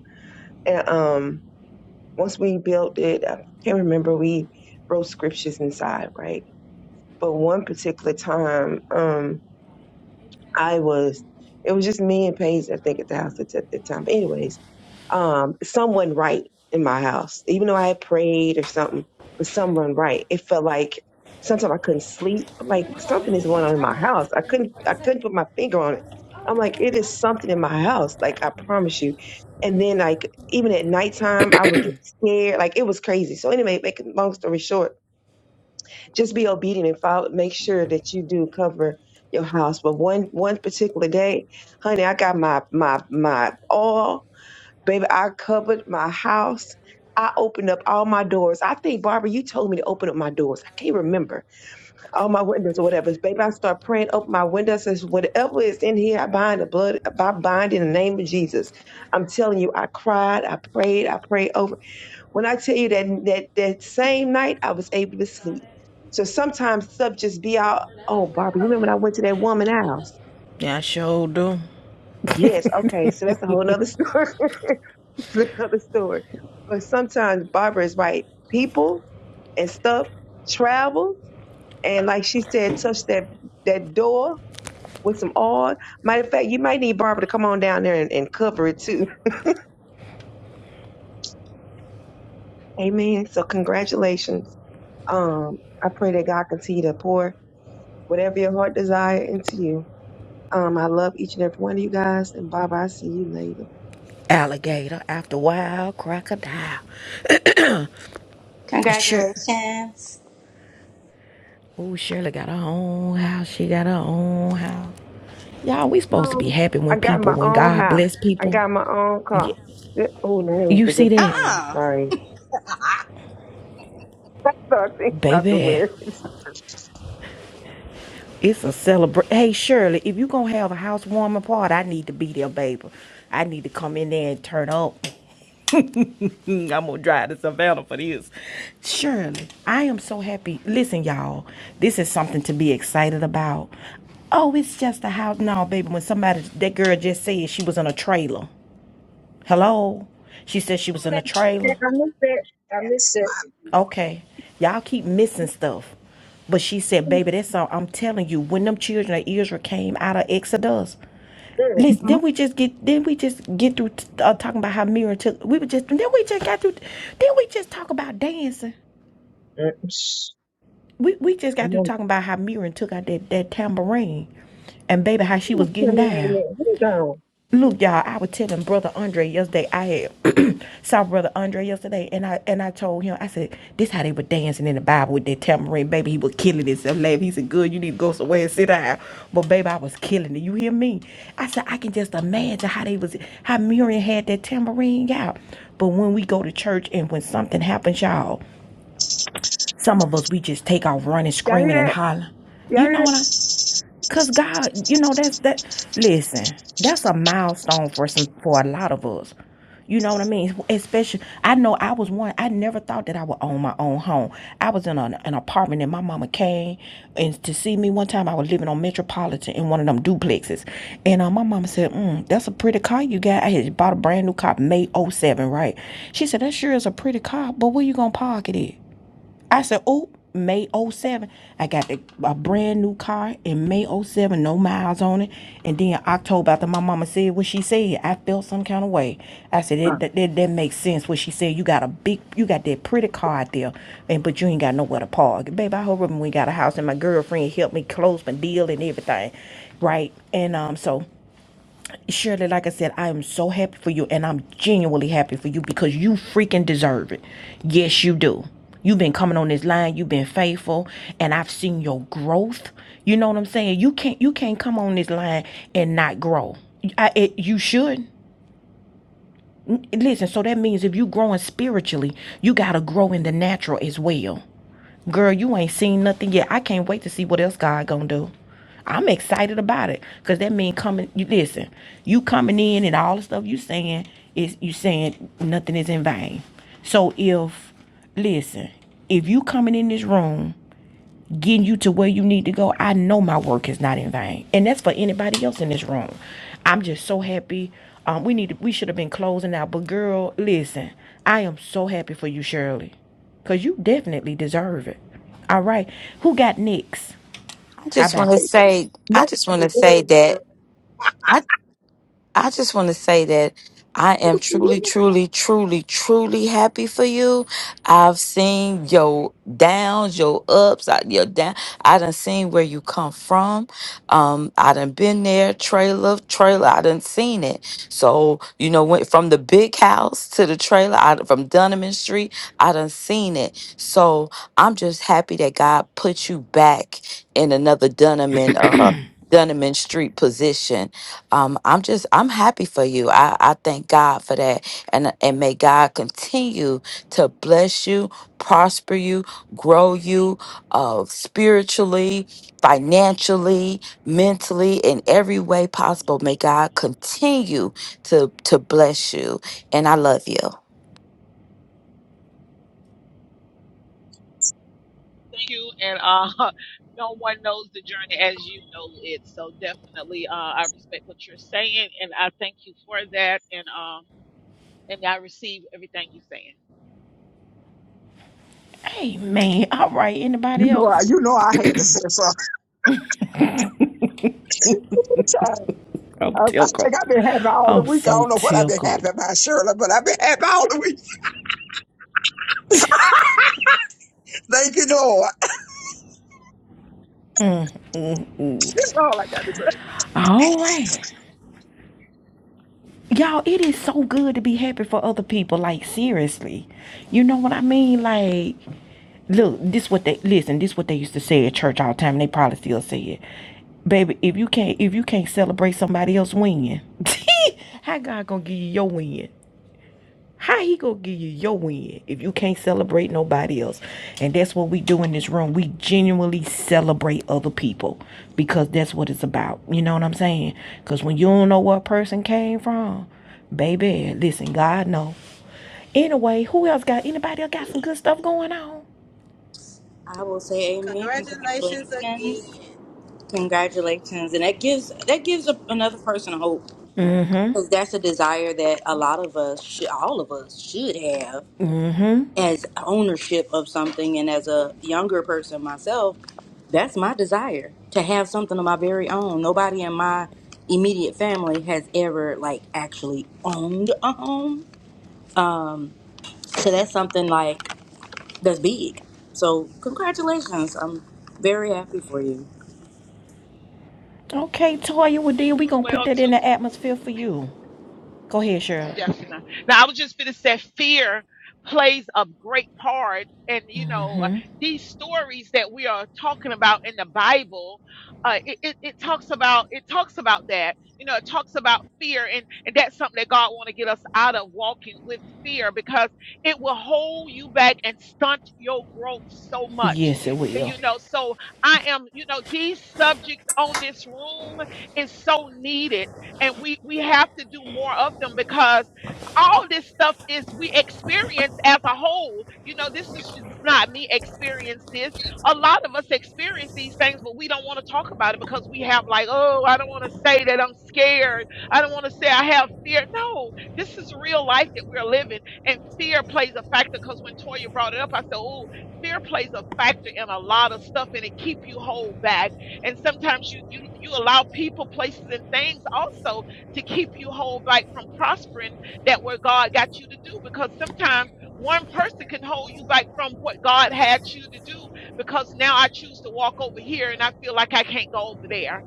Speaker 11: and um, once we built it, I can't remember we wrote scriptures inside, right? But one particular time, um, I was it was just me and Paige, I think, at the house at, at the time. But anyways, um, someone right in my house. Even though I had prayed or something, someone right. It felt like sometimes I couldn't sleep. I'm like something is going on in my house. I couldn't I couldn't put my finger on it. I'm like, it is something in my house, like I promise you. And then like even at nighttime I would get scared. Like it was crazy. So anyway, make a long story short just be obedient and follow, make sure that you do cover your house. But one one particular day, honey, I got my my my all, baby. I covered my house. I opened up all my doors. I think Barbara, you told me to open up my doors. I can't remember all my windows or whatever. Baby, I start praying, open my windows. Says whatever is in here, I bind the blood. I bind in the name of Jesus. I'm telling you, I cried, I prayed, I prayed over. When I tell you that that that same night I was able to sleep. So sometimes stuff just be out. Oh, Barbara, you remember when I went to that woman house?
Speaker 1: Yeah, I sure do.
Speaker 11: Yes, okay. So that's a whole nother story. [laughs] that's another story. But sometimes Barbara is right. People and stuff travel and like she said, touch that that door with some oil. Matter of fact, you might need Barbara to come on down there and, and cover it too. [laughs] Amen. So congratulations. Um, I pray that God continue to pour whatever your heart desire into you. Um, I love each and every one of you guys. And Baba, I see you later.
Speaker 1: Alligator after wild crocodile. [clears throat] sure.
Speaker 8: congratulations.
Speaker 1: Ooh, Shirley got her own house. She got her own house. Y'all, we supposed to be
Speaker 11: Oh,
Speaker 1: happy
Speaker 11: I
Speaker 1: when
Speaker 11: got
Speaker 1: people,
Speaker 11: my
Speaker 1: when
Speaker 11: own
Speaker 1: God
Speaker 11: house.
Speaker 1: bless
Speaker 11: I
Speaker 1: people.
Speaker 11: got my own car. Oh, no, that was
Speaker 1: You
Speaker 11: a
Speaker 1: see
Speaker 11: good
Speaker 1: that,
Speaker 11: song.
Speaker 8: Uh-uh.
Speaker 11: Sorry. [laughs] I thought thinking about the
Speaker 1: baby?
Speaker 11: words.
Speaker 1: It's a celebration. Hey, Shirley, if you going to have a housewarming party, I need to be there, baby. I need to come in there and turn up. [laughs] I'm going to drive to Savannah for this. Shirley, I am so happy. Listen, y'all, this is something to be excited about. Oh, it's just a house. No, baby, when somebody, that girl just said she was in a trailer. Hello? She said she
Speaker 11: Oh,
Speaker 1: was in a
Speaker 11: man.
Speaker 1: trailer.
Speaker 11: I missed it. I missed
Speaker 4: That's
Speaker 11: it.
Speaker 4: my.
Speaker 1: Okay. Y'all keep missing stuff. But she said,
Speaker 11: Mm,
Speaker 1: baby, that's all I'm telling you. When them children of Israel came out of Exodus,
Speaker 11: mm,
Speaker 1: Listen,
Speaker 4: Mhm.
Speaker 1: then we just get then we just get through uh, talking about how Mira took. We were just then we just got through. Then we just talk about dancing.
Speaker 11: mm, shh.
Speaker 1: We we just got
Speaker 11: I'm
Speaker 1: through
Speaker 11: on.
Speaker 1: talking about how Mira took out that that tambourine, and baby how she was
Speaker 11: Hold
Speaker 1: getting down.
Speaker 11: on.
Speaker 1: Look, y'all, I was telling Brother Andre yesterday. I had [clears throat] saw Brother Andre yesterday, and I and I told him, I said, "This how they were dancing in the Bible with that tambourine, baby. He was killing himself. Laugh. He said, "Good, you need to go somewhere and sit down." But baby, I was killing it. You hear me? I said, I can just imagine how they was how Miriam had that tambourine out. But when we go to church and when something happens, y'all, some of us we just take off running,
Speaker 11: Y'all
Speaker 1: screaming,
Speaker 11: hear
Speaker 1: and
Speaker 11: that?
Speaker 1: hollering.
Speaker 11: Y'all
Speaker 1: You
Speaker 11: hear
Speaker 1: know
Speaker 11: that?
Speaker 1: what I'm? Cause God, you know, that's that listen, that's a milestone for some for a lot of us. You know what I mean? Especially I know I was one, I never thought that I would own my own home. I was in an, an apartment and my mama came and to see me one time I was living on Metropolitan in one of them duplexes. And uh, my mama said, mm, that's a pretty car you got. I had bought a brand new car May '07, right? She said, That sure is a pretty car, but where you gonna park it at? I said, oh, May '07. I got the, a brand new car in May '07, no miles on it. And then October, after my mama said what she said, I felt some kind of way. I said, that,
Speaker 4: Mm.
Speaker 1: that, that, makes sense what she said. You got a big, you got that pretty car out there, and but you ain't got nowhere to park. Baby, I hope when we got a house and my girlfriend helped me close my deal and everything, right? And um, so Shirley, like I said, I am so happy for you and I'm genuinely happy for you because you freaking deserve it. Yes, you do. You've been coming on this line, you've been faithful, and I've seen your growth. You know what I'm saying? You can't you can't come on this line and not grow. I, it, you should. Listen, so that means if you are growing spiritually, you got to grow in the natural as well. Girl, you ain't seen nothing yet. I can't wait to see what else God gonna do. I'm excited about it because that mean coming. You listen, you coming in and all the stuff you saying is you saying nothing is in vain. So if listen, if you coming in this room getting you to where you need to go, I know my work is not in vain. And that's for anybody else in this room. I'm just so happy. Um, we need to, we should have been closing out, but girl, listen, I am so happy for you, Shirley, cause you definitely deserve it. All right, who got next?
Speaker 2: I
Speaker 1: How
Speaker 2: just want
Speaker 1: about?
Speaker 2: to say,
Speaker 4: You know
Speaker 2: I
Speaker 4: what
Speaker 2: just
Speaker 4: she
Speaker 2: want to say
Speaker 4: deserves. girl.
Speaker 2: that. I just want to say that I
Speaker 4: You
Speaker 2: am
Speaker 4: was
Speaker 2: truly,
Speaker 4: good.
Speaker 2: truly, truly, truly happy for you. I've seen your downs, your ups, I- your down. I done seen where you come from. Um, I done been there, trailer, trailer. I done seen it. So you know, went from the big house to the trailer. I, from Dunham Street, I done seen it. So I'm just happy that God put you back in another Dunham and uh, Dunham Street position um, I'm just I'm happy for you. I, I thank God for that. And and may God continue to bless you, prosper you, grow you uh spiritually, financially, mentally, in every way possible. May God continue to to bless you. And I love you.
Speaker 7: Thank you. And uh, [laughs] no one knows the journey as you know it. So definitely, uh, I respect what you're saying, and I thank you for that. And um, and I receive everything you're saying.
Speaker 1: Hey man, [laughs] all right.
Speaker 4: You
Speaker 1: Anybody
Speaker 4: know,
Speaker 1: else?
Speaker 4: I, you know, I had to say something. [laughs] Child,
Speaker 1: I'm
Speaker 4: I, I
Speaker 1: tickled.
Speaker 4: think I've been happy all the
Speaker 1: I'm
Speaker 4: week. I
Speaker 1: so
Speaker 4: don't know what I've been happy
Speaker 1: tickled.
Speaker 4: about, Shirley, but I've been happy all the week. [laughs] Thank you, Lord. [laughs] That's all I got to say.
Speaker 1: All right. Y'all, it is so good to be happy for other people. Like, seriously. You know what I mean? Like, Look, this what they listen. This what they used to say at church all the time. And they probably still say it, baby. If you can't, if you can't celebrate somebody else winning, [laughs] how God gonna give you your win? How he gonna give you your win if you can't celebrate nobody else? And that's what we do in this room. We genuinely celebrate other people because that's what it's about. You know what I'm saying? Because when you don't know where a person came from, baby, listen, God know. Anyway, who else got anybody else got some good stuff going on?
Speaker 8: I will say amen.
Speaker 6: Congratulations
Speaker 8: Congratulations.
Speaker 6: again.
Speaker 8: Congratulations. And that gives that gives a, another person hope
Speaker 1: Mm-hmm.
Speaker 8: because that's a desire that a lot of us, should, all of us, should have
Speaker 1: Mm-hmm.
Speaker 8: as ownership of something. And as a younger person myself. That's my desire to have something of my very own. Nobody in my immediate family has ever like actually owned a home. So that's something like that's big. So congratulations. I'm very happy for you.
Speaker 1: Okay, Toya, well then we gonna put
Speaker 7: Well,
Speaker 1: that
Speaker 7: too.
Speaker 1: in the atmosphere for you. Go ahead, Shirley.
Speaker 7: Definitely. Now, I was just going to say fear plays a great part. And, you know, uh, these stories that we are talking about in the Bible, uh, it, it, it talks about it talks about that. You know, it talks about fear. And, and that's something that God want to get us out of walking with fear because it will hold you back and stunt your growth so much.
Speaker 1: Yes, it will.
Speaker 7: You know, so I am, you know, these subjects on this room is so needed and we we have to do more of them because all this stuff is we experience as a whole you know this is just not me experience this a lot of us experience these things but we don't want to talk about it because we have like oh i don't want to say that i'm scared i don't want to say i have fear no this is real life that we're living and fear plays a factor because when toya brought it up i said oh fear plays a factor in a lot of stuff and it keep you hold back and sometimes you you you allow people places and things also to keep you whole back from prospering that where god got you to do because sometimes one person can hold you back from what god had you to do because now i choose to walk over here and i feel like i can't go over there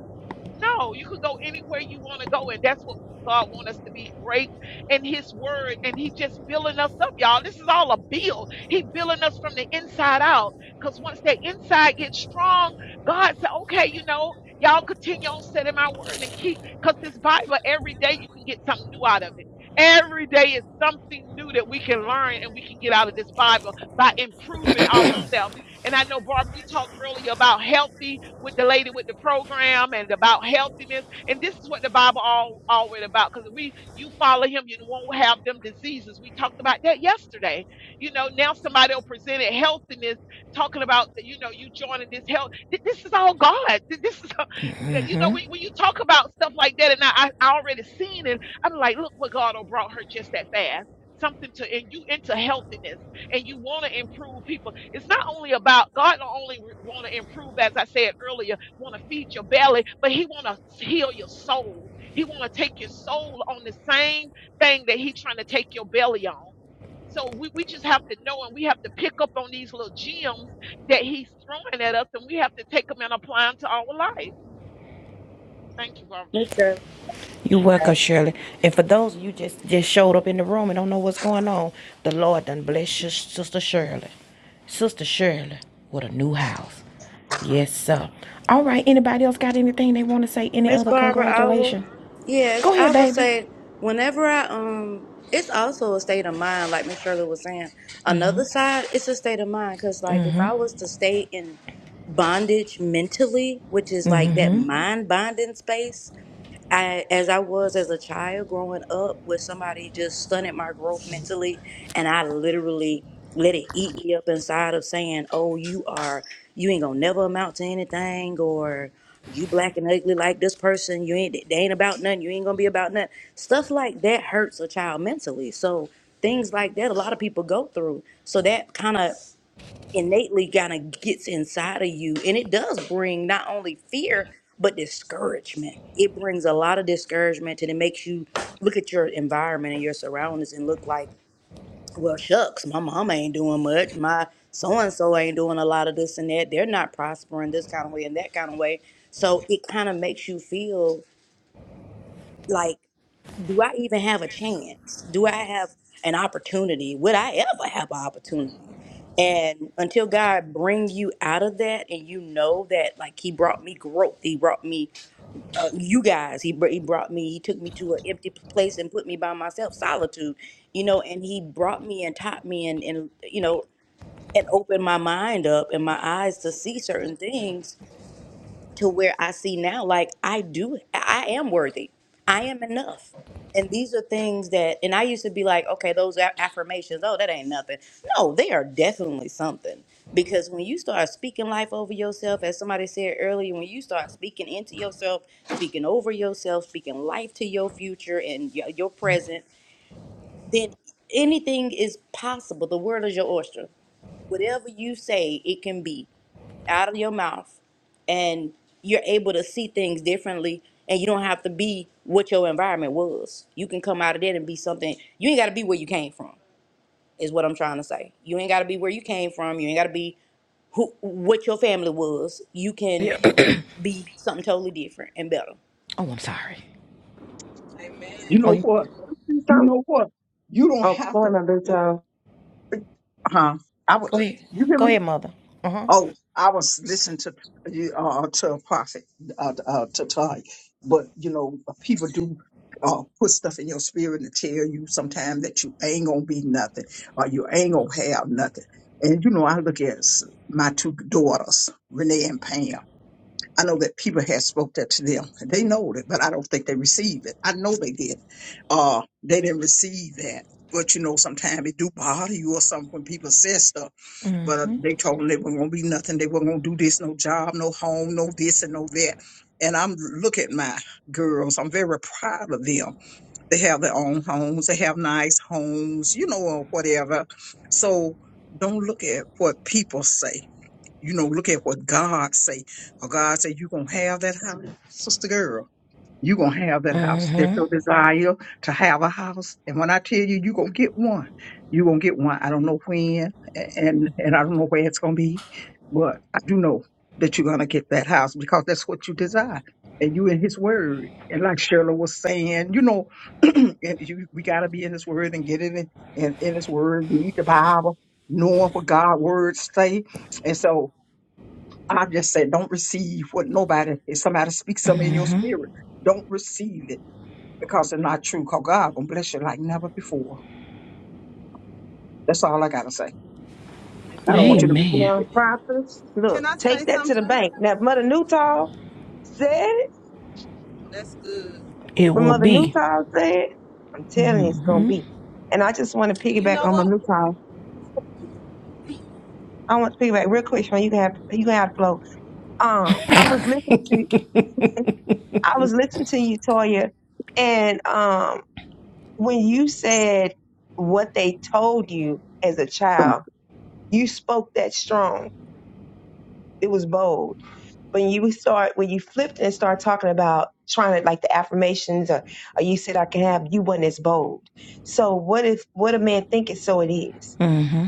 Speaker 7: no, you could go anywhere you want to go, and that's what God wants us to be great in His Word, and He just building us up, y'all. This is all a build. He building us from the inside out, because once that inside gets strong, God said, "Okay, you know, y'all continue on setting my word and keep." Because this Bible, every day you can get something new out of it. Every day is something new that we can learn and we can get out of this Bible by improving ourselves. And I know, Barbara, you talked earlier about healthy with the lady with the program and about healthiness. And this is what the Bible all already about. Because we you follow him, you won't have them diseases. We talked about that yesterday. You know, now somebody will present it healthiness, talking about you know, you joining this health. Th- This is all God. [laughs] Th- This is all- you know, when, when you talk about stuff like that, and I, I already seen it, I'm like, look what God done brought her just that fast. Something to and you into healthiness and you want to improve people. It's not only about God don't only want to improve, as I said earlier, want to feed your belly, but He want to heal your soul. He want to take your soul on the same thing that He trying to take your belly on. So we, we just have to know and we have to pick up on these little gems that he's throwing at us and we have to take them and apply them to our life. Thank you, Barbara.
Speaker 1: You're welcome, Shirley. And for those of you just just showed up in the room and don't know what's going on, the Lord done bless your sister Shirley, sister Shirley, with a new house. Yes, sir. All right, anybody else got anything they wanna say? Any
Speaker 8: Miss
Speaker 1: other
Speaker 8: Barbara, I will.
Speaker 1: congratulations?
Speaker 8: Yes,
Speaker 1: Go ahead,
Speaker 8: I will
Speaker 1: baby.
Speaker 8: say whenever I um, it's also a state of mind. Like Miss Shirley was saying, another side, it's a state of mind. Cause like if I was to stay in bondage mentally, which is like that
Speaker 1: Mm-hmm. [coughs]
Speaker 8: mind bonding space, I, as I was as a child growing up with somebody just stunted my growth mentally, and I literally let it eat me up inside of saying, "Oh, you are, you ain't gonna never amount to anything," or "You black and ugly like this person. You ain't, they ain't about nothing. You ain't gonna be about nothing." Stuff like that hurts a child mentally. So things like that, a lot of people go through. So that kind of innately kind of gets inside of you and it does bring not only fear but discouragement it brings a lot of discouragement and it makes you look at your environment and your surroundings and look like well shucks my mama ain't doing much my so and so ain't doing a lot of this and that they're not prospering this kind of way and that kind of way so it kind of makes you feel like do I even have a chance? Do I have an opportunity? Would I ever have an opportunity? And until God bring you out of that, and you know that, like He brought me growth, He brought me uh, you guys, He br- He brought me, He took me to an empty p- place and put me by myself, solitude, you know, and He brought me and taught me and and you know and opened my mind up and my eyes to see certain things to where I see now, like I do, I am worthy. I am enough. And these are things that, and I used to be like, okay, those a- affirmations, oh, that ain't nothing. No, they are definitely something. Because when you start speaking life over yourself, as somebody said earlier, when you start speaking into yourself, speaking over yourself, speaking life to your future and your, your present, then anything is possible. The world is your oyster. Whatever you say, it can be out of your mouth and you're able to see things differently and you don't have to be what your environment was. You can come out of that and be something. You ain't got to be where you came from is what I'm trying to say. You ain't got to be where you came from. You ain't got to be who what your family was. You can
Speaker 1: Yeah.
Speaker 8: be something totally different and better.
Speaker 1: [clears throat] oh, I'm sorry.
Speaker 6: Amen.
Speaker 4: You
Speaker 1: Oh,
Speaker 4: know
Speaker 1: you
Speaker 4: what?
Speaker 11: See
Speaker 4: You
Speaker 11: something?
Speaker 4: know what? You don't
Speaker 11: Oh,
Speaker 4: have
Speaker 11: boy,
Speaker 4: to.
Speaker 11: my big toe.
Speaker 4: Huh? I
Speaker 1: go
Speaker 4: was.
Speaker 1: ahead.
Speaker 4: You hear
Speaker 1: Go
Speaker 4: me?
Speaker 1: ahead, mother. Uh huh.
Speaker 4: Oh, I was listening to you uh, uh, to a prophet uh, uh, to Ty, but you know people do. Uh, put stuff in your spirit and tell you sometimes that you ain't gonna be nothing or you ain't gonna have nothing. And you know, I look at s- my two daughters, Renee and Pam. I know that people had spoke that to them. They know it, but I don't think they received it. I know they did. Uh, they didn't receive that. But you know, sometimes it do bother you or something when people say stuff. But uh,
Speaker 1: Mhm.
Speaker 4: they told them they weren't gonna be nothing. They weren't gonna do this, no job, no home, no this and no that. And I'm look at my girls. I'm very proud of them. They have their own homes. They have nice homes, you know, or whatever. So don't look at what people say you know, look at what God say. Or God say, you're going to have that house, sister girl. You're going to have that house.
Speaker 1: Mhm.
Speaker 4: That's your desire to have a house. And when I tell you, you're going to get one. You're going to get one. I don't know when a- and, and I don't know where it's going to be, but I do know that you're going to get that house because that's what you desire. And you in his word. And like Shirley was saying, you know, [clears throat] and you, we got to be in his word and get it in, in, in his word, read the Bible, knowing what God's words say. And so i just said, don't receive what nobody, if somebody speaks something in your spirit, don't receive it because it's not true. Because God gonna bless you like never before. That's all I gotta say. I don't
Speaker 11: Yeah,
Speaker 4: want you to
Speaker 1: Amen.
Speaker 4: receive it.
Speaker 11: nonprofits.
Speaker 6: Can
Speaker 11: Look,
Speaker 6: I
Speaker 11: take
Speaker 6: say
Speaker 11: that to
Speaker 6: something
Speaker 11: the
Speaker 6: to her?
Speaker 11: bank. Now, if Mother Newtall said it,
Speaker 6: That's good.
Speaker 1: It
Speaker 11: when
Speaker 1: will
Speaker 11: Mother
Speaker 1: be.
Speaker 11: Newtall said it, I'm telling you, it's gonna be. And I just want to
Speaker 6: And You
Speaker 11: piggyback
Speaker 6: know
Speaker 11: on Mother
Speaker 6: what?
Speaker 11: Newtall. I want to piggyback real quick, Sean. You can have you can have the flow. Um, I was listening to you. [laughs] I was listening to you, Toya, and um, when you said what they told you as a
Speaker 4: do
Speaker 11: child, you spoke that strong. It was bold when you start when you flipped and start talking about trying to like the affirmations or, or you said I can have you wasn't as bold. So what if what a man think is so it is.
Speaker 1: Mm-hmm.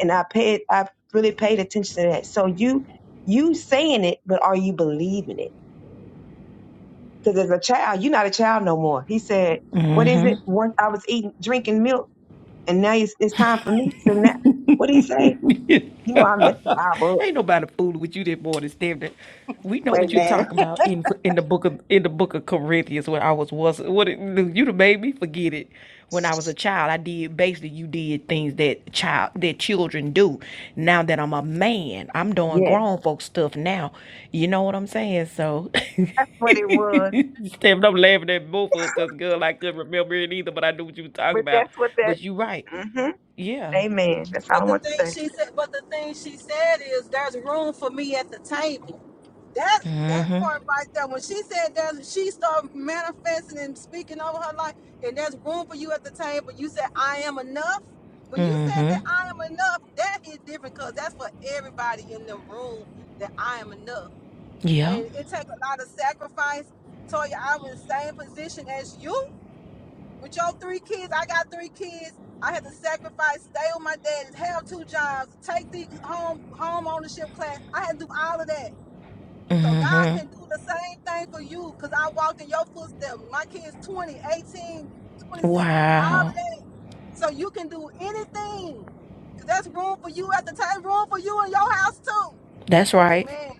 Speaker 11: And I paid I really paid attention to that. So you you saying it, but are you believing it? Because as a child, you're not a child no more. He said, "What is it? Once I was eating drinking milk, and now it's, it's time for me." So now, what did he say? You know, I met the Bible,
Speaker 1: Ain't nobody fooling with you that more than Stephanie. We know
Speaker 11: but
Speaker 1: what you
Speaker 8: Amen.
Speaker 1: talking about in in the book of in the book of Corinthians when I was was what it, you done made me forget it. When I was a child, I did basically you did things that child that children do. Now that I'm a man, I'm doing
Speaker 11: yeah,
Speaker 1: grown folk stuff now. You know what I'm saying? So [laughs]
Speaker 11: that's what it was.
Speaker 1: Stephen, I'm laughing at both of us because girl, I couldn't remember it either, but I knew what you were talking
Speaker 11: But
Speaker 1: about.
Speaker 11: that's what that.
Speaker 1: But you right.
Speaker 11: mhm.
Speaker 1: Yeah.
Speaker 11: Amen. That's all I
Speaker 6: But the
Speaker 11: want to
Speaker 6: thing
Speaker 11: say.
Speaker 6: she said, but the thing she said is there's room for me at the table. That that
Speaker 1: Mm-hmm.
Speaker 6: part right there, when she said that, she started manifesting and speaking over her life, and there's room for you at the table. You said, "I am enough." When you said
Speaker 1: Mm-hmm.
Speaker 6: that I am enough, that hit different because that's for everybody in the room that I am enough,
Speaker 1: Yep.
Speaker 6: and it takes a lot of sacrifice. Toya, I was in the same position as you with your three kids. I got three kids. I had to sacrifice, stay with my dad, have two jobs, take the home home ownership class. I had to do all of that so God can
Speaker 1: Mm-hmm.
Speaker 6: do the same thing for you because I walked in your footsteps. My kids 20 18, twenty six. all of
Speaker 1: Wow.
Speaker 6: that. So you can do anything. 'Cause That's room for you at the table, room for you in your house too.
Speaker 1: That's right.
Speaker 6: Amen.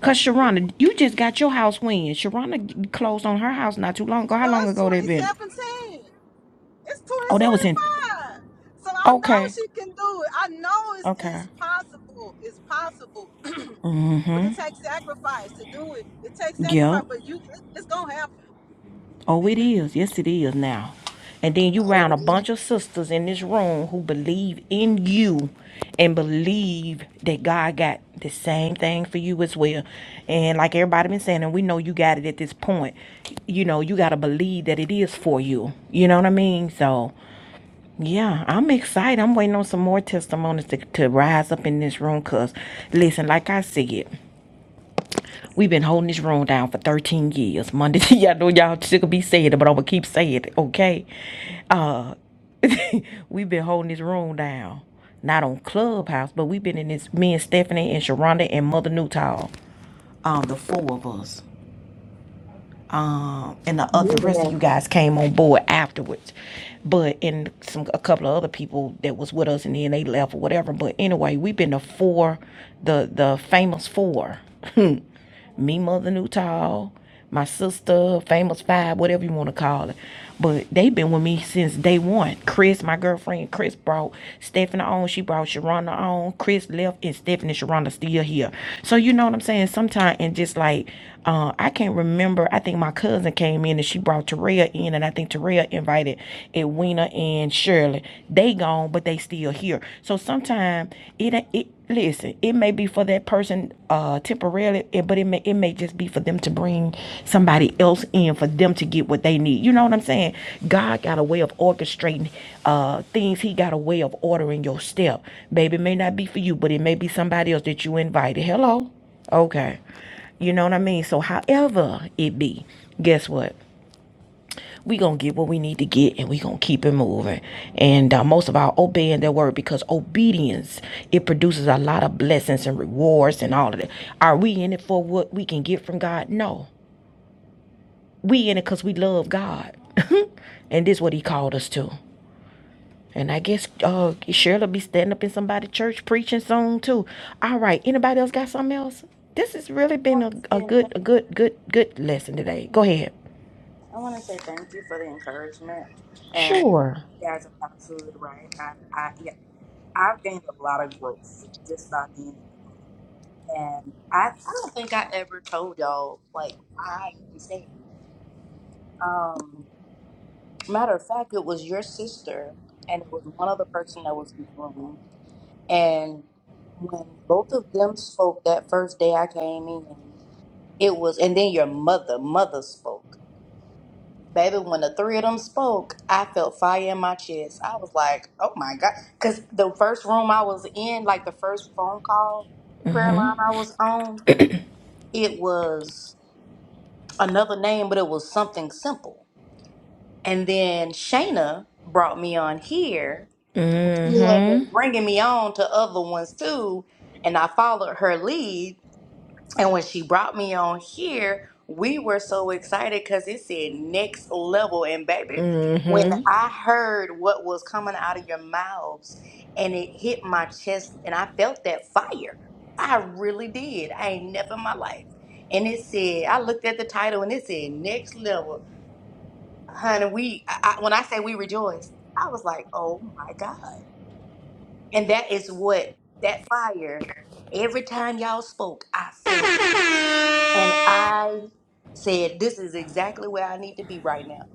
Speaker 1: Cause Sharonda, you just got your house when Sharonda closed on her house not too long ago. How
Speaker 6: No,
Speaker 1: long
Speaker 6: it's
Speaker 1: ago that been?
Speaker 6: 2017. It's
Speaker 1: Oh, that was in.
Speaker 6: 2025. So I know
Speaker 1: Okay.
Speaker 6: she can do it. I know it's,
Speaker 1: Okay.
Speaker 6: it's possible. It's possible. [clears throat] but it takes sacrifice to do it. It takes
Speaker 1: Yep.
Speaker 6: sacrifice, but you it- it's gonna happen.
Speaker 1: Oh, it
Speaker 6: Amen.
Speaker 1: is. Yes, it is now. And then you round a
Speaker 8: Hallelujah.
Speaker 1: bunch of sisters in this room who believe in you and believe that God got the same thing for you as well. And like everybody been saying, and we know you got it at this point, you know, you gotta believe that it is for you. You know what I mean? So yeah, I'm excited. I'm waiting on some more testimonies to, to rise up in this room. Cause listen, like I said, We've been holding this room down for 13 years. Monday, [laughs] y'all know y'all should be saying it, but I'm gonna keep saying it, okay? Uh, [laughs] we've been holding this room down, not on Clubhouse, but we've been in this. Me and Stephanie and Sharonda and Mother Newtall, um, the four of us um, and the, uh, the rest of
Speaker 11: Millionaire.
Speaker 1: you guys came on board afterwards. But and some a couple of other people that was with us, and then they left or whatever. But anyway, we've been the four, the the famous four, [laughs] me, mother, Newtall, my sister, famous five, whatever you want to call it. But they've been with me since day one. Chris, my girlfriend, Chris brought Stephanie on. She brought Sharonda on. Chris left, and Stephanie and Sharonda still here. So you know what I'm saying? Sometimes and just like uh, I can't remember. I think my cousin came in and she brought Terrell in, and I think Terrell invited Edwina and Shirley. They gone, but they still here. So sometimes it it listen, it may be for that person uh temporarily, eh, but it may it may just be for them to bring somebody else in for them to get what they need. You know what I'm saying? God got a way of orchestrating uh things. He got a way of ordering your step. Baby, it may not be for you, but it may be somebody else that you invited. Hello? Okay. You know what I mean? So however it be, guess what? we gonna get what we need to get and we gonna keep it moving and uh, most of all obeying that word because obedience it produces a lot of blessings and rewards and all of that are we in it for what we can get from god no we in it because we love god [laughs] and this is what he called us to and i guess uh shirley be standing up in somebody's church preaching soon too all right anybody else got something else this has really
Speaker 8: I
Speaker 1: been a,
Speaker 8: want to
Speaker 1: a
Speaker 8: say
Speaker 1: good
Speaker 8: thank
Speaker 1: a good good good lesson today go ahead
Speaker 8: I wanna say thank you for the encouragement. And
Speaker 1: sure
Speaker 8: you guys are absolutely right. I, I yeah, I've gained a lot of growth just by being in the room. and I, I don't think I ever told y'all like why I even stayed. Um, matter of fact, it was your sister and it was one other person that was in the room. And when both of them spoke that first day I came in, it was and then your mother, mother spoke. Baby, when the three of them spoke, I felt fire in my chest. I was like, oh my God. Because the first room I was in, like the first phone call prayer line I was on, it was. another name, but it was something simple. And then Shayna brought me on here. She had been
Speaker 1: mm-hmm
Speaker 8: bringing me on to other ones too, and I followed her lead. And when she brought me on here, we were so excited because it said next level. And baby, when
Speaker 1: Mm-hmm.
Speaker 8: I heard what was coming out of your mouths and it hit my chest, and I felt that fire. I really did. I ain't never in my life. And it said, I looked at the title and it said next level honey, we I, I- when I say we rejoiced, I was like, oh my God. And that is what that fire, every time y'all spoke, I felt. it. And I said, this is exactly where I need to be right now.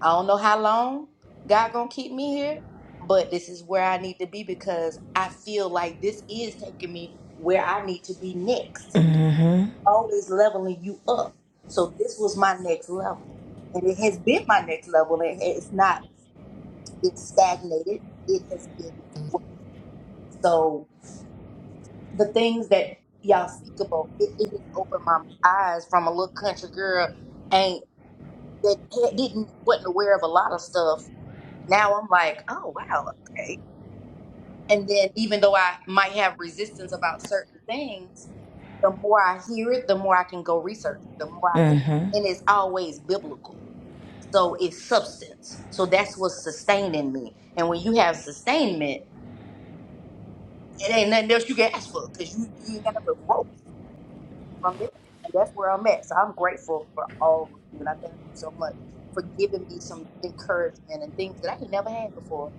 Speaker 8: I don't know how long God gonna keep me here, but this is where I need to be because I feel like this is taking me where I need to be next.
Speaker 1: Mm-hmm.
Speaker 8: Always leveling you up. So this was my next level. And it has been my next level. and it's not been stagnated. It has been gro- so the things that y'all speak about. It, it has opened my eyes from a little country girl ain't that had- didn't wasn't aware of a lot of stuff. Now I'm like, oh wow, okay. And then even though I might have resistance about certain things, the more I hear it, the more I can go research it. The more I can,
Speaker 1: Mm-hmm.
Speaker 8: and it's always biblical. So it's substance. So that's what's sustaining me. And when you have sustainment it ain't nothing else you can ask for because you you ain't got nothing growth from there, and that's where I'm at. So I'm grateful for all of you, and I thank you so much for giving me some encouragement and things that I ain't never had before.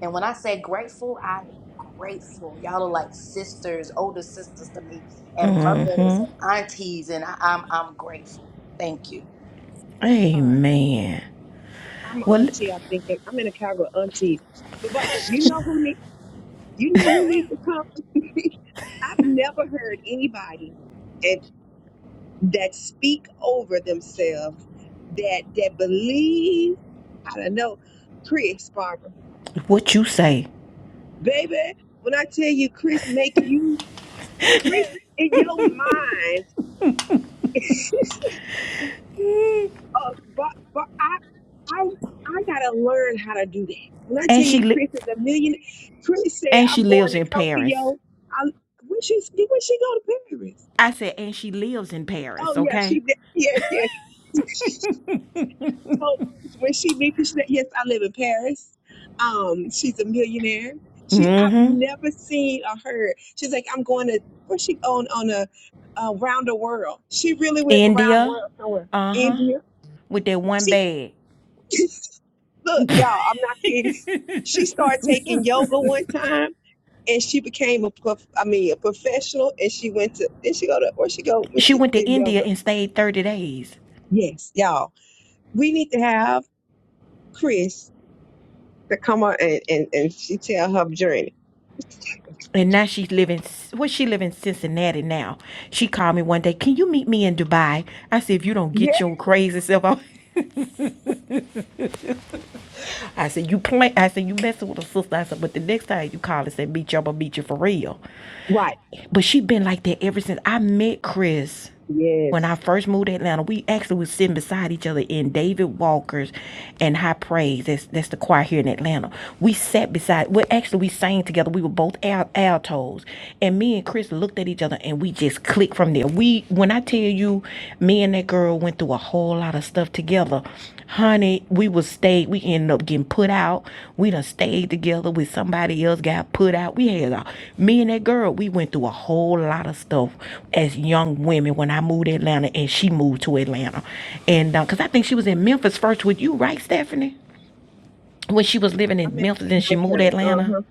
Speaker 8: And when I say grateful, I am grateful. Y'all are like sisters, older sisters to me, and mothers and aunties, and I, I'm I'm grateful. Thank you.
Speaker 11: Barb,
Speaker 1: Amen.
Speaker 11: I'm an
Speaker 1: Well,
Speaker 11: auntie, I think. that- I'm in a Chicago auntie. But Barb, you know who need you know who needs to come? [laughs] I've never heard anybody and that speak over themselves that that believe, I don't know, Chris Barbara.
Speaker 1: what you say?
Speaker 11: Baby, when I tell you Chris make you Chris in your mind [laughs] Uh, but but I I I gotta learn how to do that. When I tell
Speaker 1: And
Speaker 11: you,
Speaker 1: she
Speaker 11: Chris
Speaker 1: li-
Speaker 11: is a million. Chris said,
Speaker 1: and she
Speaker 11: "I'm going
Speaker 1: lives
Speaker 11: to
Speaker 1: in Paris.
Speaker 11: Tokyo." I when she when she go to Paris?
Speaker 1: I said, and she lives in Paris.
Speaker 11: Oh yeah,
Speaker 1: Okay.
Speaker 11: she did. [laughs] yes yes. So when she meet me, she said, "Yes, I live in Paris." Um, she's a millionaire. She I've
Speaker 1: Mm-hmm.
Speaker 11: never seen or heard. She's like, "I'm going to." Where she on on a uh, round the world? She really went around the
Speaker 1: India.
Speaker 11: world somewhere.
Speaker 1: Uh huh.
Speaker 11: India.
Speaker 1: With that one
Speaker 11: She
Speaker 1: bag,
Speaker 11: [laughs] Look, y'all, I'm not kidding. [laughs] She started taking yoga one time and she became a prof I mean a professional and she went to did she go to where she go when
Speaker 1: she
Speaker 11: she
Speaker 1: went to
Speaker 11: did
Speaker 1: India
Speaker 11: yoga?
Speaker 1: and stayed thirty days.
Speaker 11: Yes, y'all. We need to have Chris to come on and, and, and she tell her journey.
Speaker 1: And now she's living. Well, she live in Cincinnati now. She called me one day. Can you meet me in Dubai? I said, if you don't
Speaker 11: Yeah,
Speaker 1: get your crazy self out. I said, you play. I said, you messing with a sister. I said, but the next time you call and say, beat you, I'm gonna beat you for real.
Speaker 11: right.
Speaker 1: But she been like that ever since I met Chris. When I
Speaker 11: Yes.
Speaker 1: first moved to Atlanta, we actually was sitting beside each other in David Walker's and High Praise. That's that's the choir here in Atlanta. We sat beside. Well, actually, we sang together. We were both al- altos, and me and Chris looked at each other and we just clicked from there. We, when I tell you, me and that girl went through a whole lot of stuff together Honey, we was stayed. We ended up getting put out. We done stayed together with somebody else. Got put out. We had a, me and that girl. We went through a whole lot of stuff as young women when I moved to Atlanta and she moved to Atlanta, and uh, cause I think she was in Memphis first with you, right, Stephanie? When she was living
Speaker 11: I
Speaker 1: in
Speaker 11: mean
Speaker 1: Memphis and she moved to Atlanta.
Speaker 11: uh-huh.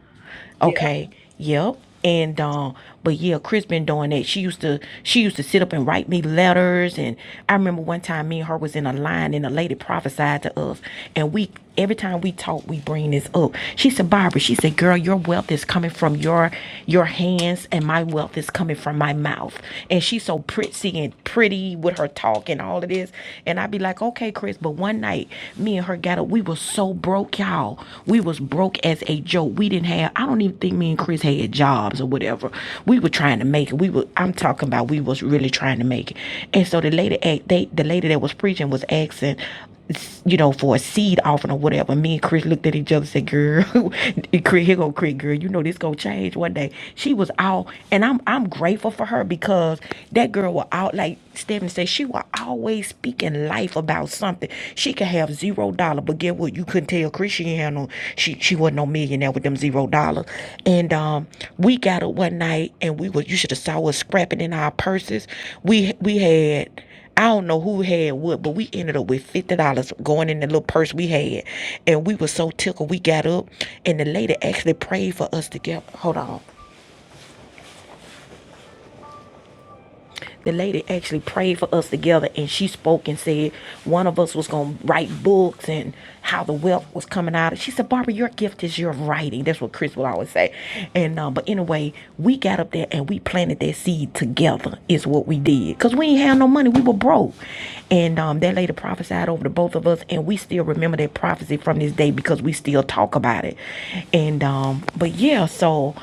Speaker 1: Okay. Yep. And um, but yeah, Chris been doing that. She used to she used to sit up and write me letters. And I remember one time me and her was in a line and a lady prophesied to us. And we every time we talk, we bring this up. She said, Barbara, she said, Girl, your wealth is coming from your your hands and my wealth is coming from my mouth. And she's so pretty and pretty with her talk and all of this. And I'd be like, Okay, Chris, but one night me and her and her got up. We was so broke, y'all. We was broke as a joke. We didn't have. I don't even think me and Chris had jobs or whatever. We were trying to make it. We were. I'm talking about we was really trying to make it. And so the lady, they, the lady that was preaching was asking. You know, for a seed offering or whatever. Me and Chris looked at each other and said, Girl, [laughs] here go Chris, girl, you know this gonna change one day. She was out and I'm I'm grateful for her because that girl was out like like Stephanie said, she will always speaking life about something. She could have zero dollar, but get what? You couldn't tell Chris she had no, she, she wasn't no millionaire with them zero dollars. And um, we got up one night and we were, you should have saw us scrapping in our purses. We, we had, I don't know who had what, but we ended up with fifty dollars going in the little purse we had, and we were so tickled. We got up, and the lady actually prayed for us to get. Hold on, the lady actually prayed for us together and she spoke and said one of us was going to write books and how the wealth was coming out. She said, Barbara, your gift is your writing. That's what Chris would always say. And, uh, but anyway, we got up there and we planted that seed together is what we did. Cause we ain't had no money. We were broke. And, um, that lady prophesied over the both of us and we still remember that prophecy from this day because we still talk about it. And, um, but yeah, so,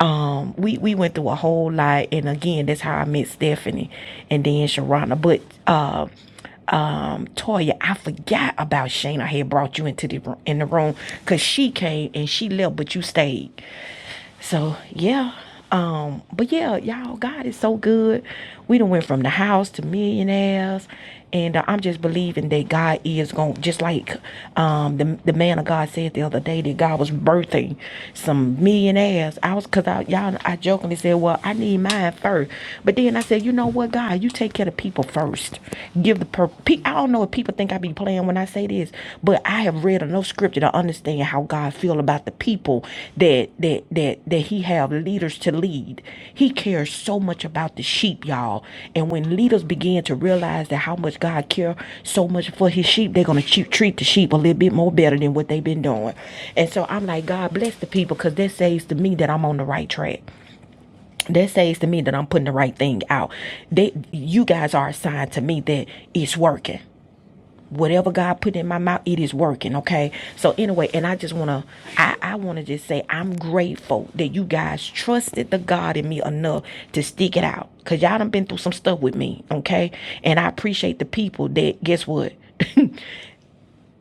Speaker 1: um we we went through a whole lot and again that's how i met stephanie and then sharana but um um, Toya, I forgot about Shane. I had brought you into the ro- in the room because she came and she left, but you stayed. So yeah. Um, but yeah, y'all, God is so good. We done went from the house to millionaires. And uh, I'm just believing that God is going to, just like um, the, the man of God said the other day, that God was birthing some millionaires. I was, because I, y'all, I jokingly said, well, I need mine first. But then I said, you said, you know what, God, you take care of people first. Give the per- pe- I don't know if people think I be playing when I say this, but I have read enough scripture to understand how God feel about the people that that that that He have leaders to lead. He cares so much about the sheep, y'all. And when leaders begin to realize that how much God care so much for His sheep, they're gonna che- treat the sheep a little bit more better than what they've been doing. And so I'm like, God bless the people because that says to me that I'm on the right track that says to me that I'm putting the right thing out. That you guys are a sign to me that it's working. Whatever God put in my mouth, it is working. Okay. So anyway, and I just wanna, I, I wanna just say I'm grateful that you guys trusted the God in me enough to stick it out. Cause y'all done been through some stuff with me. Okay. And I appreciate the people that guess what. [laughs]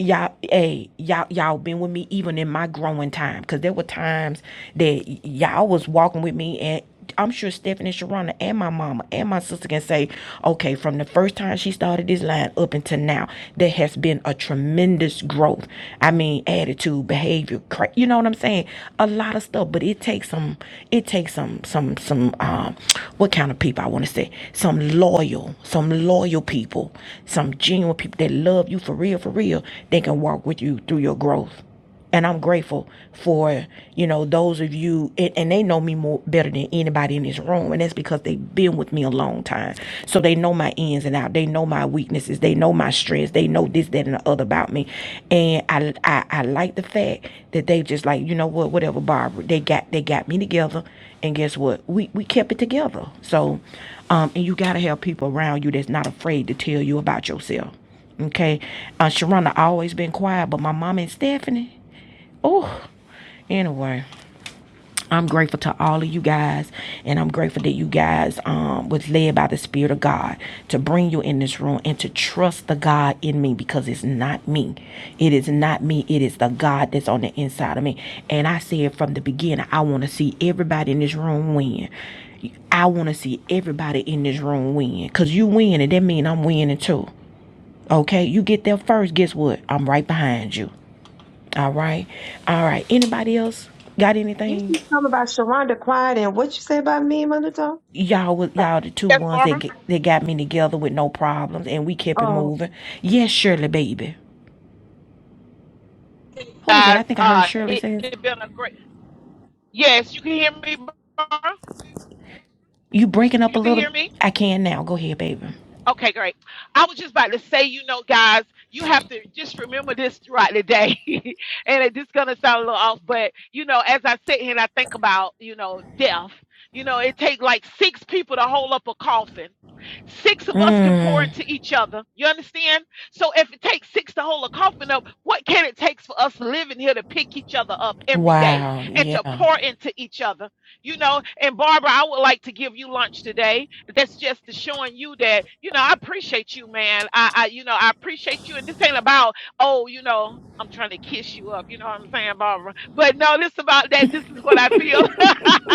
Speaker 1: y'all hey y'all y'all been with me even in my growing time because there were times that y'all was walking with me and I'm sure Stephanie Sharona and my mama and my sister can say, okay, from the first time she started this line up until now, there has been a tremendous growth. I mean, attitude, behavior, you know what I'm saying? A lot of stuff, but it takes some some it takes some some some um what kind of people I want to say some loyal some loyal people some genuine people that love you for real for real they can walk with you through your growth and I'm grateful for you know those of you and, and they know me more better than anybody in this room and that's because they've been with me a long time so they know my ins and outs out. They know my weaknesses. They know my strengths. They know this, that, and the other about me. And I, I, I like the fact that they just like, you know what, whatever, Barbara. They got, they got me together. And guess what? We, we kept it together. So, um, and you gotta have people around you that's not afraid to tell you about yourself. Okay, uh, Sharona always been quiet, but my mama and Stephanie. Oh, anyway, I'm grateful to all of you guys, and I'm grateful that you guys um, was led by the Spirit of God to bring you in this room and to trust the God in me because it's not me. It is not me. It is the God that's on the inside of me. And I said from the beginning, I want to see everybody in this room win. I want to see everybody in this room win because you win, and that means I'm winning too. Okay, you get there first. Guess what? I'm right behind you. All right, all right. Anybody else got
Speaker 11: You
Speaker 1: anything?
Speaker 11: said something about Sharonda Quiet and what you say about me, Mother Tom?
Speaker 1: y'all was y'all the two
Speaker 7: Yes,
Speaker 1: ones that
Speaker 7: Barbara.
Speaker 1: get, that got me together with no problems and we kept it
Speaker 11: Oh,
Speaker 1: moving. Yes, Shirley, baby. Who was that?
Speaker 7: Guys,
Speaker 1: I think I heard
Speaker 7: uh,
Speaker 1: Shirley
Speaker 7: it,
Speaker 1: saying
Speaker 7: it been a great. Yes, you can hear me, Barbara.
Speaker 1: you breaking up a
Speaker 7: You can
Speaker 1: little.
Speaker 7: hear me.
Speaker 1: I can now. Go ahead, baby.
Speaker 7: Okay, great. I was just about to say, you know, guys, you have to just remember this throughout the day. [laughs] and it just gonna sound a little off, but you know, as I sit here and I think about, you know, death, you know, it take like six people to hold up a coffin. Six of us can pour
Speaker 1: Mm.
Speaker 7: into each other. You understand? So if it takes six to hold a coffin up, what can it take for us living here to pick each other up every day
Speaker 1: Wow.
Speaker 7: and to
Speaker 1: Yeah.
Speaker 7: pour into each other? you know. And Barbara, I would like to give you lunch today. That's just to showing you that, you know, I appreciate you, man. I, I, you know, I appreciate you. And this ain't about, oh, you know, I'm trying to kiss you up. You know what I'm saying, Barbara? But no, this about that. This is what I feel. [laughs]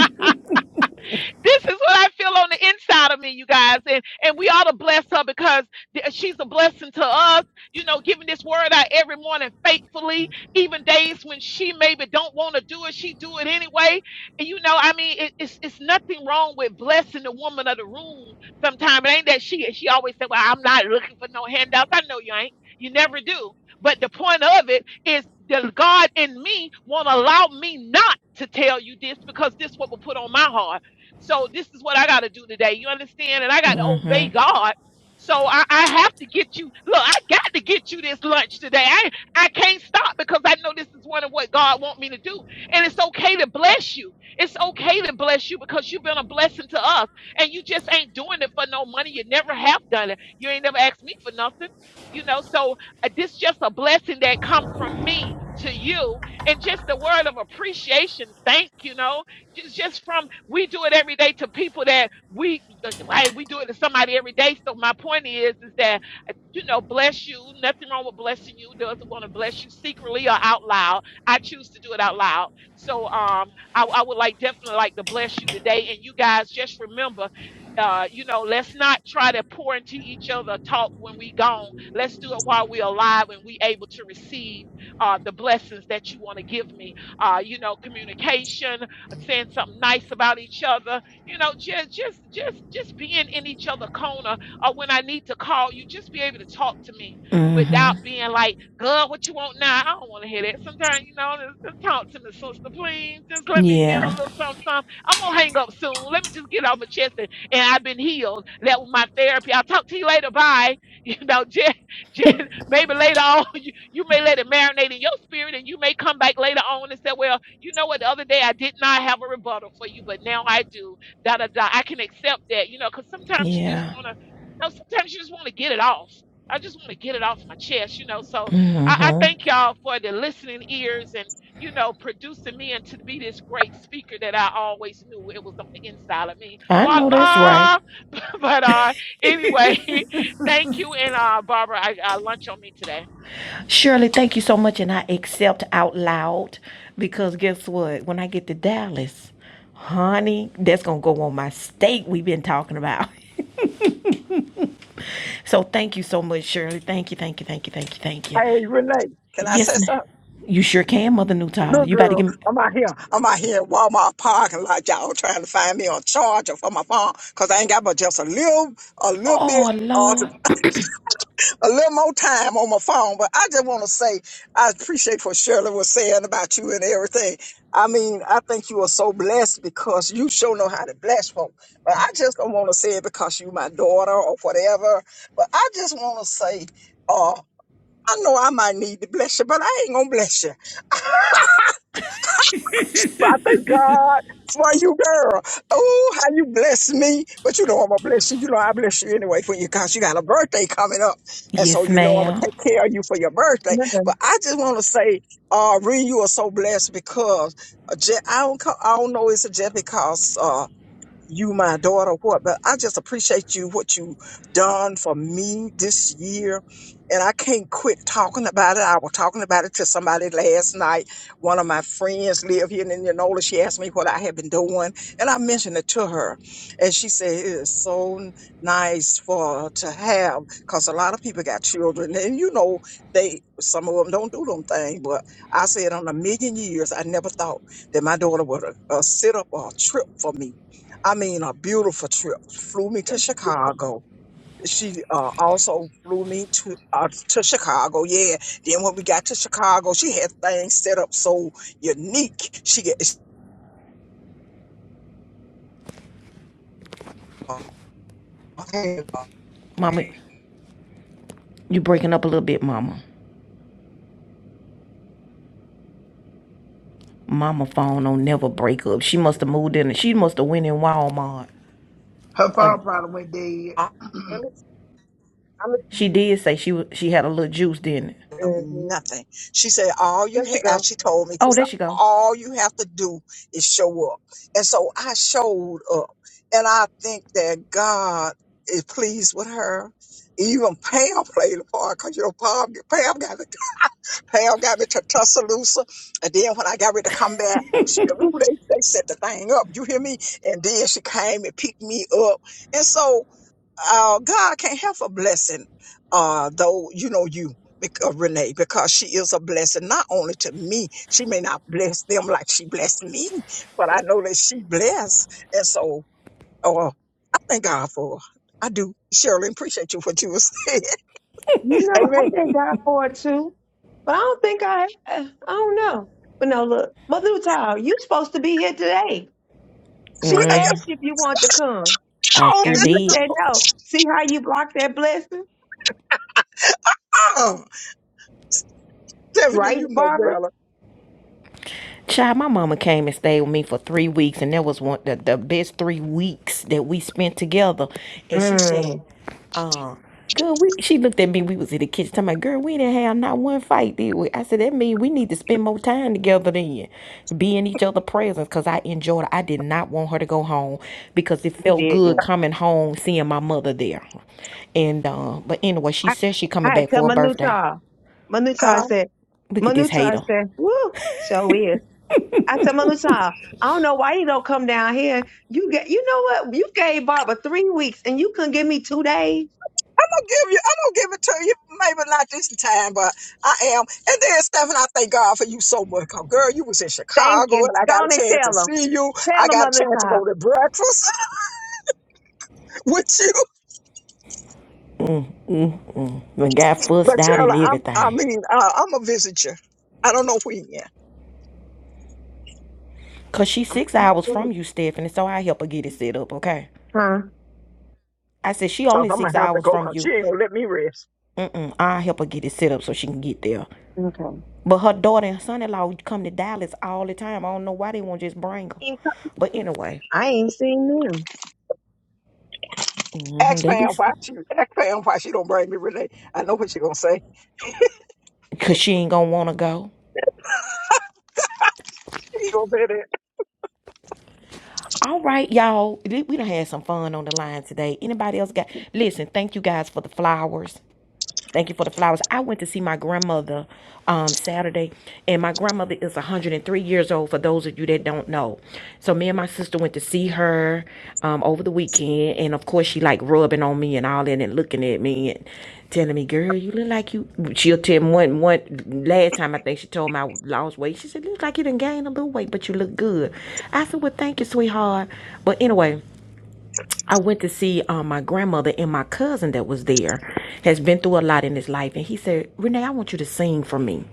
Speaker 7: this is what I feel on the inside of me, you guys. And and we ought to bless her because th- she's a blessing to us, you know, giving this word out every morning faithfully, even days when she maybe don't want to do it, she do it anyway. And you know, I mean, it, it's it's nothing wrong with blessing the woman of the room sometimes. It ain't that she she always said, Well, I'm not looking for no handouts. I know you ain't. You never do. But the point of it is the God in me won't allow me not to tell you this because this what will put on my heart. So this is what I got to do today. You understand? And I got to obey
Speaker 1: Mm-hmm.
Speaker 7: God. So I, I have to get you. Look, I got to get you this lunch today. I I can't stop because I know this is one of what God wants me to do. And it's okay to bless you. It's okay to bless you because you've been a blessing to us. And you just ain't doing it for no money. You never have done it. You ain't never asked me for nothing. You know, so uh, this just a blessing that comes from me to you, and just a word of appreciation. Thank you know, it's just from we do it every day to people that we like. We do it to somebody every day. So my point is, is that you know, bless you. Nothing wrong with blessing you. Doesn't want to bless you secretly or out loud. I choose to do it out loud. So um, I, I would like definitely like to bless you today. And you guys just remember. Uh, you know, let's not try to pour into each other talk when we gone. Let's do it while we're alive and we able to receive uh, the blessings that you want to give me. Uh, you know, communication uh, saying something nice about each other. You know, just just just just being in each other corner or when I need to call you, just be able to talk to me without
Speaker 1: Mm-hmm.
Speaker 7: being like, girl, what you want now? I don't want to hear that. Sometimes, you know, just, just talk to me, sister, please. Just let me feel a
Speaker 1: Yeah.
Speaker 7: little something, something. I'm gonna hang up soon. Let me just get off my chest and, and I've been healed. That was my therapy. I'll talk to you later. Bye. [laughs] You know, just just maybe later on [laughs] you, you may let it marinate in your spirit and you may come back later on and say, Well, you know what? The other day I did not have a rebuttal for you, but now I do. Da da da. I can accept that, you know, because sometimes you just
Speaker 1: Yeah.
Speaker 7: want to, no, sometimes you just want to get it off. I just want to get it off my chest, you know. So I, I
Speaker 1: Mm-hmm.
Speaker 7: thank y'all for the listening ears and, you know, producing me into to be this great speaker that I always knew it was on the inside of me.
Speaker 1: I know that's right.
Speaker 7: Voila! [laughs] But uh, anyway, [laughs] thank you. And uh, Barbara, I, I lunch on me today.
Speaker 1: Shirley, thank you so much. And I accept out loud because guess what? When I get to Dallas, honey, that's gonna go on my steak we've been talking about. [laughs] So thank you so much, Shirley. Thank you, thank you, thank you, thank you, thank you.
Speaker 4: Hey, Renee, can I say
Speaker 1: Yes, ma'am.
Speaker 4: something?
Speaker 1: You sure can, Mother Newtile.
Speaker 4: Little
Speaker 1: You about to
Speaker 4: girl,
Speaker 1: give me.
Speaker 4: I'm out here. I'm out here in Walmart parking lot, y'all trying to find me a charger for my phone because I ain't got but just a little, a little bit.
Speaker 1: Oh, Lord.
Speaker 4: a little more time on my phone, but I just want to say I appreciate what Shirley was saying about you and everything. I mean, I think you are so blessed because you sure know how to bless folk. But I just don't want to say it because you my daughter or whatever. But I just want to say, uh, I know I might need to bless you, but I ain't gonna bless you. But I thank God for you, girl. Oh, how you bless me. But you know I'm going to bless you. You know I bless you anyway for you because you got a birthday coming up. And so
Speaker 1: Yes,
Speaker 4: you know I'm going
Speaker 1: ma'am.
Speaker 4: to take care of you for your birthday. But I just want to say, uh, Ree, you are so blessed because uh, Je- I, don't co- I don't know it's just because uh, you my daughter what but i just appreciate you what you done for me this year and i can't quit talking about it i was talking about it to somebody last night one of my friends live here in indianola she asked me what i had been doing and i mentioned it to her and she said it is so n- nice for to have because a lot of people got children and you know they some of them don't do them things but i said on a million years i never thought that my daughter would uh, uh, sit up or trip for me I mean, a beautiful trip. Flew me to Chicago. She uh, also flew me to uh, to Chicago. Yeah. Then when we got to Chicago, she had things set up so unique. She get she had a
Speaker 1: Mama, you breaking up a little bit, Mama. Mama phone don't never break up. She must have moved in. She must have went in Walmart.
Speaker 12: Her
Speaker 1: Or
Speaker 12: phone probably went dead.
Speaker 4: lot
Speaker 11: let me I'm a,
Speaker 1: she did say she wa- she had a little juice, didn't it?
Speaker 4: of
Speaker 11: mm-hmm.
Speaker 4: nothing. She said, "All you
Speaker 11: just to
Speaker 4: have,"
Speaker 11: go.
Speaker 4: she told me. She
Speaker 1: Oh, there
Speaker 4: said,
Speaker 1: she go.
Speaker 4: "All you have to do is show up." And so I showed up, and I think that God is pleased with her. Even Pam played a part because you know Pam, Pam got Pal got me to Tuscaloosa. And then when I got ready to come back, she, ooh, they, they set the thing up. You hear me? And then she came and picked me up. And so uh, God can't help a blessing, uh, though, you know, you. bec- uh, Renee, because she is a blessing not only to me, she may not bless them like she blessed me, but I know that she blessed, and so uh, I thank God for her. I do. Shirley, appreciate you what you were saying.
Speaker 11: You
Speaker 4: [laughs]
Speaker 11: know, I
Speaker 4: Amen.
Speaker 11: thank God for it too. But I don't think I, I don't know. But no, look, Mother Child, you supposed to be here today. She
Speaker 4: [laughs]
Speaker 11: asked
Speaker 1: Mm,
Speaker 11: if you want to come,
Speaker 1: I
Speaker 4: Oh,
Speaker 1: sure
Speaker 11: and you
Speaker 1: did.
Speaker 11: said no. See how you blocked that blessing,
Speaker 4: Mr. Tom. Stephanie,
Speaker 11: right,
Speaker 4: you know
Speaker 11: Barbara?
Speaker 4: better.
Speaker 1: Child, my mama came and stayed with me for three weeks, and that was one the, the best three weeks that we spent together. And she said,
Speaker 11: Mm,
Speaker 1: uh, girl, we she looked at me, we was in the kitchen talking about, girl, we didn't have not one fight, did we? I said, that means we need to spend more time together then. Be in each other's presence. Cause I enjoyed it. I did not want her to go home because it
Speaker 11: you
Speaker 1: felt good
Speaker 11: didn't.
Speaker 1: coming home, seeing my mother there. And uh, but anyway, she
Speaker 11: I,
Speaker 1: said she coming
Speaker 11: I had to
Speaker 1: back
Speaker 11: tell
Speaker 1: for her
Speaker 11: Manu
Speaker 1: birthday.
Speaker 11: Child. Manu
Speaker 4: Huh? I'm
Speaker 11: Child said,
Speaker 1: Look at
Speaker 11: Manu
Speaker 1: this
Speaker 11: Child
Speaker 1: hater.
Speaker 11: said, woo, so is. I said, Manu Child, I don't know why you don't come down here. You get, you know what? You gave Barbara three weeks, and you couldn't give me two days.
Speaker 4: gonna give you. I'm gonna give it to you. Maybe not this time, but I am. And then, Stephanie, I thank God for you so much. 'cause, girl, you was in
Speaker 11: Thank
Speaker 4: Chicago,
Speaker 11: you.
Speaker 4: and I
Speaker 11: Go
Speaker 4: got a
Speaker 11: on and
Speaker 4: chance to
Speaker 11: tell them.
Speaker 4: see you.
Speaker 11: Tell
Speaker 4: I
Speaker 11: them,
Speaker 4: got a
Speaker 11: Manu
Speaker 4: chance to
Speaker 11: Child.
Speaker 4: go to breakfast [laughs] with you.
Speaker 1: When got
Speaker 4: But
Speaker 1: fussed out and
Speaker 4: Shirley, I'm. I
Speaker 1: everything.
Speaker 4: mean, uh, I'm gonna visit you. I don't know when yet,
Speaker 1: Cause she
Speaker 11: I'm
Speaker 1: six hours from you, Stephanie. So I help her get it set up, okay?
Speaker 11: huh?
Speaker 1: I said she
Speaker 4: cause
Speaker 1: only
Speaker 4: I'm gonna
Speaker 1: six
Speaker 4: have to
Speaker 1: hours
Speaker 4: go.
Speaker 1: from
Speaker 4: Cause she
Speaker 1: you.
Speaker 4: ain't gonna let me rest.
Speaker 1: Mm-mm. I help her get it set up so she can get there.
Speaker 11: Okay.
Speaker 1: But her daughter and son-in-law come to Dallas all the time. I don't know why they won't just bring her.
Speaker 11: Ain't-
Speaker 1: But anyway,
Speaker 11: I ain't seen them.
Speaker 1: mm mhm,
Speaker 4: Ask
Speaker 1: they be
Speaker 4: Pam why she. Ask Pam why she don't bring me Renee. I know what she gonna say.
Speaker 1: cause she ain't gonna wanna go.
Speaker 4: [laughs] She gonna say that.
Speaker 1: All right, y'all. we done had some fun on the line today. Anybody else got? Listen, thank you guys for the flowers. Thank you for the flowers. I went to see my grandmother um, Saturday, and my grandmother is 103 years old, for those of you that don't know. So me and my sister went to see her um, over the weekend, and of course she like rubbing on me and all that and looking at me and telling me, girl, you look like you, she'll tell me one, one, last time I think she told me I lost weight. She said, look like you done gained a little weight, but you look good. I said, well, thank you, sweetheart. But anyway, I went to see um, my grandmother and my cousin that was there has been through a lot in his life. And he said, Renee, I want you to sing for me.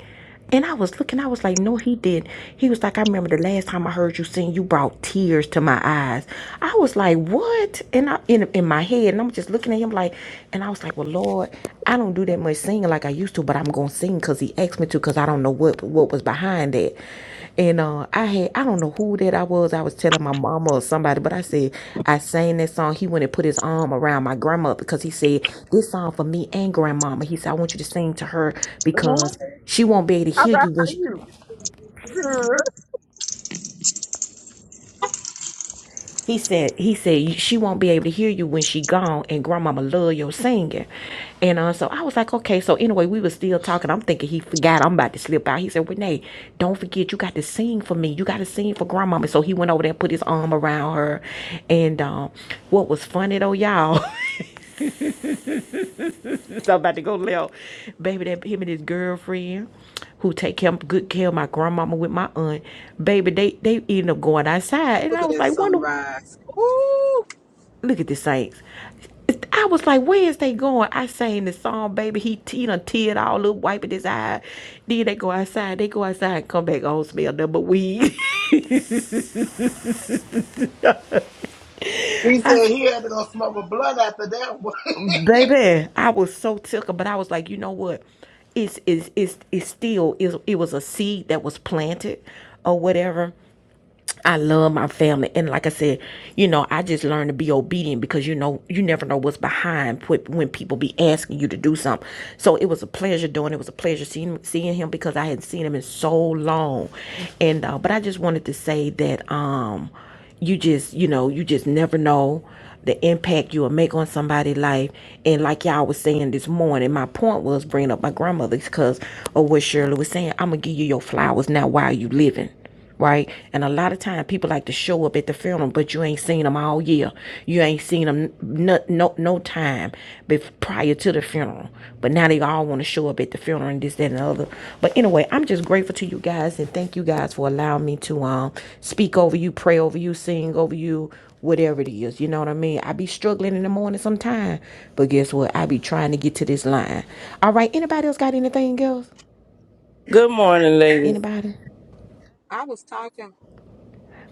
Speaker 1: And I was looking, I was like, no, he did. He was like, I remember the last time I heard you sing, you brought tears to my eyes. I was like, what? And I in in my head, and I'm just looking at him like, and I was like, well, Lord, I don't do that much singing like I used to, but I'm gonna sing because he asked me to, because I don't know what what was behind that. And uh, I had I don't know who that I was. I was telling my mama or somebody, but I said I sang that song. He went and put his arm around my grandma because he said this song for me and grandmama. He said I want you to sing to her
Speaker 4: Good morning.
Speaker 1: because she won't be able to
Speaker 4: All
Speaker 1: hear
Speaker 4: right,
Speaker 1: you when
Speaker 4: how
Speaker 1: she,
Speaker 4: you? Good.
Speaker 1: He said, he said she won't be able to hear you when she gone, and grandmama love your singing. And uh, so I was like, okay. So anyway, we was still talking. I'm thinking he forgot I'm about to slip out. He said, Renee, don't forget you got to sing for me. You got to sing for grandmama. So he went over there and put his arm around her. And um, what was funny though, y'all, [laughs] so I'm about to go left. Baby, that him and his girlfriend who take care, good care of my grandmama with my aunt, baby, they they ended up going outside. And
Speaker 6: Look
Speaker 1: I
Speaker 6: at
Speaker 1: was
Speaker 6: that
Speaker 1: like, wonder
Speaker 6: sunrise. Woo!
Speaker 1: Look at the Saints. I was like, where is they going? I sang the song, baby. He, he done teared all up, wiping his eye. Then they go outside. They go outside and come back home, smell number weed.
Speaker 12: He
Speaker 1: [laughs] I
Speaker 12: said
Speaker 1: s
Speaker 12: he had to go smoke a blunt after that one.
Speaker 1: baby, I was so tickled, but I was like, you know what? It's, it's, it's, it's still, it's, it was a seed that was planted or whatever. I love my family. And like I said, you know, I just learned to be obedient because you know, you never know what's behind when people be asking you to do something. So it was a pleasure doing it. It was a pleasure seeing, seeing him because I hadn't seen him in so long. And, uh, but I just wanted to say that, um, you just, you know, you just never know the impact you will make on somebody's life. And like y'all was saying this morning, my point was bringing up my grandmother's because of what Shirley was saying. I'm going to give you your flowers now while you living right? And a lot of time people like to show up at the funeral, but you ain't seen them all year. You ain't seen them no no, no time before prior to the funeral. But now they all want to show up at the funeral and this, that, and the other. But anyway, I'm just grateful to you guys and thank you guys for allowing me to um speak over you, pray over you, sing over you, whatever it is. You know what I mean? I be struggling in the morning sometime, but guess what? I be trying to get to this line. All right, anybody else got anything else?
Speaker 13: Good morning, ladies.
Speaker 1: Anybody?
Speaker 6: I was talking.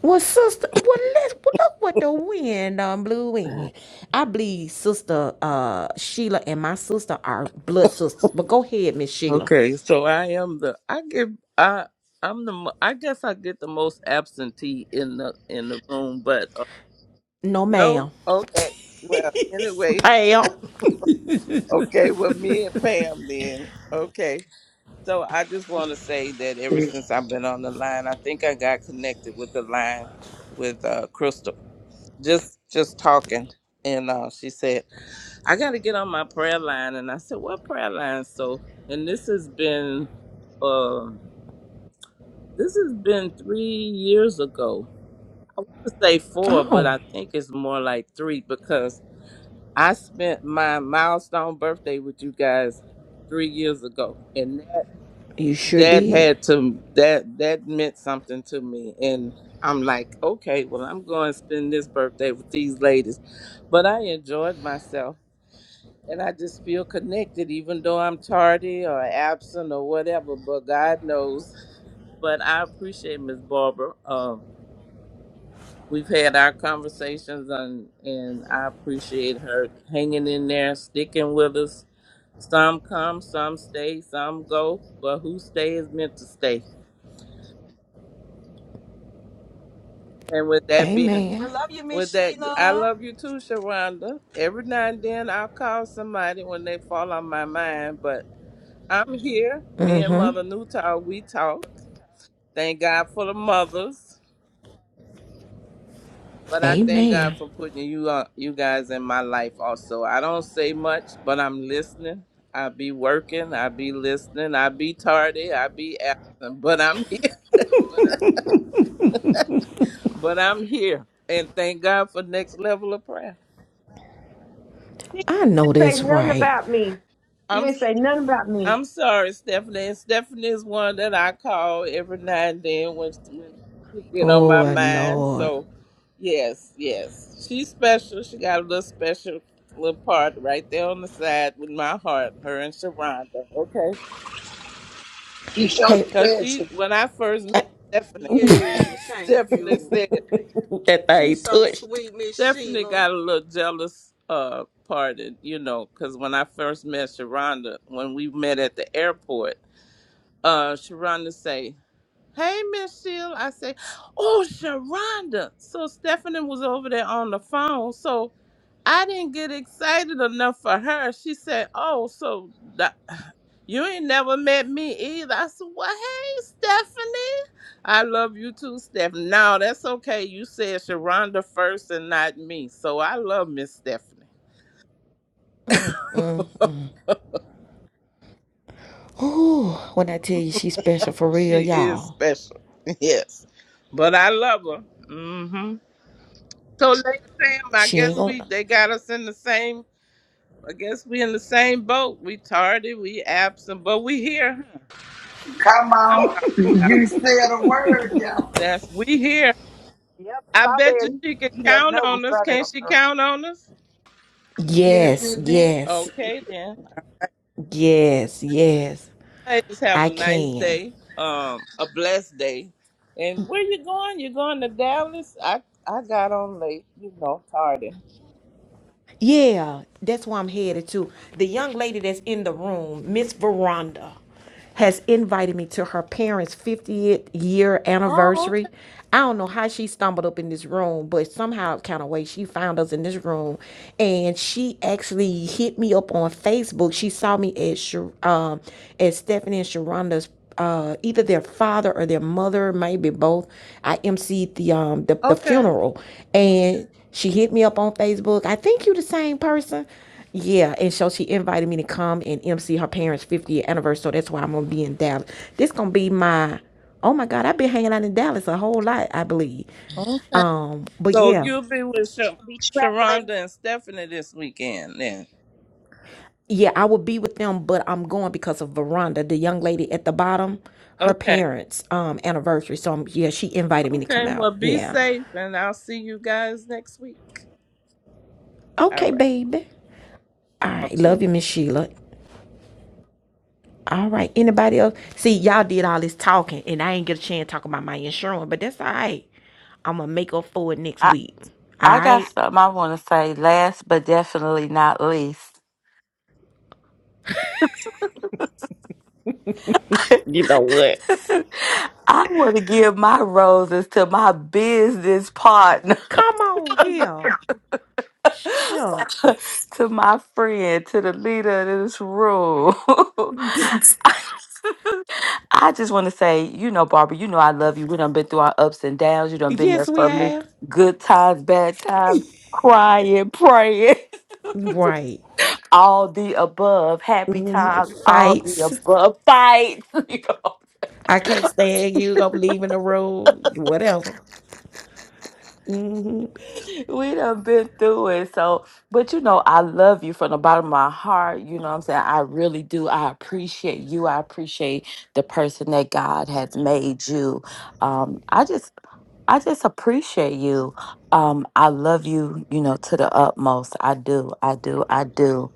Speaker 1: Well, sister, well, let's well, look what the wind um blew in. I believe sister uh Sheila and my sister are blood sisters. But go ahead, Miss Sheila.
Speaker 13: Okay, so I am the I give I I'm the mo- I guess I get the most absentee in the in the room, but uh,
Speaker 1: No,
Speaker 13: no.
Speaker 1: ma'am.
Speaker 13: Okay. Well,
Speaker 1: [laughs]
Speaker 13: anyway,
Speaker 1: Pam.
Speaker 13: okay. Well, me and Pam then. Okay. So I just want to say that ever
Speaker 12: [laughs]
Speaker 13: since I've been on the line, I think I got connected with the line with uh Crystal. Just just talking, and uh she said. I got to get on my prayer line. And I said, what prayer line? So, and this has been, um, this has been three years ago. I want to say four, but
Speaker 1: Oh,
Speaker 13: I think it's more like three because I spent my milestone birthday with you guys three years ago, and that
Speaker 1: you sure
Speaker 13: that
Speaker 1: did.
Speaker 13: had to that that meant something to me. And I'm like, okay, well, I'm going to spend this birthday with these ladies, but I enjoyed myself and I just feel connected, even though I'm tardy or absent or whatever. But God knows. [laughs] But I appreciate Miss Barbara. Um, we've had our conversations, and and I appreciate her hanging in there, sticking with us. Some come, some stay, some go, but who stay is meant to stay. And with that being,
Speaker 6: I
Speaker 1: Amen.
Speaker 6: love you,
Speaker 13: with
Speaker 6: Miss
Speaker 13: that, I
Speaker 6: Sheila.
Speaker 13: love you too, Sharonda. Every now and then I'll call somebody when they fall on my mind, but I'm here. Me and Mother Newtown, we talk. Thank God for the mothers, but I thank
Speaker 1: Amen.
Speaker 13: God for putting you on, you guys in my life also. I don't say much, but I'm listening. I be working. I be listening. I be tardy. I be absent, but I'm [laughs] here. But I'm here, and thank God for next level of prayer.
Speaker 11: You
Speaker 1: I know
Speaker 11: ain't say
Speaker 1: that's
Speaker 11: nothing
Speaker 1: right.
Speaker 11: about me. You
Speaker 13: I'm
Speaker 11: ain't say nothing about me.
Speaker 13: I'm sorry, Stephanie. And Stephanie is one that I call every now and then when, when she get on my
Speaker 1: Oh
Speaker 13: mind.
Speaker 1: Lord.
Speaker 13: So, yes, yes, she's special. She got a little special little part right there on the side with my heart. Her and Sharonda. Okay,
Speaker 12: she showed
Speaker 1: Hey,
Speaker 13: because she
Speaker 12: special.
Speaker 13: when I first
Speaker 1: eh,
Speaker 13: met Stephanie, [laughs]
Speaker 6: Yeah, thank
Speaker 13: Stephanie
Speaker 6: you.
Speaker 13: said
Speaker 1: that
Speaker 6: She's
Speaker 1: thing
Speaker 6: so
Speaker 1: touched.
Speaker 6: sweet, Miss
Speaker 13: Stephanie
Speaker 6: Sheila.
Speaker 13: got a little jealous. Uh, parted, you know, because when I first met Sharonda, when we met at the airport, uh, Sharonda say. Hey, Miss Sheila. I say, oh, Sharonda. So Stephanie was over there on the phone. So I didn't get excited enough for her. She said, oh, so that, [sighs] you ain't never met me either. I said, well, hey, Stephanie. I love you too, Stephanie. No, that's okay. You said Sharonda first and not me. So I love Miss Stephanie.
Speaker 1: Ooh, when I tell you she's special for real,
Speaker 13: She is
Speaker 1: y'all.
Speaker 13: special. [laughs] Yes. But I love her. hmm So, Lady Sam, I
Speaker 1: She ain't
Speaker 13: guess we
Speaker 1: gonna.
Speaker 13: they got us in the same I guess we in the same boat. We tardy, we absent, but we here. huh?
Speaker 12: Come
Speaker 13: I'm
Speaker 12: on.
Speaker 13: talking about
Speaker 12: You said a word, y'all.
Speaker 13: that's we here.
Speaker 11: Yep,
Speaker 13: I bet you
Speaker 11: strawberry.
Speaker 13: she can
Speaker 11: You never
Speaker 13: count
Speaker 11: know when
Speaker 13: on us.
Speaker 11: strawberry
Speaker 13: Can
Speaker 11: gonna
Speaker 13: she
Speaker 11: come.
Speaker 13: count on us?
Speaker 12: Yes,
Speaker 1: Yes,
Speaker 12: it did.
Speaker 1: yes,
Speaker 13: Okay then.
Speaker 1: yes, yes.
Speaker 13: Ladies, have
Speaker 1: I
Speaker 13: a nice
Speaker 1: can.
Speaker 13: day. Um, a blessed day. And where you going? You going to Dallas? I I got on late. You know, tardy.
Speaker 1: Yeah, that's where I'm headed to. The young lady that's in the room, Miss Veranda, has invited me to her parents' 50th year
Speaker 13: Oh,
Speaker 1: anniversary. I don't know how she stumbled up in this room, but somehow kind of way she found us in this room, and she actually hit me up on Facebook. She saw me at um at Stephanie and Sharonda's uh, either their father or their mother, maybe both. I emceed the um the,
Speaker 13: okay,
Speaker 1: the
Speaker 13: okay,
Speaker 1: funeral, and she hit me up on Facebook. I think you the same person. Yeah, and so she invited me to come and emcee her parents' 50th anniversary. So that's why I'm gonna be in Dallas. This gonna be my oh my god, I've been hanging out in Dallas a whole lot, I believe.
Speaker 13: okay.
Speaker 1: Um, but
Speaker 13: So
Speaker 1: yeah,
Speaker 13: you'll be with Sha-
Speaker 11: I'll be traveling
Speaker 13: Sharonda and Stephanie this weekend then.
Speaker 1: yeah, I will be with them, but I'm going because of Veranda, the young lady at the bottom, her
Speaker 13: Okay.
Speaker 1: parents' um anniversary. So um, yeah, she invited me to come
Speaker 13: Okay,
Speaker 1: out.
Speaker 13: well, be
Speaker 1: Yeah.
Speaker 13: safe, and I'll see you guys next week. All
Speaker 1: Okay,
Speaker 13: right,
Speaker 1: baby. All
Speaker 13: all
Speaker 1: right.
Speaker 13: two.
Speaker 1: Love you, Miss Sheila. All right. Anybody else? See, y'all did all this talking, and I ain't get a chance talking about my insurance, but that's all right. I'm going to make up for it next
Speaker 2: I,
Speaker 1: week. All
Speaker 2: I got
Speaker 1: right.
Speaker 2: something I want to say last but definitely not least. [laughs] I want to give my roses to my business partner.
Speaker 1: Come on here.
Speaker 2: [laughs]
Speaker 1: Shucks.
Speaker 2: to my friend, to the leader of this room. [laughs]
Speaker 1: [laughs]
Speaker 2: I just want to say, you know, Barbara, you know I love you. We done been through our ups and downs. You done been there
Speaker 1: yes, we
Speaker 2: for me.
Speaker 1: have.
Speaker 2: Good times, bad times, crying, praying,
Speaker 1: Right.
Speaker 2: [laughs] all the above, happy
Speaker 1: hmm
Speaker 2: times, all the
Speaker 1: Fights.
Speaker 2: above, fights. [laughs]
Speaker 1: I can't stand you. I'm leaving the room. Whatever. hmm
Speaker 2: we done been through it. So, but you know, I love you from the bottom of my heart. You know what I'm saying? I really do. I appreciate you. I appreciate the person that God has made you. Um, I just I just appreciate you. Um, I love you, you know, to the utmost. I do, I do, I do.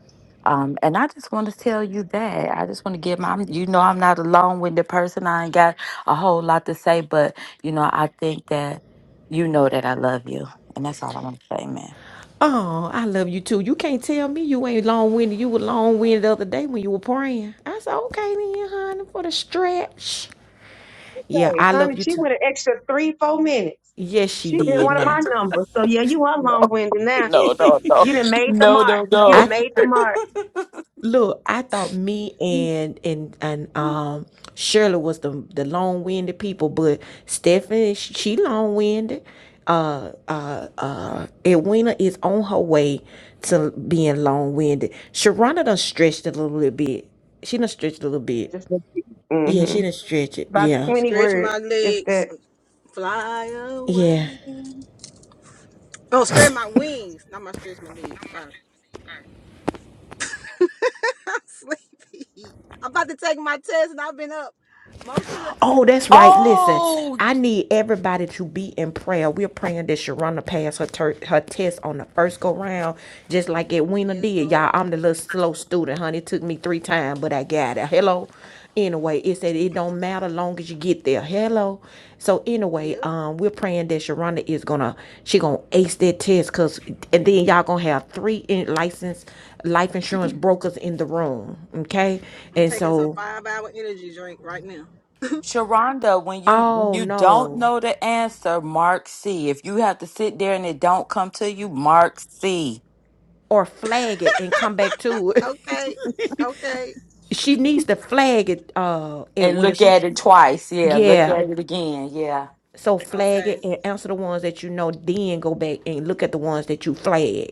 Speaker 2: Um, and I just want to tell you that. I just want to give my, I'm- you know, I'm not a long winded person. I ain't got a whole lot to say, but, you know, I think that you know that I love you. And that's all I want to say, man.
Speaker 1: Oh, I love you too. You can't tell me you ain't long winded. You were long winded the other day when you were praying. I said, okay then, honey, for the stretch. Yeah,
Speaker 11: today.
Speaker 1: I
Speaker 11: Honey,
Speaker 1: love you
Speaker 11: she
Speaker 1: too.
Speaker 11: went an extra three, four minutes.
Speaker 1: Yes, she
Speaker 11: She did
Speaker 1: did.
Speaker 11: one of
Speaker 1: Now,
Speaker 11: my numbers. So yeah, you are
Speaker 2: No,
Speaker 11: long winded
Speaker 2: [laughs]
Speaker 11: now.
Speaker 2: no, no, no,
Speaker 11: You done made the
Speaker 2: no,
Speaker 11: mark.
Speaker 2: no,
Speaker 11: You done
Speaker 1: I th-
Speaker 11: made the
Speaker 2: no.
Speaker 11: mark.
Speaker 1: look. I thought me and and and um Shirley was the the long winded people, but Stephanie, sh- she long winded. Uh, uh, uh, Edwina is on her way to being long winded. Sharonda done stretched a little bit. She done stretched a little
Speaker 11: I
Speaker 1: bit.
Speaker 11: Just
Speaker 1: Yeah, she
Speaker 11: mm-hmm.
Speaker 1: didn't stretch it.
Speaker 11: about
Speaker 6: I
Speaker 1: Yeah.
Speaker 11: twenty
Speaker 6: stretch
Speaker 11: words,
Speaker 6: my
Speaker 11: if
Speaker 6: legs,
Speaker 11: that.
Speaker 6: and fly
Speaker 1: Yeah.
Speaker 6: away. Oh, stretch my wings. Not my stretch my legs. Sorry, [laughs] I'm sleepy. I'm about to take my test, and I've been up most of the
Speaker 1: Oh, that's
Speaker 2: [laughs]
Speaker 1: right.
Speaker 6: morning.
Speaker 1: Listen,
Speaker 2: Oh,
Speaker 1: I need everybody to be in prayer. We're praying that Sharona pass her tur her test on the first go round, just like Edwina
Speaker 6: Yes,
Speaker 1: did. Y'all,
Speaker 6: Lord.
Speaker 1: I'm the little slow student, honey. It took me three times, but I got it. Hello. Anyway, it said it don't matter long as you get there. Hello. So anyway,
Speaker 6: Yep.
Speaker 1: um, we're praying that Sharona is gonna she gonna ace that test, cause and then y'all gonna have three in licensed life insurance brokers in the room, okay?
Speaker 6: I'm
Speaker 1: And
Speaker 6: taking some
Speaker 1: so,
Speaker 6: five-hour energy drink right now.
Speaker 2: Sharonda, when you when
Speaker 1: oh
Speaker 2: you don't
Speaker 1: no.
Speaker 2: know the answer, mark C. If you have to sit there and it don't come to you, mark C.
Speaker 1: or flag it and come back to it.
Speaker 6: Okay. Okay.
Speaker 1: [laughs] she needs to flag it uh at
Speaker 2: And
Speaker 1: when
Speaker 2: look
Speaker 1: she
Speaker 2: at it twice. Yeah, look
Speaker 1: yeah.
Speaker 2: at it again. Yeah.
Speaker 1: So flag
Speaker 6: Okay.
Speaker 1: it and answer the ones that you know, then go back and look at the ones that you flagged.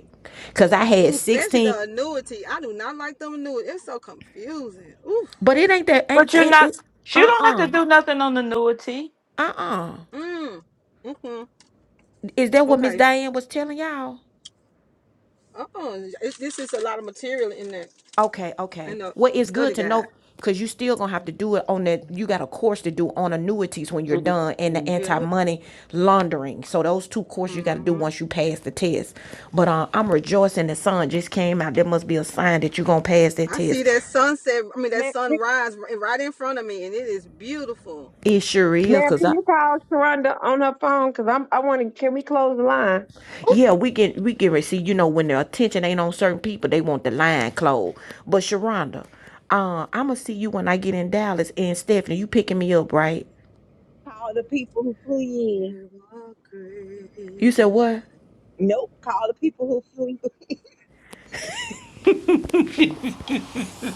Speaker 1: Cause I had
Speaker 6: Ooh, especially the
Speaker 1: sixteen
Speaker 6: annuity. I do not like them annuity. It's so confusing. Ooh.
Speaker 1: but it ain't that
Speaker 2: But
Speaker 1: ain't
Speaker 2: you're
Speaker 1: it,
Speaker 2: not
Speaker 1: it
Speaker 2: you
Speaker 1: uh
Speaker 2: don't have
Speaker 1: uh.
Speaker 2: to do nothing on annuity.
Speaker 1: Uh uh.
Speaker 6: Mm. Mm-hmm.
Speaker 1: Is that what Miss
Speaker 6: Okay.
Speaker 1: Diane was telling y'all?
Speaker 6: Oh, It's, this is a lot of material in that
Speaker 1: Okay, okay.
Speaker 6: in the
Speaker 1: Well, it's good
Speaker 6: study
Speaker 1: to
Speaker 6: guide.
Speaker 1: know because you still gonna have to do it on that. You got a course to do on annuities when you're done, and the
Speaker 2: Mhm.
Speaker 6: Yep.
Speaker 1: anti-money laundering. So those two courses you got to do
Speaker 6: Mm-hmm.
Speaker 1: once you pass the test. But uh, I'm rejoicing the sun just came out. There must be a sign that you're gonna pass that
Speaker 6: I see
Speaker 1: test.
Speaker 6: that sunset. I mean that
Speaker 11: Man,
Speaker 6: sunrise ri- right in front of me, and it is beautiful.
Speaker 1: It sure is,
Speaker 11: man,
Speaker 1: cause
Speaker 11: can
Speaker 1: I.
Speaker 11: you call Sharonda on her phone? Cause I'm. I want to. Can we close the line?
Speaker 1: Yeah, we can we can see you know when the attention ain't on certain people, they want the line closed. But Sharonda, uh, I'ma see you when I get in Dallas and Stephanie, you picking me up, right?
Speaker 11: Call the people who flew you
Speaker 6: You are great
Speaker 1: You said
Speaker 6: and
Speaker 1: what?
Speaker 6: mighty.
Speaker 11: in. No,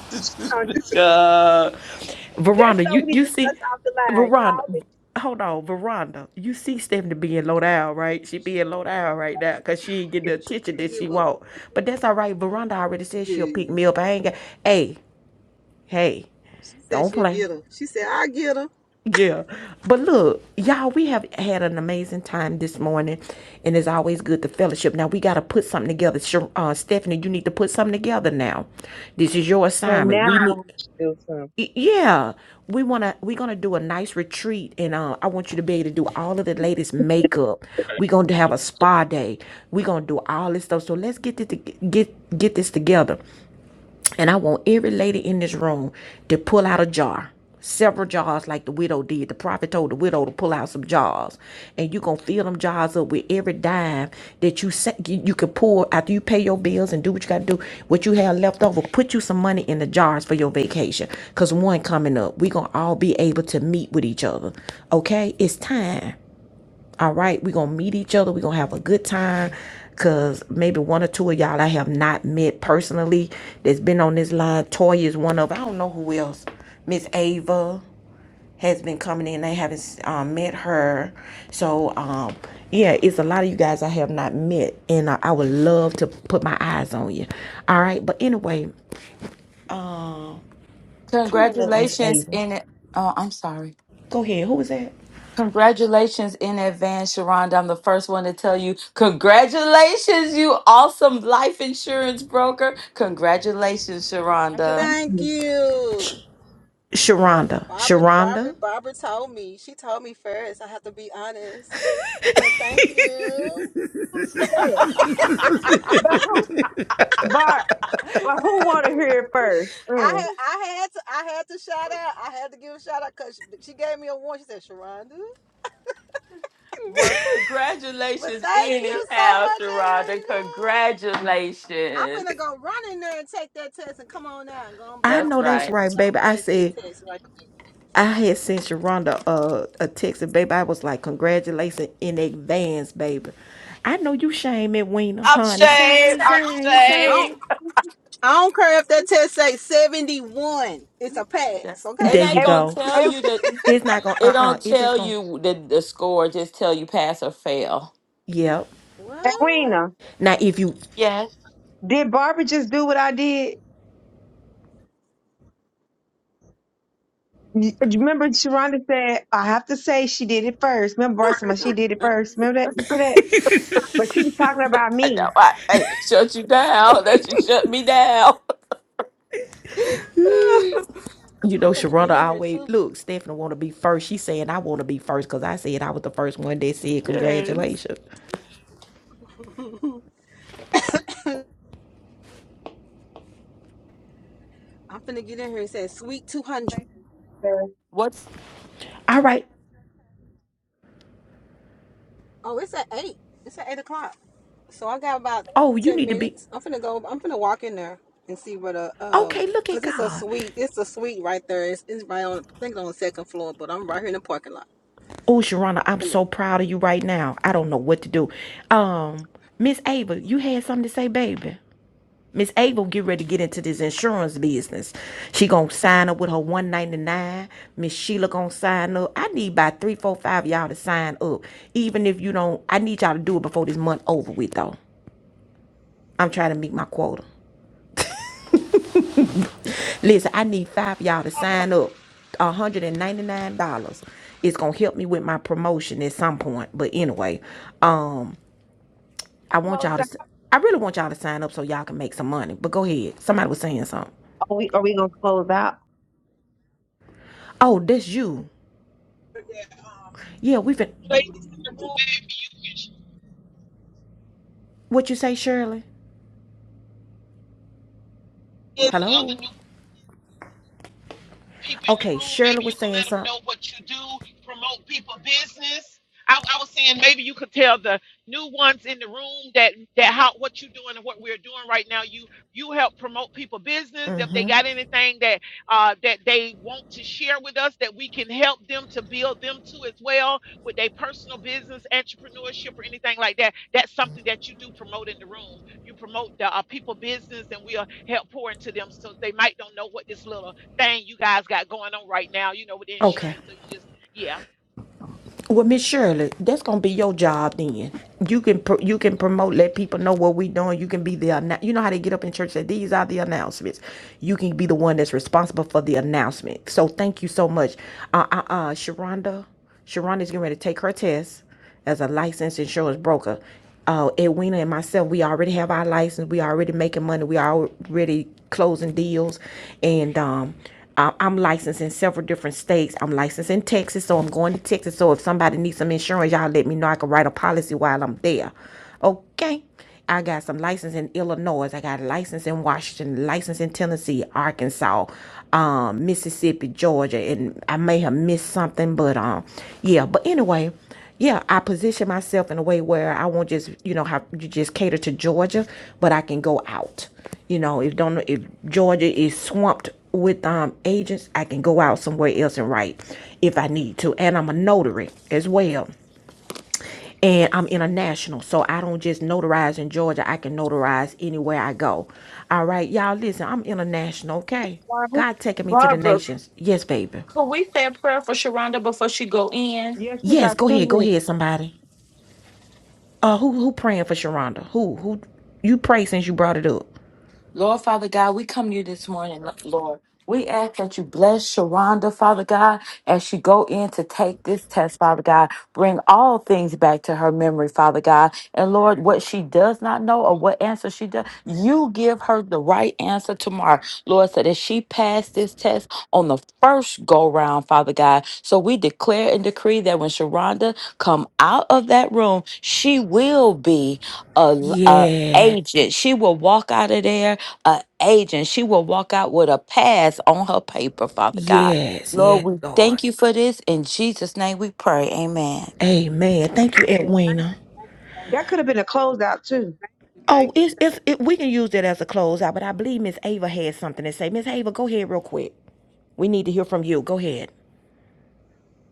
Speaker 11: uh, this-
Speaker 1: Uh
Speaker 11: that's
Speaker 1: Veranda, you you see, Veranda, hold on, Veranda, you see Stephanie being low down, right? She being low down right now because she ain't getting the
Speaker 6: She
Speaker 1: attention
Speaker 6: gotta
Speaker 1: that
Speaker 6: give
Speaker 1: she
Speaker 6: up.
Speaker 1: want. But that's all right. Veranda already said she'll pick
Speaker 6: Yeah.
Speaker 1: me up. I ain't got. Hey, hey,
Speaker 6: She said
Speaker 1: don't
Speaker 6: she'll
Speaker 1: play.
Speaker 6: get her. She said I get her.
Speaker 1: Yeah, but look, y'all, we have had an amazing time this morning, and it's always good to fellowship. Now we got to put something together. Sher- Uh, Stephanie, you need to put something together now. This is your
Speaker 11: so
Speaker 1: assignment. We need.
Speaker 11: now. do something.
Speaker 1: Y- Yeah, we wanna we're gonna do a nice retreat, and uh, I want you to be able to do all of the latest makeup. We're gonna have a spa day. We're gonna do all this stuff. So let's get it to, get get this together. And I want every lady in this room to pull out a jar, several jars, like the widow did. The prophet told the widow to pull out some jars, and you are gonna fill them jars up with every dime that you sa- you can pour after you pay your bills and do what you gotta do. What you have left over, put you some money in the jars for your vacation. Cause one coming up, we gonna all be able to meet with each other. Okay, it's time. All right, we're gonna meet each other. We're gonna have a good time. Cause maybe one or two of y'all I have not met personally that's been on this line. Toya is one of I don't know who else. Miss Ava has been coming in. I haven't um, met her. So um yeah, it's a lot of you guys I have not met, and uh, I would love to put my eyes on you. All right, but anyway, come on up, Miss
Speaker 2: Congratulations
Speaker 1: Ava.
Speaker 2: in it. Oh, I'm sorry.
Speaker 1: Go ahead. Who is that?
Speaker 2: Congratulations in advance, Sharonda. I'm the first one to tell you, congratulations, you awesome life insurance broker. Congratulations,
Speaker 11: I just
Speaker 2: Sharonda.
Speaker 6: Thank you.
Speaker 1: Sharonda.
Speaker 6: Barbara, Barbara,
Speaker 1: Sharonda.
Speaker 6: Barbara told me. She told me first. I have to be honest. But thank you.
Speaker 2: [laughs]
Speaker 11: but who but but who want to hear it first?
Speaker 6: I
Speaker 11: Mm.
Speaker 6: had, I had to, I had to shout out. I had to give a shout out because she, she gave me a warning. She said, "Sharonda."
Speaker 2: Well,
Speaker 6: But
Speaker 2: congratulations,
Speaker 6: thank you so
Speaker 2: anyhow,
Speaker 6: much,
Speaker 2: Sharada.
Speaker 6: Edwina. I'm
Speaker 2: Congratulations.
Speaker 6: finna go run in there and take that test and come on out and go on by
Speaker 1: I
Speaker 6: my
Speaker 2: That's
Speaker 1: know that's
Speaker 2: right.
Speaker 6: business.
Speaker 1: right, baby.
Speaker 6: Don't
Speaker 1: I
Speaker 6: pass that
Speaker 1: said
Speaker 6: test right quick.
Speaker 1: I had sent Sharonda a, a text, and baby, I was like, congratulations in advance, baby. I know you shame it, Weena,
Speaker 2: I'm
Speaker 1: honey. Shame,
Speaker 2: saved. I'm
Speaker 1: shame,
Speaker 6: I don't,
Speaker 2: saved.
Speaker 1: shame.
Speaker 6: I don't care if that test say 71. It's a pass,
Speaker 2: That's, it
Speaker 1: There
Speaker 6: okay?
Speaker 1: you
Speaker 2: ain't
Speaker 11: And
Speaker 2: gonna
Speaker 1: go.
Speaker 2: tell
Speaker 11: and
Speaker 2: you that.
Speaker 1: It's not gonna,
Speaker 2: It
Speaker 1: uh-uh.
Speaker 2: don't
Speaker 1: It's just
Speaker 2: tell
Speaker 1: gonna,
Speaker 2: you the, the score. Just tell you pass or fail.
Speaker 1: yep.
Speaker 6: What?
Speaker 11: and Rena,
Speaker 6: Oh,
Speaker 1: Now, if you,
Speaker 2: Yes.
Speaker 11: did Barbara just do what I did? you Remember, Sharonda said I have to say she did it first. Remember, Barbara said she did it first. Remember that you see that? But she was talking about
Speaker 2: I know.
Speaker 11: me.
Speaker 2: I, I shut you down. That you shut me down.
Speaker 1: you
Speaker 6: I'm
Speaker 1: know,
Speaker 6: finna get
Speaker 1: Sharonda
Speaker 6: in here
Speaker 1: always, look, Stephanie want to be first. She's saying I want to be first because I said I was the first one that
Speaker 2: [laughs]
Speaker 1: said
Speaker 2: yes.
Speaker 1: congratulations.
Speaker 6: too. [laughs] I'm finna get in here. It says sweet 200.
Speaker 11: So,
Speaker 2: What?
Speaker 1: All right.
Speaker 6: Oh, it's at 8. It's at 8 o'clock. So I got about
Speaker 1: Oh, you
Speaker 6: 10
Speaker 1: need to be,
Speaker 6: minutes. I'm finna go, I'm finna walk in there and see what a, um,
Speaker 1: okay, look at
Speaker 6: cause it's a
Speaker 1: God.
Speaker 6: suite. It's a suite right there. It's, it's right on, I think it's on the second floor, but I'm right here in the parking lot.
Speaker 1: Oh, Sharana, I'm
Speaker 6: Finna-
Speaker 1: so proud of you right now. I don't know what to do. Um, Miss Ava, you had something to say, baby. Miss Ava get ready to get into this insurance business. She gonna sign up with her 199. Miss Sheila gonna sign up. I need about three, four, five y'all to sign up. Even if you don't, I need y'all to do it before this month over with though. I'm trying to meet my quota. Listen, I need five y'all to sign up. $199 It's gonna help me with my promotion at some point. But anyway, um. I want
Speaker 11: Close
Speaker 1: y'all to.
Speaker 11: out.
Speaker 1: I really want y'all to sign up so y'all can make some money. But go ahead. Somebody was saying something.
Speaker 11: Are we are we gonna close out,
Speaker 1: Oh, that's you. Yeah, we've been. What you say, Shirley? Hello.
Speaker 7: people in the
Speaker 1: Okay,
Speaker 7: room.
Speaker 1: Shirley
Speaker 7: Maybe you
Speaker 1: was
Speaker 7: can
Speaker 1: saying
Speaker 7: let them
Speaker 1: something.
Speaker 7: know what you do, promote people business. I, I was saying maybe you could tell the new ones in the room that that how what you're doing and what we're doing right now. You you help promote people business. If they got anything that uh, that they want to share with us, that we can help them to build them to as well with their personal business, entrepreneurship, or anything like that. That's something that you do promote in the room. You promote the uh, people business, and we'll help pour into them so they might don't know what this little thing you guys got going on right now, you know, with the
Speaker 1: Okay.
Speaker 7: insurance. So you just, yeah. On
Speaker 1: Well, Miss Shirley, that's gonna be your job then. You can pro- you can promote, let people know what we are doing. You can be the you know how they get up in church and say these are the announcements. You can be the one that's responsible for the announcement. So thank you so much, uh uh, uh Sharonda. Sharonda's getting ready to take her test. as a licensed insurance broker. Uh, Edwina and myself, we already have our license. We already making money. We already closing deals, and um, I- I'm licensed in several different states. I'm licensed in Texas, so I'm going to Texas. So if somebody needs some insurance, y'all let me know. I can write a policy while I'm there. Okay. I got some license in Illinois. I got a license in Washington, license in Tennessee, Arkansas, um, Mississippi, Georgia, and I may have missed something, but um, yeah. But anyway, yeah, I position myself in a way where I won't just, you know, have you just cater to Georgia, but I can go out. You know, if don't if Georgia is swamped with um agents, I can go out somewhere else and write if I need to. And I'm a notary as well. And I'm international, so I don't just notarize in Georgia. I can notarize anywhere I go. All right, y'all, listen, I'm international, okay?
Speaker 11: Barbara?
Speaker 1: God taking me to the
Speaker 2: Barbara,
Speaker 1: nations. Yes, baby.
Speaker 2: could we say a prayer for Sharonda before she go in?
Speaker 11: Yes, we
Speaker 1: Yes,
Speaker 11: got
Speaker 1: go
Speaker 11: two
Speaker 1: ahead, go
Speaker 11: minutes.
Speaker 1: ahead, somebody. Uh, who who praying for Sharonda? Who who you pray since you brought it up?
Speaker 2: Lord Father God, we come to you this morning, Lord. We ask that you bless Sharonda, Father God, as she go in to take this test, Father God. Bring all things back to her memory, Father God. And Lord, what she does not know or what answer she does, you give her the right answer tomorrow, Lord, so that she passed this test on the first go round, Father God. So we declare and decree that when Sharonda come out of that room, she will be a, a
Speaker 1: Yes,
Speaker 2: agent. She will walk out of there a agent. She will walk out with a pass on her paper, Father God.
Speaker 1: yes,
Speaker 2: Lord,
Speaker 1: yes,
Speaker 2: we
Speaker 1: Lord.
Speaker 2: thank you for this. In Jesus' name we pray. Amen.
Speaker 1: Amen. Thank you,
Speaker 11: Yeah.
Speaker 6: Thank you.
Speaker 1: Edwina.
Speaker 6: Thank
Speaker 11: That could have been a closeout too.
Speaker 6: you. Thank you.
Speaker 1: Oh, if if, if we can use that as a closeout, but I believe Miss Ava had something to say. Miss Ava, go ahead real quick. We need to hear from you. Go ahead.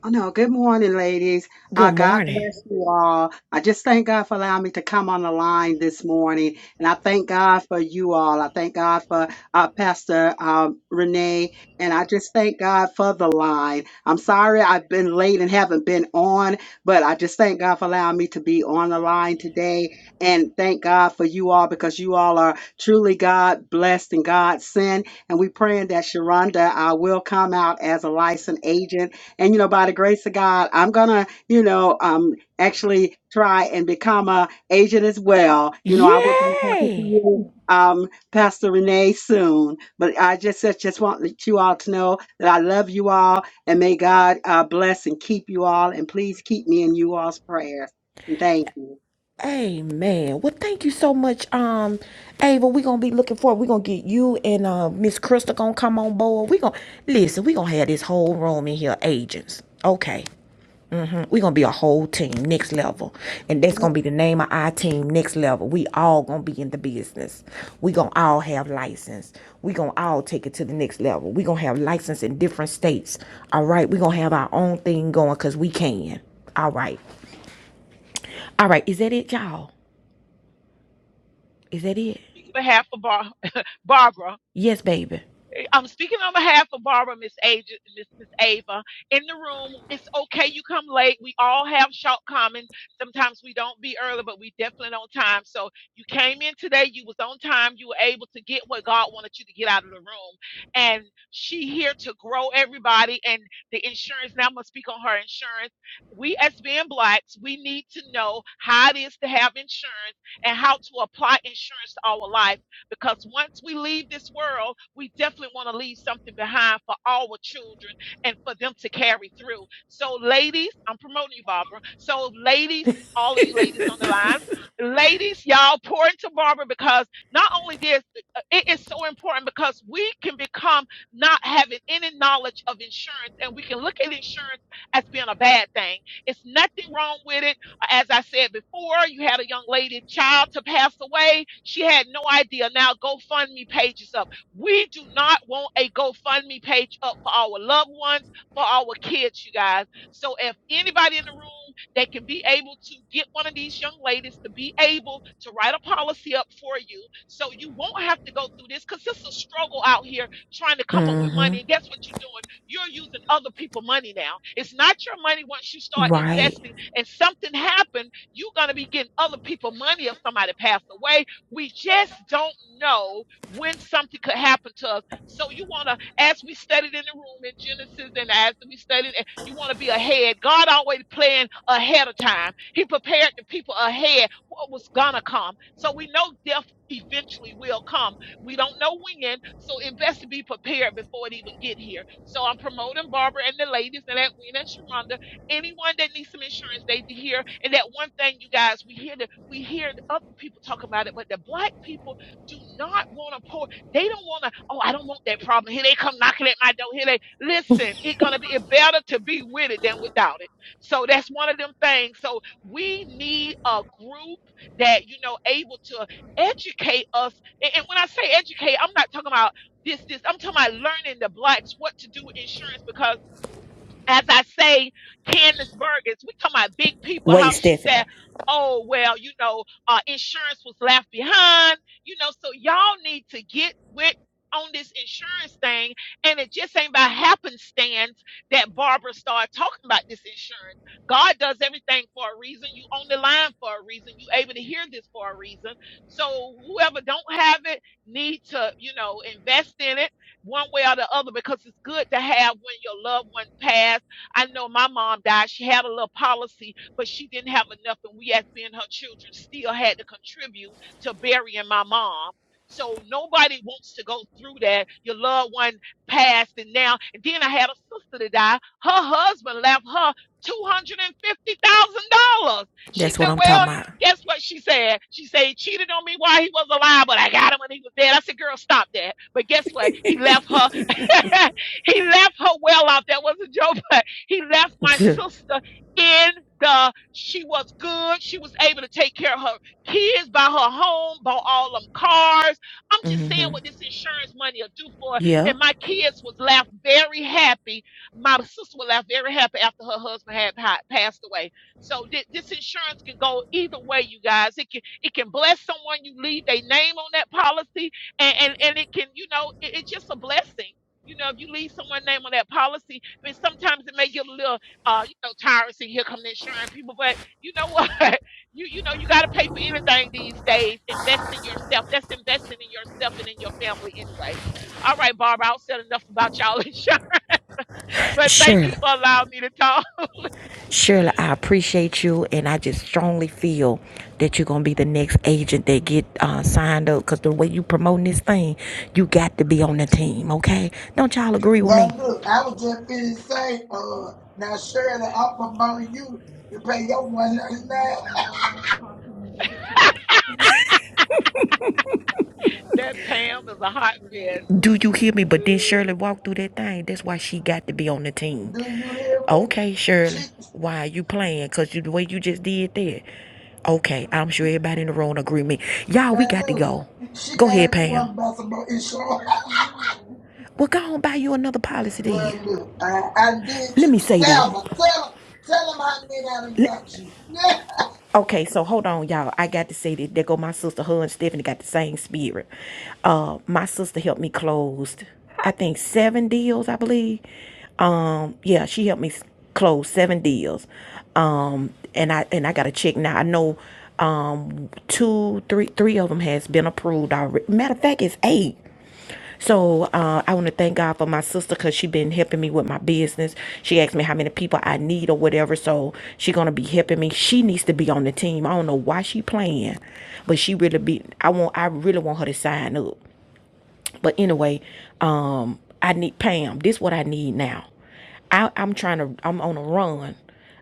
Speaker 14: Oh no, good morning, ladies.
Speaker 1: Good
Speaker 14: Uh, God
Speaker 1: morning.
Speaker 14: bless you all. I just thank God for allowing me to come on the line this morning. And I thank God for you all. I thank God for uh, Pastor um, Renee. And I just thank God for the line. I'm sorry I've been late and haven't been on, but I just thank God for allowing me to be on the line today. And thank God for you all because you all are truly God blessed and God sent. And we praying that Sharonda uh, will come out as a licensed agent and, you know, by the grace of God, I'm going to, you know, um, actually try and become a agent as well. You know, I will be talking to
Speaker 1: Yay!
Speaker 14: you, um, Pastor Renee soon, but I just, just just want you all to know that I love you all and may God uh, bless and keep you all. And please keep me in you all's prayers. And thank you.
Speaker 1: Amen. Well, thank you so much, um, Ava. We're gonna be looking forward. We're gonna get you and uh Miss Crystal gonna come on board. We're gonna listen, we're gonna have this whole room in here, agents. Okay. We're gonna be a whole team, next level. And that's gonna be the name of our team, next level. We all gonna be in the business. we gonna all have license. we gonna all take it to the next level. we gonna have license in different states. All right, we're gonna have our own thing going because we can. All right. All right, is that it, y'all? Is that it?
Speaker 7: behalf of Bar- [laughs] Barbara,
Speaker 1: Yes, baby.
Speaker 7: I'm speaking on behalf of Barbara, Miss Ava, Miss, Miss Ava, in the room. It's okay you come late. We all have shortcomings. Sometimes we don't be early, but we definitely on time. So you came in today. You was on time. You were able to get what God wanted you to get out of the room. And she here to grow everybody. And the insurance now I'm gonna speak on her insurance. We as being blacks, we need to know how it is to have insurance and how to apply insurance to our life because once we leave this world, we definitely want to leave something behind for our children and for them to carry through. So, ladies, I'm promoting you, Barbara. So, ladies, all of you ladies on the line, ladies, y'all pour into Barbara because not only this, uh, it is so important because we can become not having any knowledge of insurance and we can look at insurance as being a bad thing. It's nothing wrong with it as I said before, you had a young lady child to pass away. She had no idea. Now GoFundMe page is up. We do not want a GoFundMe page up for our loved ones, for our kids, you guys. So if anybody in the room that can be able to get one of these young ladies to be able to write a policy up for you so you won't have to go through this because it's a struggle out here trying to come up with
Speaker 1: Mm-hmm.
Speaker 7: money. And guess what you're doing? You're using other people's money now. It's not your money once you start
Speaker 1: Right.
Speaker 7: investing and something happened, you're going to be getting other people money if somebody passed away. We just don't know when something could happen to us. So you want to, as we studied in the room in Genesis and as we studied, eh, you want to be ahead. God always planned ahead of time. He prepared the people ahead what was going to come. So we know death eventually will come. We don't know when, so it best to be prepared before it even get here. So I'm promoting Barbara and the ladies and Edwina and Sharonda anyone that needs some insurance, they be here. And that one thing, you guys, we hear the we hear the other people talking about it, but the black people do not want to pour. They don't want to. Oh, I don't want that problem. Here they come knocking at my door. Here they listen. It's gonna be it better to be with it than without it. So that's one of them things. So we need a group that you know able to educate us. And, and when I say educate, I'm not talking about this this. I'm talking about learning the blacks what to do with insurance because as I say, Candace Burgess, we talking about big people,
Speaker 1: Wait,
Speaker 7: how she said,
Speaker 1: Stephanie.
Speaker 7: oh, well, you know, uh, insurance was left behind, you know, so y'all need to get with on this insurance thing. And it just ain't by happenstance that Barbara started talking about this insurance. God does everything for a reason. You on the line for a reason. You able to hear this for a reason. So whoever don't have it need to, you know, invest in it one way or the other because it's good to have when your loved one passed. I know my mom died. She had a little policy, but she didn't have enough, and we, as being her children, still had to contribute to burying my mom. So nobody wants to go through that. Your loved one passed, and now, and then I had a sister that died. Her husband left her $250,000. She
Speaker 1: That's
Speaker 7: said,
Speaker 1: what I'm
Speaker 7: Well,
Speaker 1: talking
Speaker 7: guess what she said? She said he cheated on me while he was alive, but I got him when he was dead. I said, girl, stop that. But guess what? He left her. [laughs] he left her well off. That was a joke, [laughs] but he left my
Speaker 1: about.
Speaker 7: sister in the she was good. She was able to take care of her kids, buy her home, bought all them cars. I'm just saying what this insurance money will do for
Speaker 1: [laughs]
Speaker 7: her.
Speaker 1: yeah.
Speaker 7: And my kids was left very happy. My sister was left very happy after her husband had pa- passed away so thi- this insurance can go either way, you guys. It can it can bless someone you leave their name on that policy, and and, and it can you know it- it's just a blessing. You know, if you leave someone's name on that policy, I mean, sometimes it may get a little, uh, you know, tiresome. Here come the insurance people, but you know what? [laughs] you you know, you got to pay for anything these days. Invest in yourself. That's investing in yourself and in your family anyway. All right, Barbara, I've said enough about y'all [laughs] insurance, but thank you
Speaker 1: Shirley.
Speaker 7: for allowing me to talk. [laughs]
Speaker 1: Shirley, I appreciate you, and I just strongly feel that you're gonna be the next agent that get uh, signed up. Cause the way you promoting this thing, you got to be on the team. Okay? Don't y'all agree with me?
Speaker 12: Now, look, I was just finna say, uh, now, Shirley, I'm promoting you to pay your 199
Speaker 7: That Pam is a hot mess.
Speaker 1: Do you hear me? But then
Speaker 7: [laughs]
Speaker 1: Shirley walked through that thing. That's why she got to be on the team.
Speaker 12: Do you hear me?
Speaker 1: Okay, Shirley,
Speaker 12: She,
Speaker 1: why are you playing? Cause you, the way you just did that. Okay, I'm sure everybody in the room agree with me. Y'all, we
Speaker 12: now,
Speaker 1: got to
Speaker 12: look,
Speaker 1: go.
Speaker 12: she
Speaker 1: Go
Speaker 12: made
Speaker 1: ahead,
Speaker 12: me
Speaker 1: Pam.
Speaker 12: want to buy some more insurance. [laughs]
Speaker 1: Well, go on buy you another policy then.
Speaker 12: Good look, I, I did
Speaker 1: Let
Speaker 12: you.
Speaker 1: me say this.
Speaker 12: Tell her, tell her, tell him how many I done got you. [laughs]
Speaker 1: Okay, so hold on, y'all. I got to say that there go my sister. Her and Stephanie got the same spirit. Uh, my sister helped me close, I think seven deals, I believe. Um, yeah, she helped me close seven deals. Um, and I and I got to check now. I know, um, two, three, three of them has been approved already. Matter of fact, it's eight. So uh, I want to thank God for my sister because she been helping me with my business. She asked me how many people I need or whatever. So she gonna be helping me. She needs to be on the team. I don't know why she playing, but she really be. I want. I really want her to sign up but anyway, um, I need Pam. This is what I need now. I, I'm trying to. I'm on a run.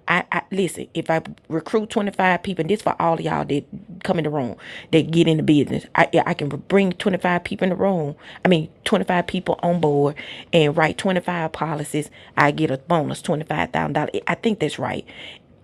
Speaker 1: I, I listen. If I recruit 25 people, and this for all of y'all that come in the room, that get in the business. I yeah, I can bring 25 people in the room. I mean, 25 people on board, and write 25 policies. I get a bonus, twenty five thousand dollars. I think that's right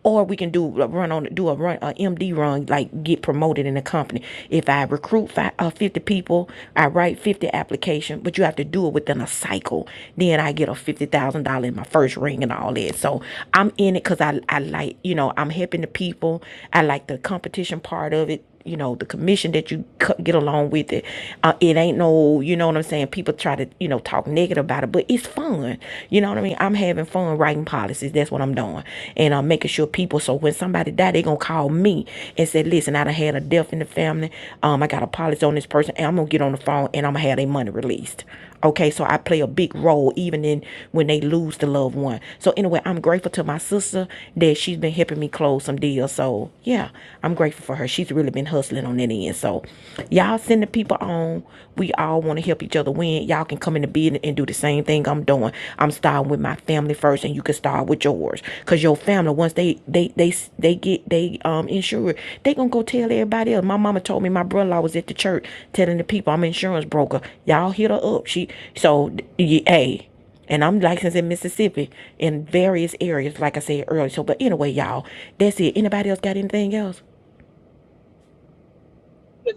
Speaker 1: or we can do a run on do a run a MD run like get promoted in the company. If I recruit five, uh, 50 people, I write 50 application, but you have to do it within a cycle. Then I get a $50,000 in my first ring and all that. So I'm in it cuz I I like, you know, I'm helping the people. I like the competition part of it you know the commission that you get along with it uh, it ain't no you know what i'm saying people try to you know talk negative about it but it's fun you know what i mean i'm having fun writing policies that's what i'm doing and i'm making sure people so when somebody die they gonna call me and say listen i done had a death in the family um i got a policy on this person and i'm gonna get on the phone and i'm gonna have their money released Okay, so I play a big role even in when they lose the loved one. So anyway, I'm grateful to my sister that she's been helping me close some deals. So yeah, I'm grateful for her. She's really been hustling on that end. So y'all send the people on. We all want to help each other win. Y'all can come in the building and do the same thing I'm doing. I'm starting with my family first, and you can start with yours because your family once they they they they get they um insured they gonna go tell everybody else my mama told me my brother-in-law was at the church telling the people i'm an insurance broker y'all hit her up she so y- hey and I'm licensed in Mississippi in various areas, like I said earlier. So, but anyway, y'all, that's it. Anybody else got anything else?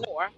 Speaker 7: More,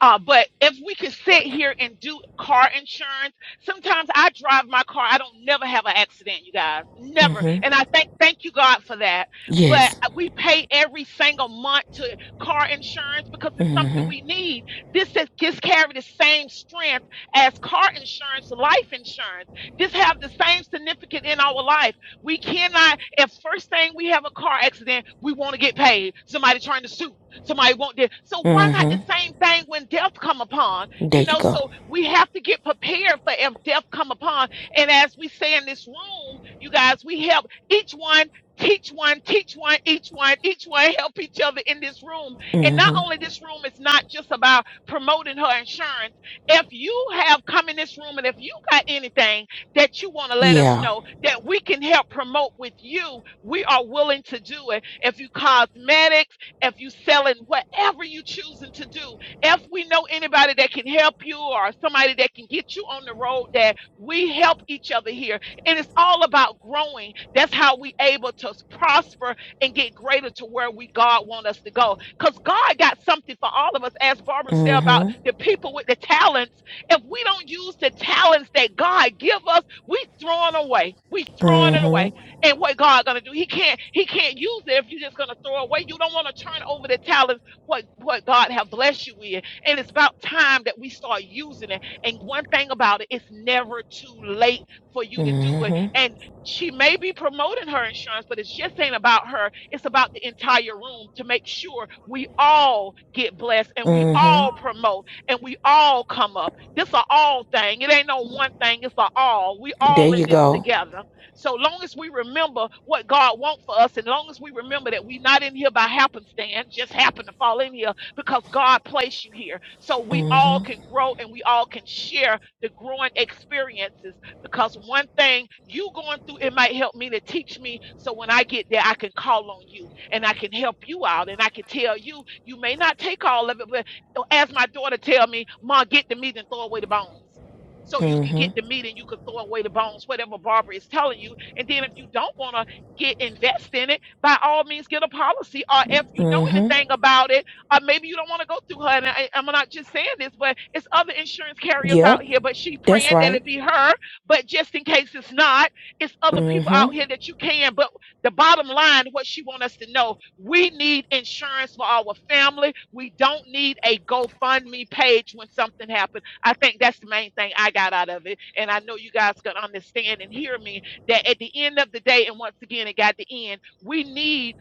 Speaker 7: Uh, but if we could sit here and do car insurance, sometimes I drive my car. I don't never have an accident, you guys, never.
Speaker 1: Mhm.
Speaker 7: And I thank thank you God for that. But
Speaker 1: Yes.
Speaker 7: we pay every single month to car insurance because it's something
Speaker 1: Mhm.
Speaker 7: we need. This is this carry the same strength as car insurance, life insurance. This have the same significance in our life. We cannot. If first thing we have a car accident, we want to get paid. Somebody trying to sue. Somebody won't this. So why not the
Speaker 1: Mhm.
Speaker 7: same thing when death come upon?
Speaker 1: There
Speaker 7: You
Speaker 1: you
Speaker 7: know,
Speaker 1: go.
Speaker 7: so we have to get prepared for if death come upon. And as we say in this room, you guys, we help each one, teach one, teach one, each one, each one help each other in this room. And not
Speaker 1: Mhm.
Speaker 7: only this room is not just about promoting her insurance. If you have come in this room and if you got anything that you want to let us
Speaker 1: Yeah.
Speaker 7: know that we can help promote with you, we are willing to do it. If you cosmetics, if you selling whatever you choosing to do, if we know anybody that can help you or somebody that can get you on the road, that we help each other here. And it's all about growing. That's how we able to prosper and get greater to where we God want us to go. Because God got something for all of us, as Barbara said about
Speaker 1: Mhm.
Speaker 7: the people with the talents. If we don't use the talents that God give us, we throwing away. We throwing it away
Speaker 1: Mhm.
Speaker 7: and what God gonna do. He can't he can't use it if you're just gonna throw away. You don't want to turn over the talents what what God have blessed you with. And it's about time that we start using it. And one thing about it, it's never too late for you to do it.
Speaker 1: Mhm.
Speaker 7: And she may be promoting her insurance, but it's just ain't about her. It's about the entire room to make sure we all get blessed and we all
Speaker 1: Mhm.
Speaker 7: promote and we all come up. This a all thing. It ain't no one thing. It's a all. We
Speaker 1: There
Speaker 7: all in
Speaker 1: you
Speaker 7: this
Speaker 1: go.
Speaker 7: together. So long as we remember what God wants for us, and long as we remember that we're not in here by happenstance, just happen to fall in here because God placed you here. So we
Speaker 1: Mm-hmm.
Speaker 7: all can grow and we all can share the growing experiences because one thing you going through, it might help me to teach me. So when I get there, I can call on you and I can help you out and I can tell you, you may not take all of it, but as my daughter tell me, Ma, get the meat and throw away the bones so you can
Speaker 1: Mm-hmm.
Speaker 7: get the meat and you can throw away the bones, whatever Barbara is telling you. And then if you don't want to get invest in it, by all means get a policy. Or if you know
Speaker 1: Mm-hmm.
Speaker 7: anything about it, or maybe you don't want to go through her. And I, I'm not just saying this, but it's other insurance carriers out
Speaker 1: Yep.
Speaker 7: here. But she
Speaker 1: That's
Speaker 7: praying that
Speaker 1: right.
Speaker 7: it be her. But just in case it's not, it's other people
Speaker 1: Mm-hmm.
Speaker 7: out here that you can. But the bottom line, what she want us to know, we need insurance for our family. We don't need a GoFundMe page when something happens I think that's the main thing I got out of it. And I know you guys can understand and hear me that at the end of the day, and once again, it got the end, we need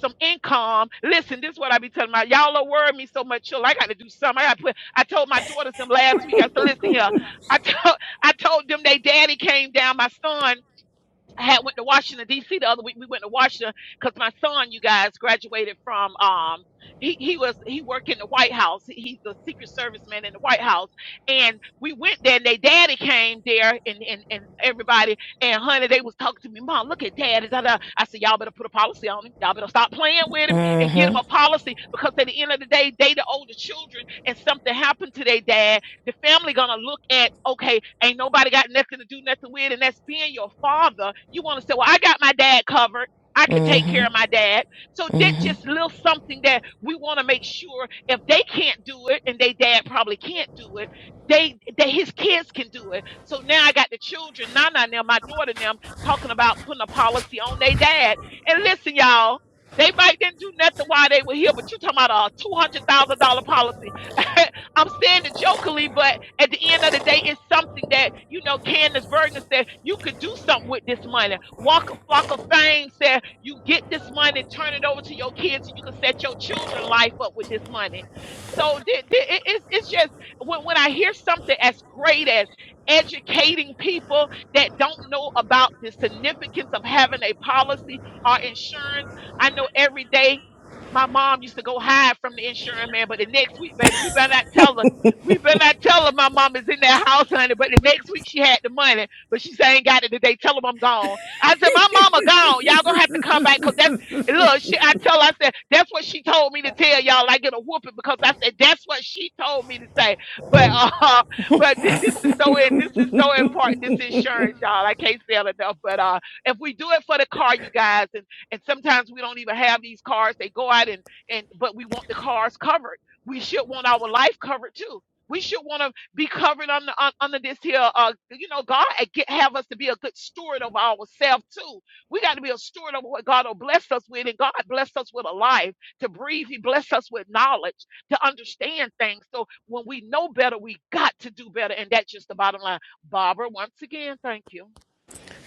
Speaker 7: some income. Listen, this is what I be telling my y'all are worrying me so much. Chill, I gotta do something. I gotta put I told my daughters them last week. I said, listen here. I [laughs] told I told them they daddy came down, my son. I had went to Washington D.C. the other week. We went to Washington because my son, you guys, graduated from. Um, he he was he worked in the White House. He- He's a Secret Service man in the White House, and we went there. and They daddy came there, and and and everybody and honey, they was talking to me. Mom, look at daddy. Da, da. I said, y'all better put a policy on him. Y'all better stop playing with him and get
Speaker 1: Mm-hmm.
Speaker 7: him a policy because at the end of the day, they the older children, and something happened to their dad the family gonna look at, okay, ain't nobody got nothing to do nothing with, and that's being your father. You wanna say, well, I got my dad covered. I can take
Speaker 1: Mm-hmm.
Speaker 7: care of my dad. So that just little something that we want to make sure if they can't do it and they dad probably can't do it, they that his kids can do it. So now I got the children, Nana and them, my daughter and them, talking about putting a policy on their dad. And listen, y'all, they might didn't do nothing while they were here, but you talking about a two hundred thousand dollar policy. [laughs] I'm saying it jokingly, but at the end of the day, it's something that, you know, Candace Bergen said, you could do something with this money. Walker Flock of Fame said, you get this money, turn it over to your kids, and you can set your children's life up with this money. So th- th- it- it's, it's just, when, when I hear something as great as educating people that don't know about the significance of having a policy or insurance, I know every day my mom used to go hide from the insurance man, but the next week, baby, we better not tell her. We better not tell her my mom is in that house, honey. But the next week she had the money, but she said I ain't got it today. Tell them I'm gone. I said my mama gone. Y'all gonna have to come back because that's and look. She, I tell. her, I said that's what she told me to tell y'all. I get a whooping because I said that's what she told me to say. But uh, [laughs] but thi- this is so in. This is so important. This insurance, y'all. I can't say it enough. But uh, if we do it for the car, you guys and sometimes we don't even have these cars they go out and and but we want the cars covered we should want our life covered too we should want to be covered under un, under this here uh you know god uh, get, have us to be a good steward of ourselves too we got to be a steward of what god will bless us with and god blessed us with a life to breathe he blessed us with knowledge to understand things so when we know better we got to do better and that's just the bottom line barbara once again thank you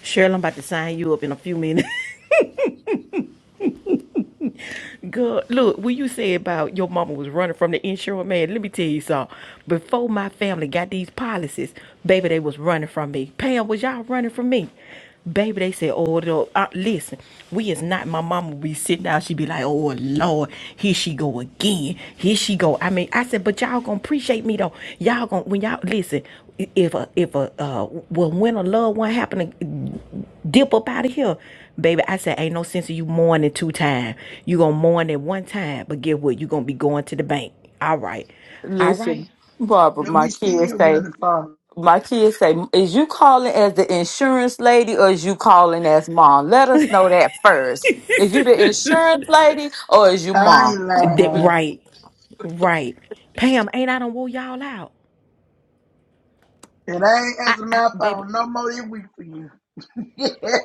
Speaker 1: Cheryl, I'm about to sign you up in a few minutes. Good. Look, when you say about your mama was running from the insurance man, let me tell you something. Before my family got these policies, baby, they was running from me. Pam, was y'all running from me? Baby, they said, oh, the, uh, listen, we is not my mama. be sitting down. She be like, oh, Lord, here she go again. Here she go. I mean, I said, but y'all gonna appreciate me though. Y'all gonna, when y'all, listen, if a, if a, uh, well, when a loved one happen to dip up out of here, Baby, I said, ain't no sense of you mourning two times. You gonna mourn it one time, but get what? You gonna be going to the bank. All right. All
Speaker 2: Listen,
Speaker 1: right.
Speaker 2: Barbara,
Speaker 12: And
Speaker 2: my
Speaker 12: we
Speaker 2: kids
Speaker 12: still
Speaker 2: say,
Speaker 12: running from
Speaker 2: my kids say, is you calling as the insurance lady or is you calling as mom? Let us know that first. Is you the insurance lady or is you
Speaker 12: it. I
Speaker 2: mom?
Speaker 12: ain't
Speaker 1: That,
Speaker 12: lying.
Speaker 1: right. Right. Pam, ain't I done wore y'all out?
Speaker 12: And I ain't
Speaker 1: I,
Speaker 12: answering
Speaker 1: I
Speaker 12: my
Speaker 1: baby.
Speaker 12: phone no more this week for you. [laughs] okay,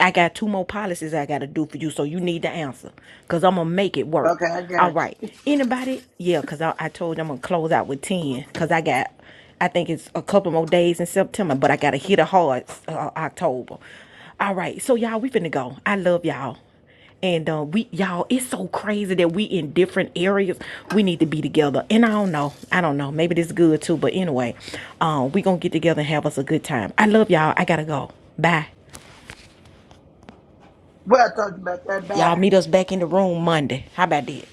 Speaker 1: I got two more policies I gotta do for you, so you need the answer. Cause I'm gonna make it work.
Speaker 12: I got
Speaker 1: All
Speaker 12: you.
Speaker 1: right. Anybody? Yeah, cause I, I told you I'm gonna close out with ten. Cause I got I think it's a couple more days in September, but I gotta hit a hard uh, October. All right, so y'all, we finna go. I love y'all. And uh, we, y'all, it's so crazy that we in different areas. We need to be together. And I don't know. I don't know. Maybe this is good too. But anyway, um, we gonna get together and have us a good time. I love y'all. I gotta go. Bye.
Speaker 12: Well, I talked about that.
Speaker 1: Y'all
Speaker 12: Bye.
Speaker 1: meet us back in the room Monday. How about that?